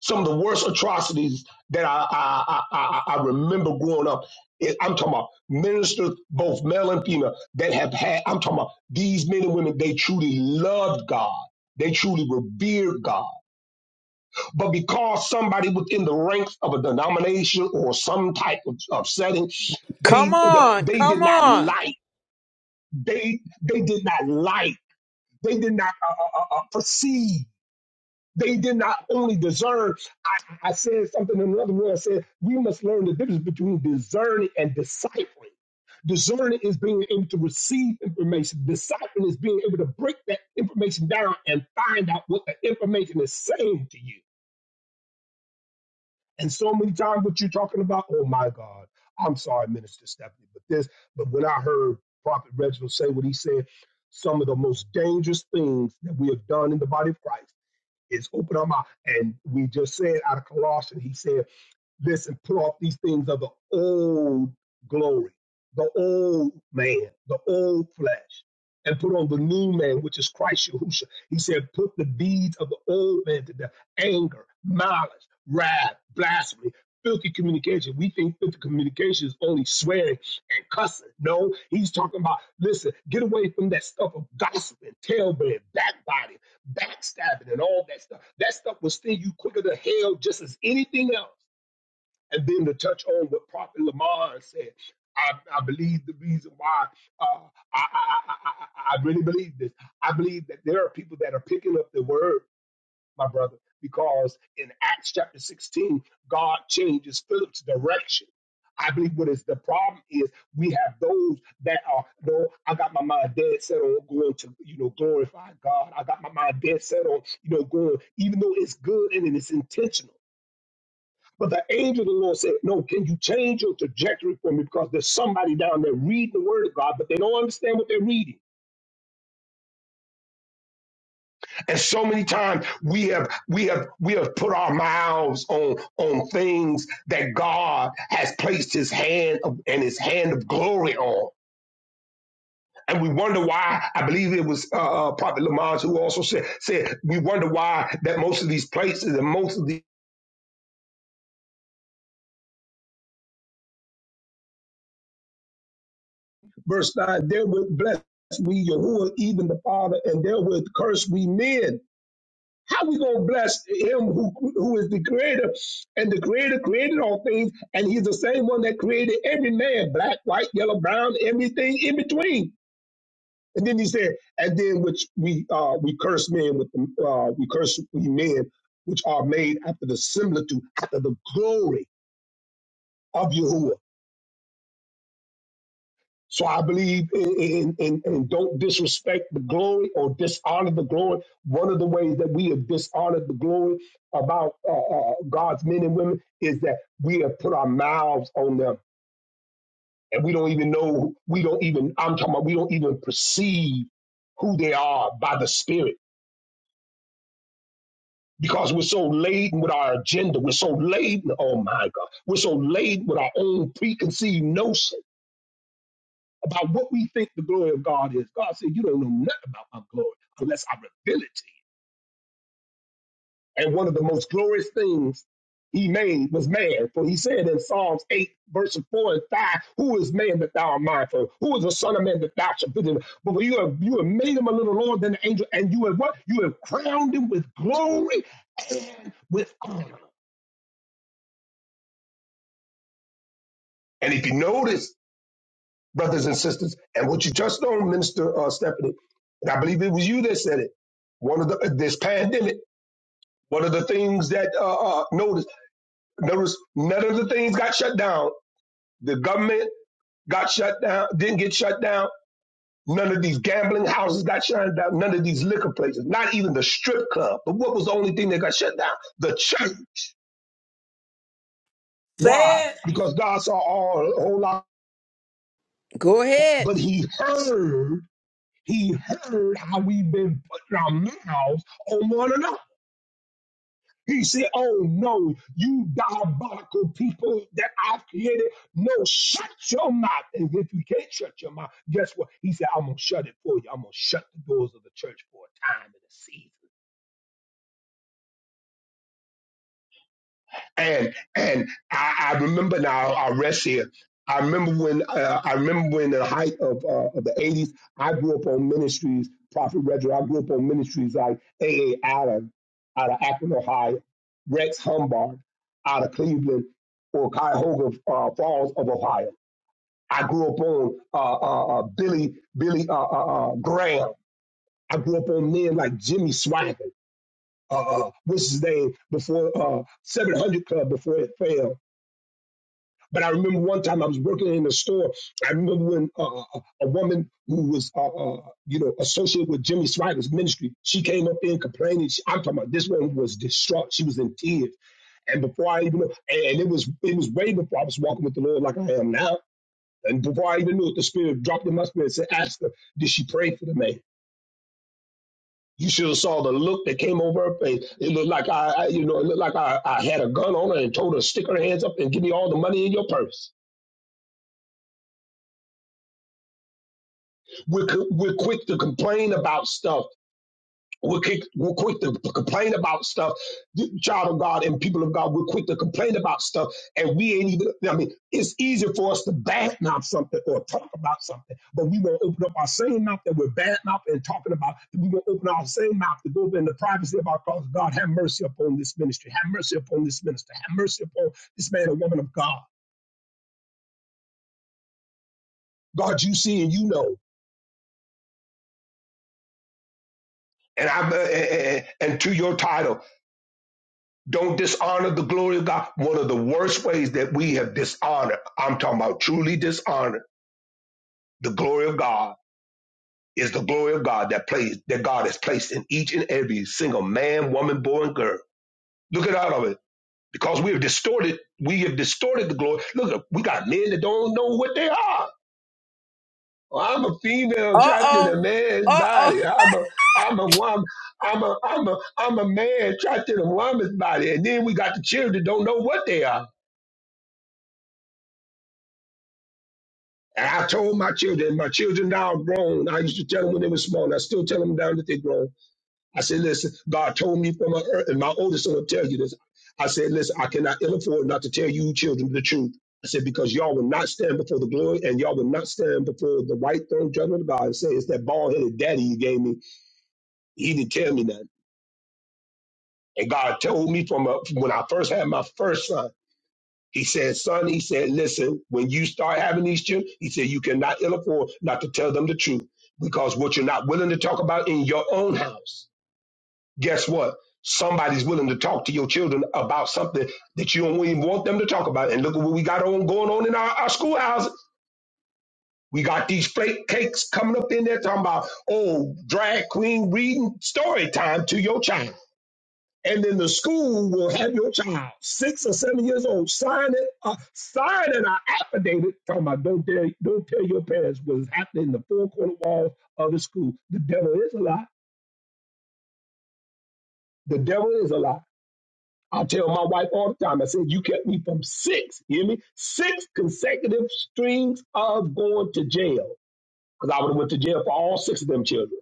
Some of the worst atrocities that I I, I, I I remember growing up. It- I'm talking about ministers, both male and female, that have had. I'm talking about these men and women. They truly loved God. They truly revered God. But because somebody within the ranks of a denomination or some type of, of setting, they they did not like. They they did not like. They did not uh, uh, uh, uh, perceive they did not only discern. I, I said something in another way. I said we must learn the difference between discerning and deciphering. Discerning is being able to receive information. Deciphering is being able to break that information down and find out what the information is saying to you. And so many times, what you're talking about, oh my God, I'm sorry, Minister Stephanie, but this, but when I heard Prophet Reginald say what he said, some of the most dangerous things that we have done in the body of Christ is open our mouth. And we just said out of Colossians, he said this and put off these things of the old glory, the old man, the old flesh, and put on the new man, which is Christ Yahushua. He said, put the deeds of the old man to death anger, malice, wrath, blasphemy, filthy communication. We think filthy communication is only swearing and cussing. No, he's talking about, listen, get away from that stuff of gossiping, tailbearing, backbiting, backstabbing, and all that stuff. That stuff will sting you quicker than hell just as anything else. And then to touch on what Prophet Lamar said, I, I believe the reason why uh, I, I, I, I I really believe this. I believe that there are people that are picking up the word, my brother, because in Acts chapter 16, God changes Philip's direction. I believe what is the problem is we have those that are no, I got my mind dead set on going to you know glorify God. I got my mind dead set on you know going even though it's good and it's intentional. But the angel of the Lord said, No, can you change your trajectory for me? Because there's somebody down there reading the word of God, but they don't understand what they're reading. And so many times we have we have we have put our mouths on on things that God has placed his hand of, and his hand of glory on. And we wonder why. I believe it was uh, uh, Prophet Lamont who also said, said, We wonder why that most of these places and most of the verse 9, there will bless we Yahuwah, even the Father, and there will curse we men. How we gonna bless him who, who is the creator and the creator created all things and he's the same one that created every man, black, white, yellow, brown, everything in between. And then he said, and then which we uh we curse men with the uh we curse we men which are made after the similitude, after the glory of Yahuwah. So I believe in, in, in, in don't disrespect the glory or dishonor the glory. One of the ways that we have dishonored the glory about uh, uh, God's men and women is that we have put our mouths on them and we don't even know, we don't even, I'm talking about, we don't even perceive who they are by the Spirit because we're so laden with our agenda. We're so laden, oh my God, we're so laden with our own preconceived notions about what we think the glory of God is. God said, You don't know nothing about my glory unless I reveal it to you. And one of the most glorious things he made was man. For he said in Psalms 8, verses 4 and 5, Who is man that thou art mindful? of? Who is the son of man that thou shalt visit him? But you have you have made him a little lower than the angel, and you have what? You have crowned him with glory and with honor. And if you notice brothers and sisters. And what you touched on, Minister uh, Stephanie, and I believe it was you that said it. One of the this pandemic, one of the things that uh, uh, notice notice none of the things got shut down. The government got shut down, didn't get shut down. None of these gambling houses got shut down. None of these liquor places, not even the strip club. But what was the only thing that got shut down? The church. Why? Say it. Because God saw all a whole lot, Go ahead. but He heard. He heard how we've been putting our mouths on one another. He said, Oh no, you diabolical people that I've created. No, shut your mouth. And if you can't shut your mouth, guess what? He said, I'm going to shut it for you. I'm going to shut the doors of the church for a time and a season. And and I, I remember now. I'll rest here. I remember when uh, I remember when the height of uh, of the '80s. I grew up on ministries, Prophet Reggie. I grew up on ministries like A. A. Allen out of Akron, Ohio, Rex Humbard out of Cleveland, or Cuyahoga uh, Falls of Ohio. I grew up on uh, uh, uh, Billy Billy uh, uh, uh, Graham. I grew up on men like Jimmy Swaggart, uh, uh, what's his name before uh, 700 Club before it failed. But I remember one time I was working in a store. I remember when uh, uh, uh, a woman who was, uh, uh, you know, associated with Jimmy Swaggart ministry, she came up in complaining. She, I'm talking about this woman was distraught. She was in tears. And before I even knew, and it was it was way before I was walking with the Lord like I am now. And before I even knew it, the Spirit dropped in my spirit and said, ask her, did she pray for the man? You should have saw the look that came over her face. It looked like I, I you know, it looked like I, I had a gun on her and told her, to stick her hands up and give me all the money in your purse. We're, we're quick to complain about stuff. We're quick, we're quick to complain about stuff. Child of God and people of God, we're quick to complain about stuff. And we ain't even, I mean, it's easy for us to badmouth something or talk about something, but we won't open up our same mouth that we're badmouth and talking about. We won't open our same mouth to go in the privacy of our cause. God, have mercy upon this ministry. Have mercy upon this minister. Have mercy upon this man and woman of God. God, you see and you know. And I and, and to your title. Don't dishonor the glory of God. One of the worst ways that we have dishonored, I'm talking about truly dishonored, the glory of God is the glory of God that plays that God has placed in each and every single man, woman, boy, and girl. Look at all of it. Because we have distorted, we have distorted the glory. Look, we got men that don't know what they are. Well, I'm a female trapped in a Uh-oh. man's Uh-oh. body. I'm a I'm a woman. I'm a I'm a I'm a man trapped in a woman's body. And then we got the children that don't know what they are. And I told my children, my children now are grown. I used to tell them when they were small, and I still tell them now that they're grown. I said, listen, God told me from my earth, and my oldest son will tell you this. I said, listen, I cannot ill afford not to tell you children the truth. I said, because y'all will not stand before the glory and y'all will not stand before the white throne judgment of God and say, it's that bald headed daddy you gave me. He didn't tell me nothing. And God told me from, uh, from when I first had my first son. He said, son, he said, listen, when you start having these children, he said, you cannot ill afford not to tell them the truth because what you're not willing to talk about in your own house, guess what? Somebody's willing to talk to your children about something that you don't even want them to talk about. And look at what we got on going on in our, our schoolhouses. We got these flake cakes coming up in there talking about, oh, drag queen reading story time to your child and then the school will have your child, six or seven years old, sign it, uh, sign an affidavit talking about don't tell, don't tell your parents what is happening in the four corner walls of the school. The devil is a lie. The devil is a lie. I tell my wife all the time. I said you kept me from six, hear me, six consecutive strings of going to jail because I would have went to jail for all six of them children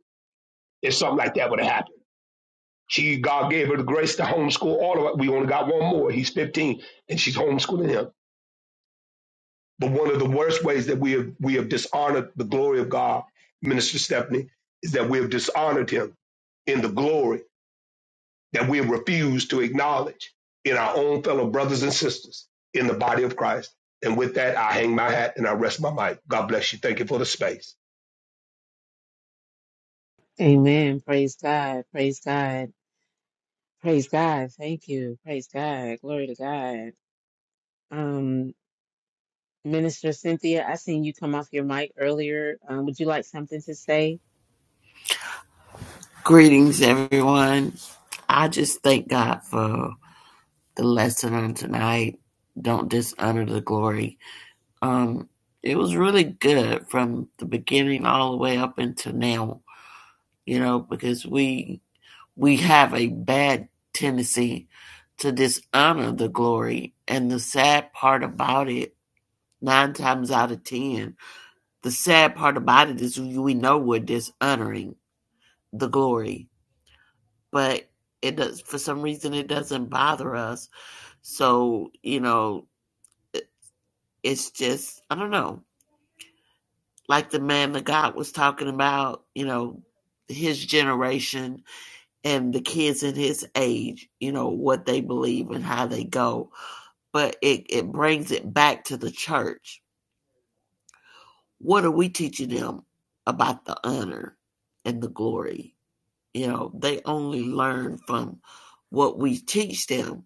if something like that would have happened. She God gave her the grace to homeschool all of it. We only got one more. He's 15, and she's homeschooling him. But one of the worst ways that we have we have dishonored the glory of God, Minister Stephanie, is that we have dishonored him in the glory that we have refused to acknowledge in our own fellow brothers and sisters in the body of Christ. And with that, I hang my hat and I rest my mic. God bless you. Thank you for the space. Amen. Praise God. Praise God. Praise God. Thank you. Praise God. Glory to God. Um, Minister Cynthia, I seen you come off your mic earlier. Um, would you like something to say? Greetings, everyone. I just thank God for the lesson on tonight. Don't dishonor the glory. Um, it was really good from the beginning all the way up until now. You know, because we we have a bad tendency to dishonor the glory, and the sad part about it, nine times out of ten, the sad part about it is we know we're dishonoring the glory but it does for some reason it doesn't bother us. So you know, it's just I don't know. Like the man that God was talking about, you know, his generation and the kids in his age, you know, what they believe and how they go. But it, it brings it back to the church. What are we teaching them about the honor and the glory? You know, they only learn from what we teach them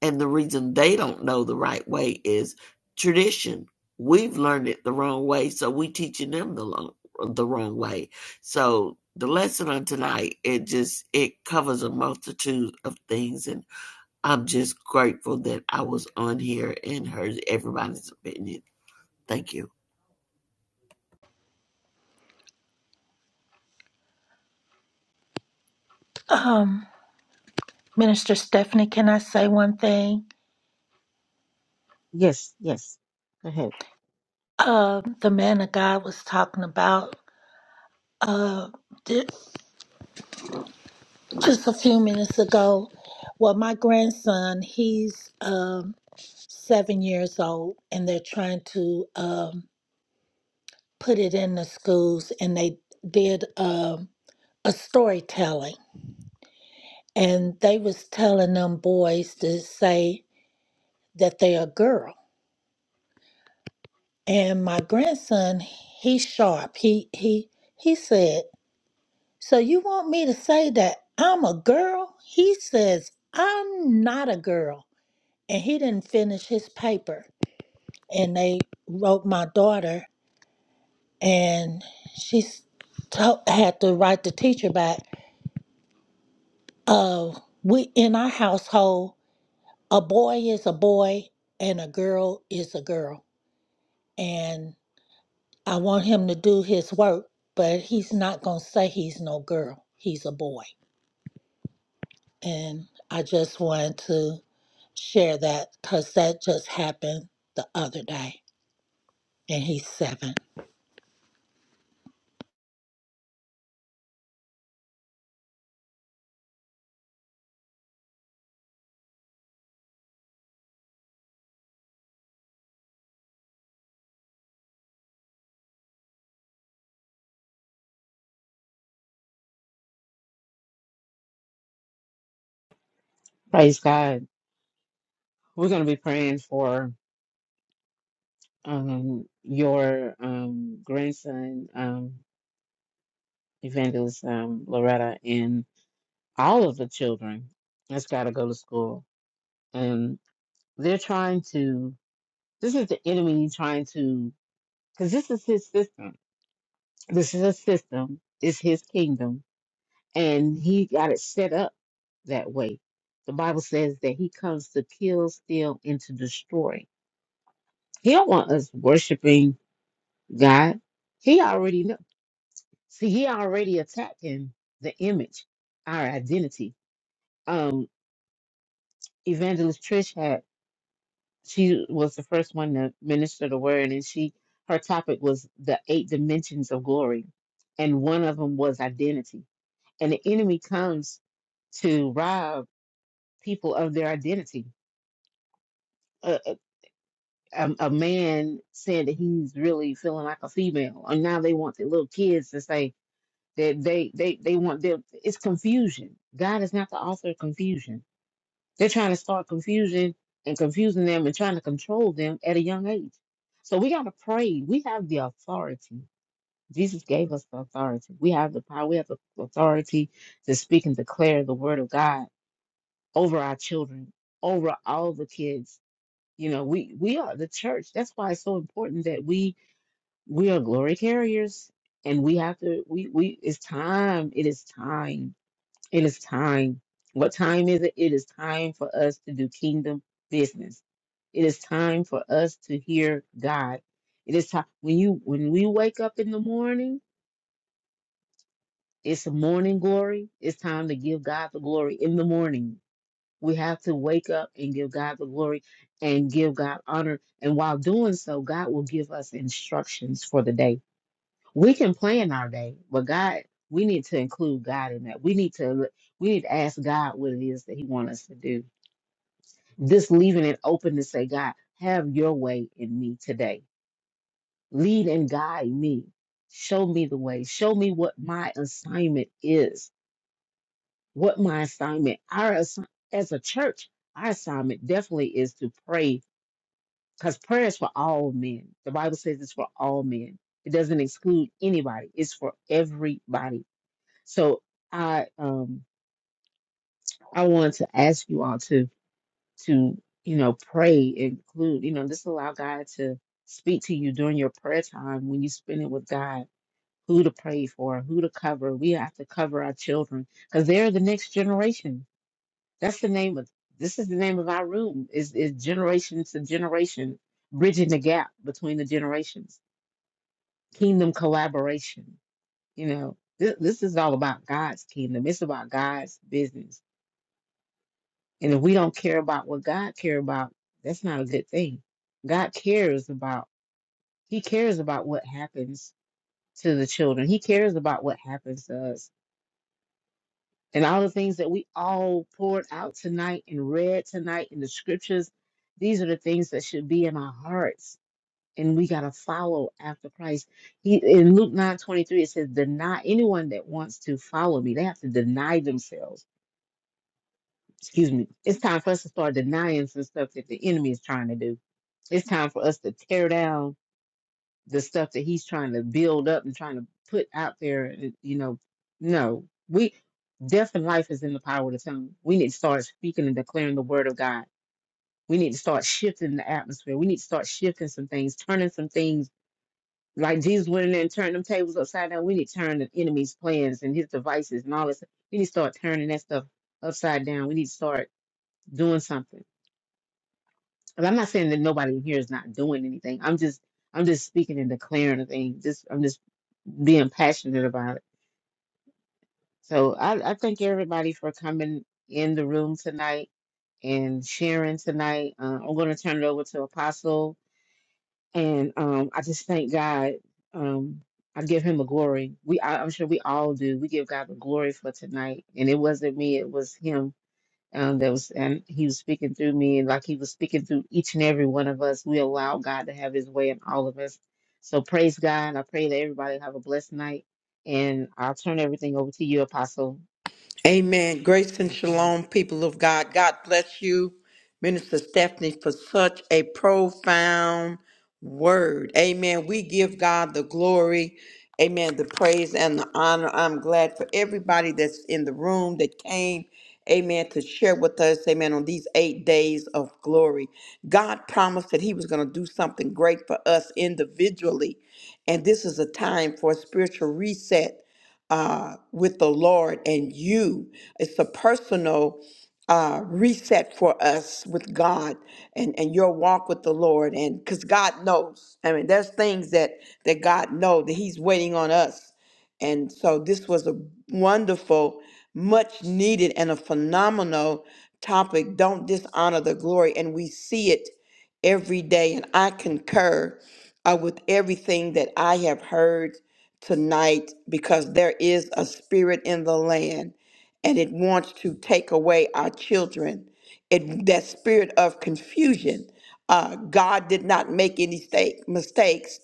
And the reason they don't know the right way is tradition. We've learned it the wrong way, so we teaching them the long, the wrong way. So the lesson on tonight, it just it covers a multitude of things, and I'm just grateful that I was on here and heard everybody's opinion. Thank you. Um, Minister Stephanie, can I say one thing? Yes, yes. Go ahead. Uh, the man of God was talking about. Uh, just a few minutes ago. Well, my grandson, he's um, seven years old, and they're trying to um, put it in the schools, and they did um, a storytelling, and they was telling them boys to say that they're a girl. And my grandson, he's sharp. He he he said, "So you want me to say that I'm a girl?" He says, "I'm not a girl." and he didn't finish his paper. and they wrote my daughter, and she s- to- had to write the teacher back. Uh, we in our household, a boy is a boy and a girl is a girl, and I want him to do his work, but he's not gonna say he's no girl. He's a boy, and I just wanted to share that because that just happened the other day, and he's seven. Praise God. We're going to be praying for um, your um, grandson, um, Evangelist um, Loretta, and all of the children that's got to go to school. And they're trying to, this is the enemy trying to, because this is his system. This is his system, it's his kingdom. And he got it set up that way. The Bible says that he comes to kill, steal, and to destroy He don't want us worshiping God. He already know. See, he already attacking the image, our identity. Um, Evangelist Trish had she was the first one to minister the word, and she her topic was the eight dimensions of glory, and one of them was identity. And the enemy comes to rob people of their identity. A, a, a a man said that he's really feeling like a female, and now they want the little kids to say, That they they they want their it's confusion. God is not the author of confusion. They're trying to start confusion and confusing them and trying to control them at a young age. So we gotta pray. We have the authority. Jesus gave us the authority. We have the power. We have the authority to speak and declare the word of God over our children, over all the kids. You know, we we are the church. That's why it's so important that we we are glory carriers and we have to we we it's time it is time it is time. What time is it? It is time for us to do kingdom business. It is time for us to hear God. It is time when you when we wake up in the morning, it's a morning glory. It's time to give God the glory in the morning. We have to wake up and give God the glory and give God honor. And while doing so, God will give us instructions for the day. We can plan our day, but God, we need to include God in that. We need to we need to ask God what it is that He wants us to do. Just leaving it open to say, God, have your way in me today. Lead and guide me. Show me the way. Show me what my assignment is. What my assignment, our assi- as a church, our assignment definitely is to pray because prayer is for all men. The Bible says it's for all men. It doesn't exclude anybody. It's for everybody So I um I wanted to ask you all to to you know pray include you know just allow God to speak to you during your prayer time when you spend it with God who to pray for who to cover we have to cover our children because they're the next generation that's the name of this is the name of our room is is generation to generation bridging the gap between the generations kingdom collaboration you know this, this is all about God's kingdom it's about God's business And if we don't care about what God cares about, that's not a good thing. God cares about, He cares about what happens to the children. He cares about what happens to us. And all the things that we all poured out tonight and read tonight in the scriptures, these are the things that should be in our hearts. And we got to follow after Christ. He, in Luke nine twenty three, it says, Deny anyone that wants to follow me, they have to deny themselves excuse me, it's time for us to start denying some stuff that the enemy is trying to do. It's time for us to tear down the stuff that he's trying to build up and trying to put out there. uh, You know, no, we death and life is in the power of the tongue. We need to start speaking and declaring the word of God. We need to start shifting the atmosphere. We need to start shifting some things, turning some things. Like Jesus went in there and turned them tables upside down. We need to turn the enemy's plans and his devices and all this. We need to start turning that stuff upside down. We need to start doing something And I'm not saying that nobody in here is not doing anything. I'm just I'm just speaking and declaring a thing. Just I'm just being passionate about it. So I, I thank everybody for coming in the room tonight and sharing tonight. Uh, I'm going to turn it over to Apostle, and um, I just thank God. Um, I give Him the glory. We I, I'm sure we all do. We give God the glory for tonight, and it wasn't me. It was Him um, that was and he was speaking through me and like he was speaking through each and every one of us we allow god to have his way in all of us so praise god i pray that everybody have a blessed night and i'll turn everything over to you apostle Amen. Grace and praise god shalom, people of God. God bless you, Minister Stephanie, for such a profound word. Amen. We give God the glory. Amen. The praise and the honor. I'm glad for everybody that's in the room that came. Amen. To share with us. Amen. On these eight days of glory, God promised that He was going to do something great for us individually. And this is a time for a spiritual reset uh, with the Lord and you. It's a personal uh, reset for us with God and, and your walk with the Lord. And because God knows, I mean, there's things that, that God knows that He's waiting on us. And so this was a wonderful, much needed, and a phenomenal topic. Don't dishonor the glory. And we see it every day. And I concur uh, with everything that I have heard tonight because there is a spirit in the land and it wants to take away our children. It that spirit of confusion. Uh, God did not make any mistake, mistakes.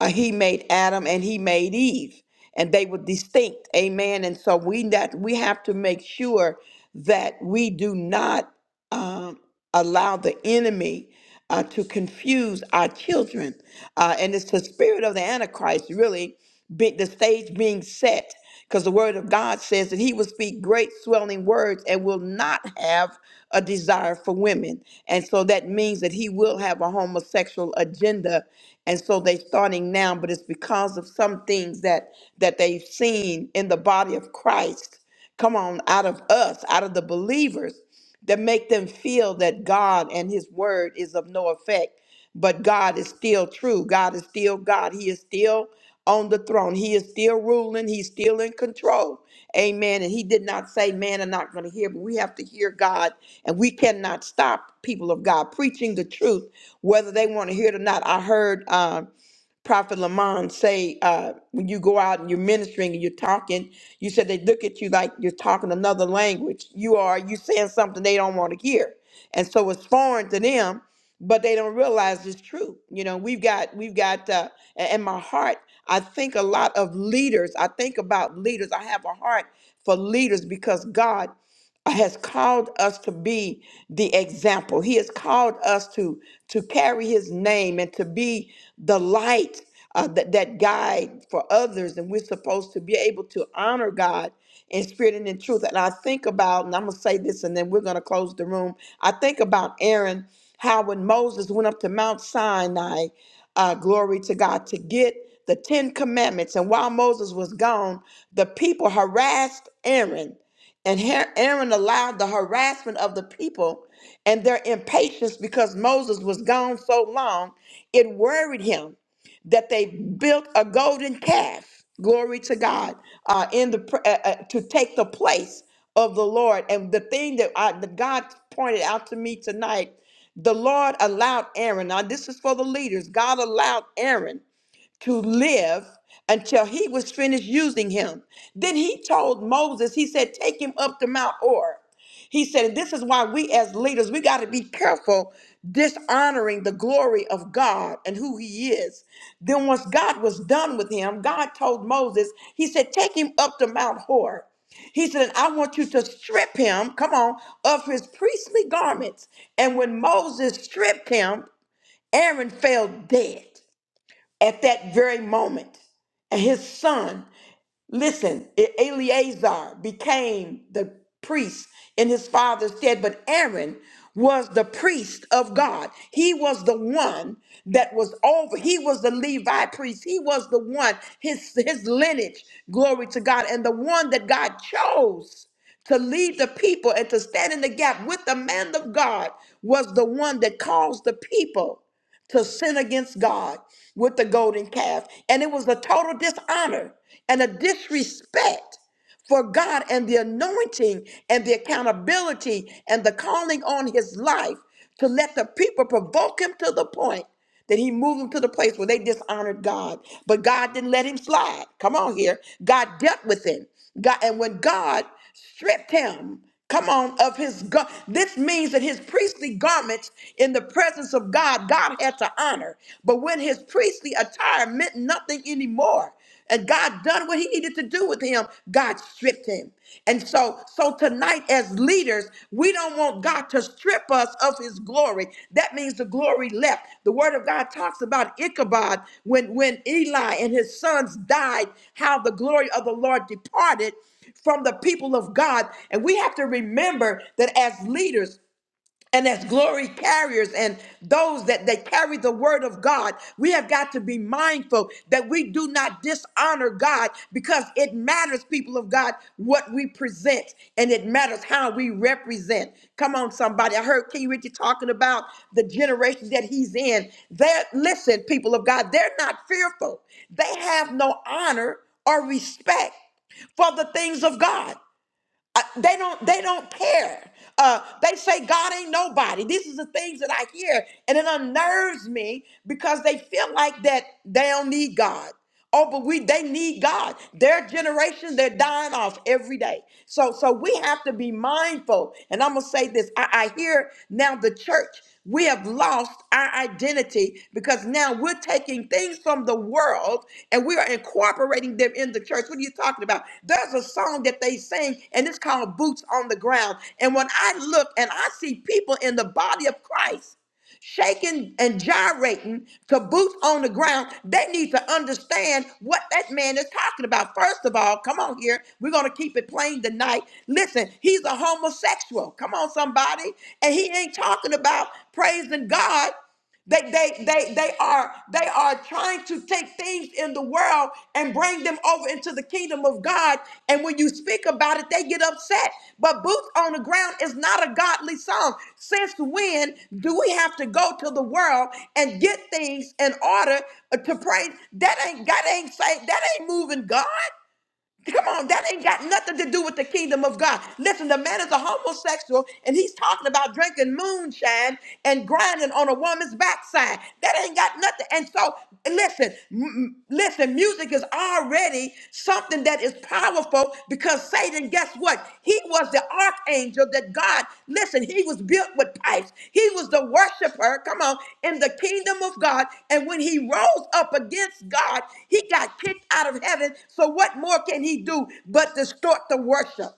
Uh, he made Adam and he made Eve, and they were distinct. Amen. And so we that we have to make sure that we do not. um, allow the enemy uh, to confuse our children. Uh, and it's the spirit of the Antichrist, really, be, the stage being set, because the word of God says that he will speak great swelling words and will not have a desire for women. And so that means that he will have a homosexual agenda. And so they're starting now, but it's because of some things that that they've seen in the body of Christ come on out of us out of the believers that make them feel that God and his word is of no effect. But God is still true. God is still God. He is still on the throne. He is still ruling. He's still in control. Amen. And he did not say, man, are not going to hear, but we have to hear God. And we cannot stop people of God preaching the truth, whether they want to hear it or not. I heard uh, Prophet Lamont say uh, when you go out and you're ministering and you're talking, you said they look at you like you're talking another language. You are you saying something they don't want to hear, and so it's foreign to them, but they don't realize it's true. You know, we've got we've got uh, a- in my heart. I think a lot of leaders. I think about leaders. I have a heart for leaders because God has called us to be the example. He has called us to to carry his name and to be the light uh, that that guide for others. And we're supposed to be able to honor God in spirit and in truth. And I think about, and I'm gonna say this, and then we're gonna close the room. I think about Aaron, how when Moses went up to Mount Sinai, uh, glory to God, to get the Ten Commandments. And while Moses was gone, the people harassed Aaron and Har- Aaron allowed the harassment of the people and their impatience because Moses was gone so long, it worried him that they built a golden calf, glory to God, uh, in the pr- uh, uh, to take the place of the Lord. And the thing that, I, that God pointed out to me tonight, the Lord allowed Aaron. Now this is for the leaders. God allowed Aaron to live until he was finished using him. Then he told Moses, he said, Take him up to Mount Or. He said, and This is why we as leaders, we got to be careful dishonoring the glory of God and who he is. Then, once God was done with him, God told Moses, He said, Take him up to Mount Hor. He said, and I want you to strip him, come on, of his priestly garments. And when Moses stripped him, Aaron fell dead at that very moment. And his son, listen, E- Eleazar became the priest in his father's stead, but Aaron was the priest of God. He was the one that was over. He was the Levi priest. He was the one, his, his lineage, glory to God, and the one that God chose to lead the people and to stand in the gap with the man of God was the one that calls the people to sin against God with the golden calf. And it was a total dishonor and a disrespect for God and the anointing and the accountability and the calling on his life to let the people provoke him to the point that he moved them to the place where they dishonored God. But God didn't let him slide. Come on here. God dealt with him. God, and when God stripped him, come on, of his gar- this means that his priestly garments in the presence of God, God had to honor. But when his priestly attire meant nothing anymore, and God done what he needed to do with him. God stripped him. And so, so tonight as leaders, we don't want God to strip us of his glory. That means the glory left. The word of God talks about Ichabod when, when Eli and his sons died, how the glory of the Lord departed from the people of God. And we have to remember that as leaders, and as glory carriers and those that, that carry the word of God, we have got to be mindful that we do not dishonor God because it matters, people of God, what we present and it matters how we represent. Come on, somebody. I heard King Richie talking about the generation that he's in. They're, listen, people of God, they're not fearful, they have no honor or respect for the things of God. Uh, they don't they don't care. Uh, they say God ain't nobody. These are the things that I hear, and it unnerves me because they feel like that they don't need God. Oh, but we they need God. Their generation, they're dying off every day. So so we have to be mindful. And I'm gonna say this say this. I, I hear now the church, we have lost our identity because now we're taking things from the world and we are incorporating them in the church. What are you talking about? There's a song that they sing, and it's called Boots on the Ground. And when I look and I see people in the body of Christ, shaking and gyrating, caboose on the ground, they need to understand what that man is talking about. First of all, come on here. We're going to keep it plain tonight. Listen, he's a homosexual. Come on, somebody. And he ain't talking about praising God. They, they, they, they are they are trying to take things in the world and bring them over into the kingdom of God. And when you speak about it, they get upset. But boots on the ground is not a godly song. Since when do we have to go to the world and get things in order to pray? That ain't that ain't say that ain't moving God. Come on, that ain't got nothing to do with the kingdom of God. Listen, the man is a homosexual and he's talking about drinking moonshine and grinding on a woman's backside. That ain't got nothing. And so, listen, m- m- listen, music is already something that is powerful because Satan, guess what? He was the archangel that God, listen, he was built with pipes. He was the worshiper, come on, in the kingdom of God. And when he rose up against God, he got kicked out of heaven. So what more can he do but distort the worship?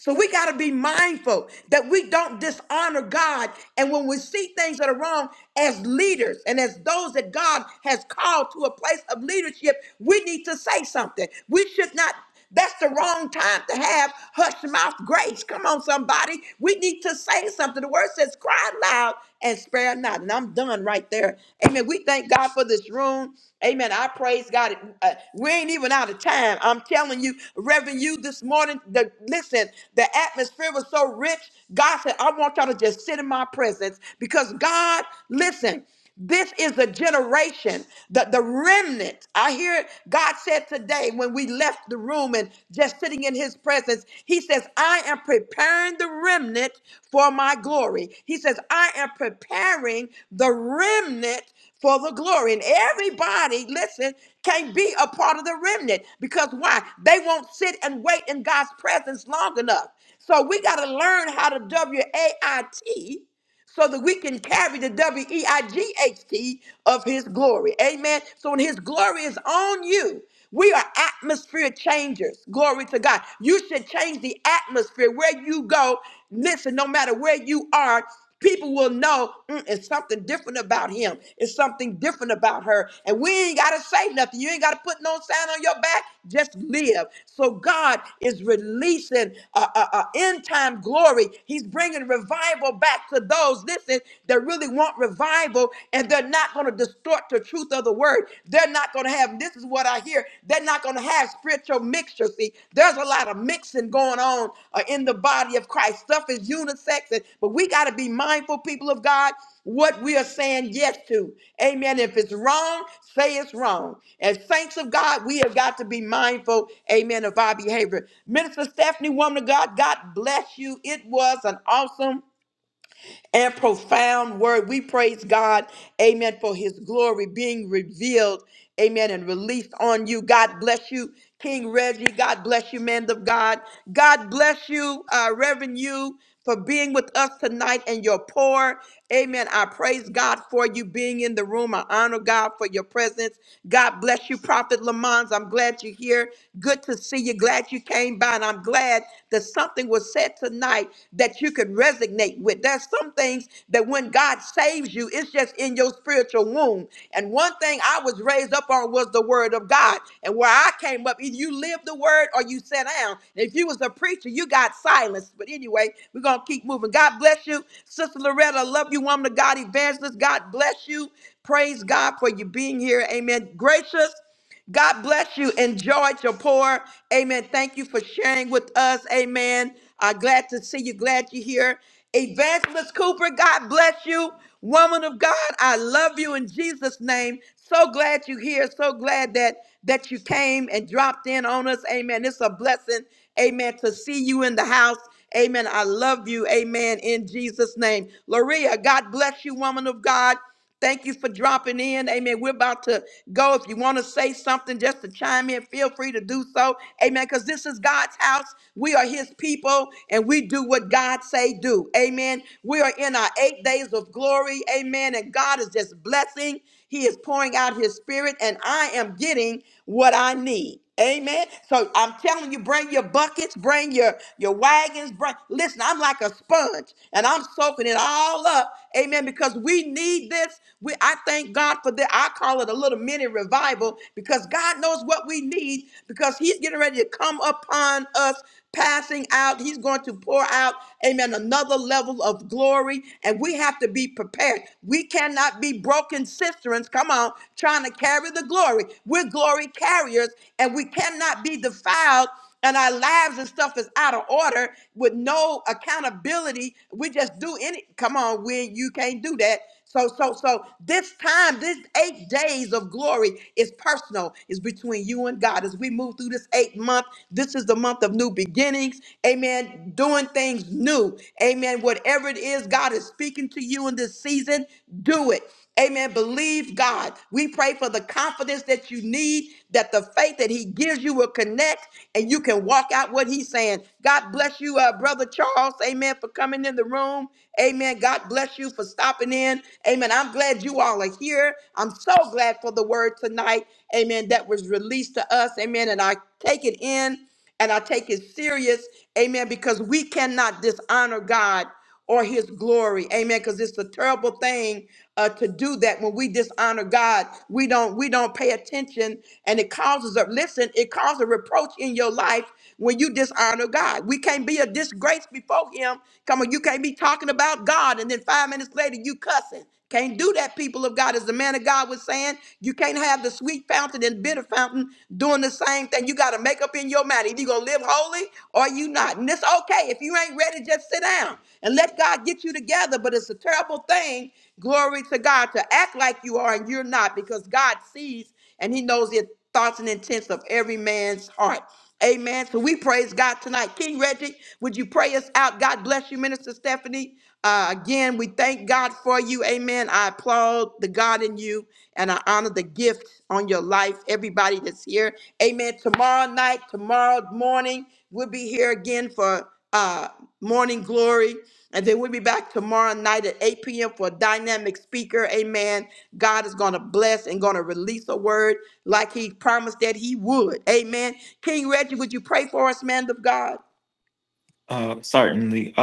So we got to be mindful that we don't dishonor God. And when we see things that are wrong as leaders and as those that God has called to a place of leadership, we need to say something. We should not. That's the wrong time to have hush mouth grace. Come on, somebody. We need to say something. The word says, cry loud and spare not. And I'm done right right there. Amen. We thank God for this room. Amen. I praise God. Uh, we ain't even out of time. I'm telling you, Reverend, you this morning, the, listen, the atmosphere was so rich. God said, I want y'all to just sit in my presence because God, listen, this is the generation, the, the remnant. I hear God said today when we left the room room and just sitting in his presence. He says, I am preparing the remnant for my glory. He says, I am preparing the remnant for the glory. And everybody, listen, can't be a part of the remnant because why? They won't sit and wait in God's presence long enough. So we got to learn how to W A I T so that we can carry the W E I G H T of His glory. Amen. So when His glory is on you, we are atmosphere changers. Glory to God. You should change the atmosphere where you go. Listen, no matter where you are, people will know "Mm, it's something different about him. It's something different about her. And we ain't got to say nothing. You ain't got to put no sign on your back. Just live. So God is releasing uh, uh, uh, end time glory. He's bringing revival back back to those, listen, that really want revival and they're not going to distort the truth of the word. They're not going to have, this is what I hear, they're not going to have spiritual mixture. See, there's a lot of mixing going on uh, in the body of Christ. Stuff is unisex, and, but we got to be mindful, people of God, what we are saying yes to. Amen. If it's wrong, say it's wrong. As saints of God, we have got to be mindful, amen, of our behavior. Minister Stephanie, woman of God, God bless you. It was an awesome and profound word. We praise God, amen, for his glory being revealed, amen, and released on you. God bless you, King Reggie. God bless you, man of God. God bless you, uh, Reverend you, for being with us tonight and your pour. Amen. I praise God for you being in the room. I honor God for your presence. God bless you, Prophet Lamont. I'm glad you're here. Good to see you. Glad you came by, and I'm glad glad that something was said tonight that you could resonate with. There's some things that when God saves you, it's just in your spiritual womb. And one thing I was raised up on was the word of God. And where I came up, either you lived the word or you sat down. And if you was a preacher, you got silenced. But anyway, we're gonna keep moving. God bless you, Sister Loretta. I love you, woman of God, evangelist. God bless you. Praise God for you being here. Amen. Gracious. God bless you. Enjoy your pour. Amen. Thank you for sharing with us. Amen. Uh, glad to see you. Glad you're here. Evangelist Cooper, God bless you. Woman of God, I love you in Jesus' name. So glad you're here. So glad that that you came and dropped in on us. Amen. It's a blessing. Amen. To see you in the house. Amen. I love you. Amen. In Jesus' name. Loria, God bless you, woman of God. Thank you for dropping in. Amen. We're about to go. If you want to say something just to chime in, feel free to do so. Amen. Because this is God's house. We are his people and we do what God say do. Amen. We are in our eight days of glory. Amen. And God is just blessing. He is pouring out his spirit and I am getting what I need. Amen. So I'm telling you, bring your buckets, bring your your wagons. Bring, listen, I'm like a sponge. And I'm soaking it all up. Amen. Because we need this. We I thank God for that. I call it a little mini revival because God knows what we need because He's getting ready to come upon us passing out. He's going to pour out, amen, another level of glory. And we have to be prepared. We cannot be broken cisterns, come on, trying to carry the glory. We're glory carriers and we cannot be defiled and our lives and stuff is out of order with no accountability. We just do any. Come on, when you can't do that. So, so, so this time, this eight days of glory is personal. It's between you and God. As we move through this eight month, this is the month of new beginnings. Amen. Doing things new. Amen. Whatever it is God is speaking to you in this season, do it. Amen. Believe God. We pray for the confidence that you need, that the faith that He gives you will connect and you can walk out what He's saying. God bless you, uh, Brother Charles. Amen. For coming in the room. Amen. God bless you for stopping in. Amen. I'm glad you all are here. I'm so glad for the word tonight. Amen. That was released to us. Amen. And I take it in and I take it serious. Amen. Because we cannot dishonor God or his glory. Amen. Because it's a terrible thing uh, to do that when we dishonor God. We don't we don't pay attention and it causes a listen, it causes a reproach in your life when you dishonor God. We can't be a disgrace before him. Come on, you can't be talking about God and then five minutes later you cussing. Can't do that, people of God. As the man of God was saying, you can't have the sweet fountain and bitter fountain doing the same thing. You got to make up in your mind. Either you are going to live holy or you not. And it's okay. If you ain't ready, just sit down and let God get you together. But it's a terrible thing, glory to God, to act like you are and you're not because God sees and he knows the thoughts and intents of every man's heart. Amen. So we praise God tonight. King Reggie, would you pray us out? God bless you, Minister Stephanie. Uh, again, we thank God for you. Amen. I applaud the God in you and I honor the gift on your life. Everybody that's here. Amen. Tomorrow night, tomorrow morning, we'll be here again for uh, morning glory. And then we'll be back tomorrow night at 8 p.m. for dynamic speak. Amen. God is going to bless and going to release a word like he promised that he would. Amen. King Reggie, would you pray of God? Uh, certainly.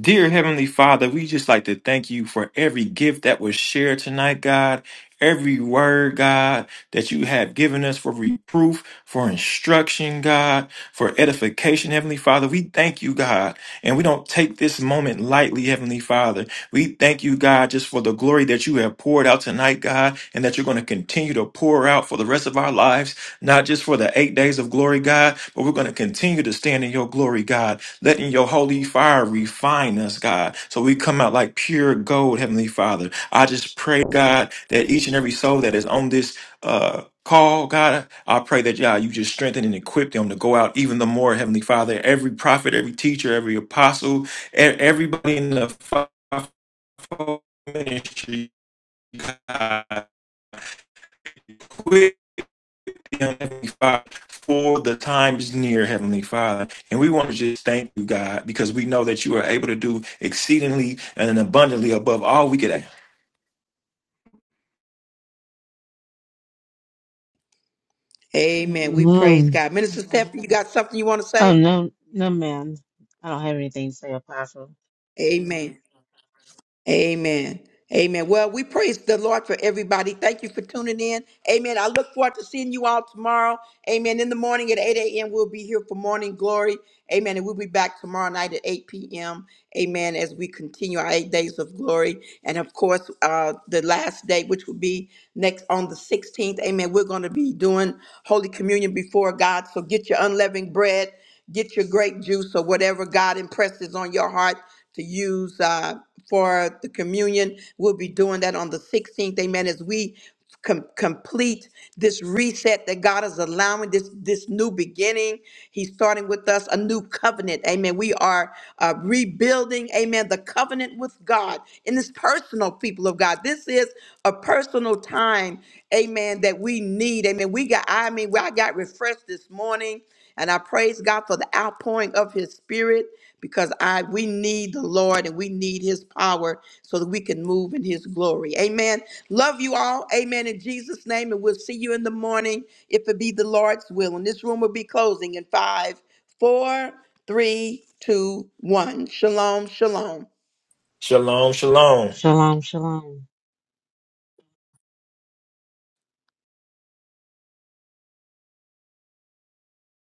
Dear Heavenly Father, we just like to thank you for every gift that was shared tonight, God. Every word, God, that you have given us for reproof, for instruction, God, for edification, Heavenly Father. We thank you, God. And we don't take this moment lightly, Heavenly Father. We thank you, God, just for the glory that you have poured out tonight, God, and that you're going to continue to pour out for the rest of our lives, not just for the eight days of glory, God, but we're going to continue to stand in your glory, God. Letting your holy fire refine us, God, so we come out like pure gold, Heavenly Father. I just pray, God, that each and every soul that is on this uh call, God, I pray that God, you just strengthen and equip them to go out even the more, Heavenly Father. Every prophet, every teacher, every apostle, e- everybody in the fivefold ministry, God, Heavenly Father, for the times near, Heavenly Father. And we want to just thank you, God, because we know that you are able to do exceedingly and abundantly above all we could ask. Amen. We praise Mhm. God. Minister Stephanie, you got something you want to oh say? no no man i don't have anything to say apostle Amen. Amen. Amen. Well, we praise the Lord for everybody. Thank you for tuning in. Amen. I look forward to seeing you all tomorrow. Amen. In the morning at 8 a.m., we'll be here for morning glory. Amen. And we'll be back tomorrow night at 8 p.m. Amen. As we continue our eight days of glory. And of course, uh, the last day, which will be next on the 16th. Amen. We're going to be doing Holy Communion before God. So get your unleavened bread, get your grape juice, or whatever God impresses on your heart to use uh, for the communion. We'll be doing that on the 16th. Amen. As we com- complete this reset that God is allowing this this new beginning. He's starting with us a new covenant. Amen. We are uh, rebuilding. Amen. The covenant with God in this personal people of God. This is a personal time. Amen. That we need. Amen. We got. I mean, I got refreshed this morning. And I praise God for the outpouring of his spirit because I we need the Lord and we need his power so that we can move in his glory. Amen. Love you all. Amen. In Jesus' name. And we'll see you in the morning if it be the Lord's will. And this room will be closing in five, four, three, two, one. Shalom, shalom. Shalom, shalom. shalom shalom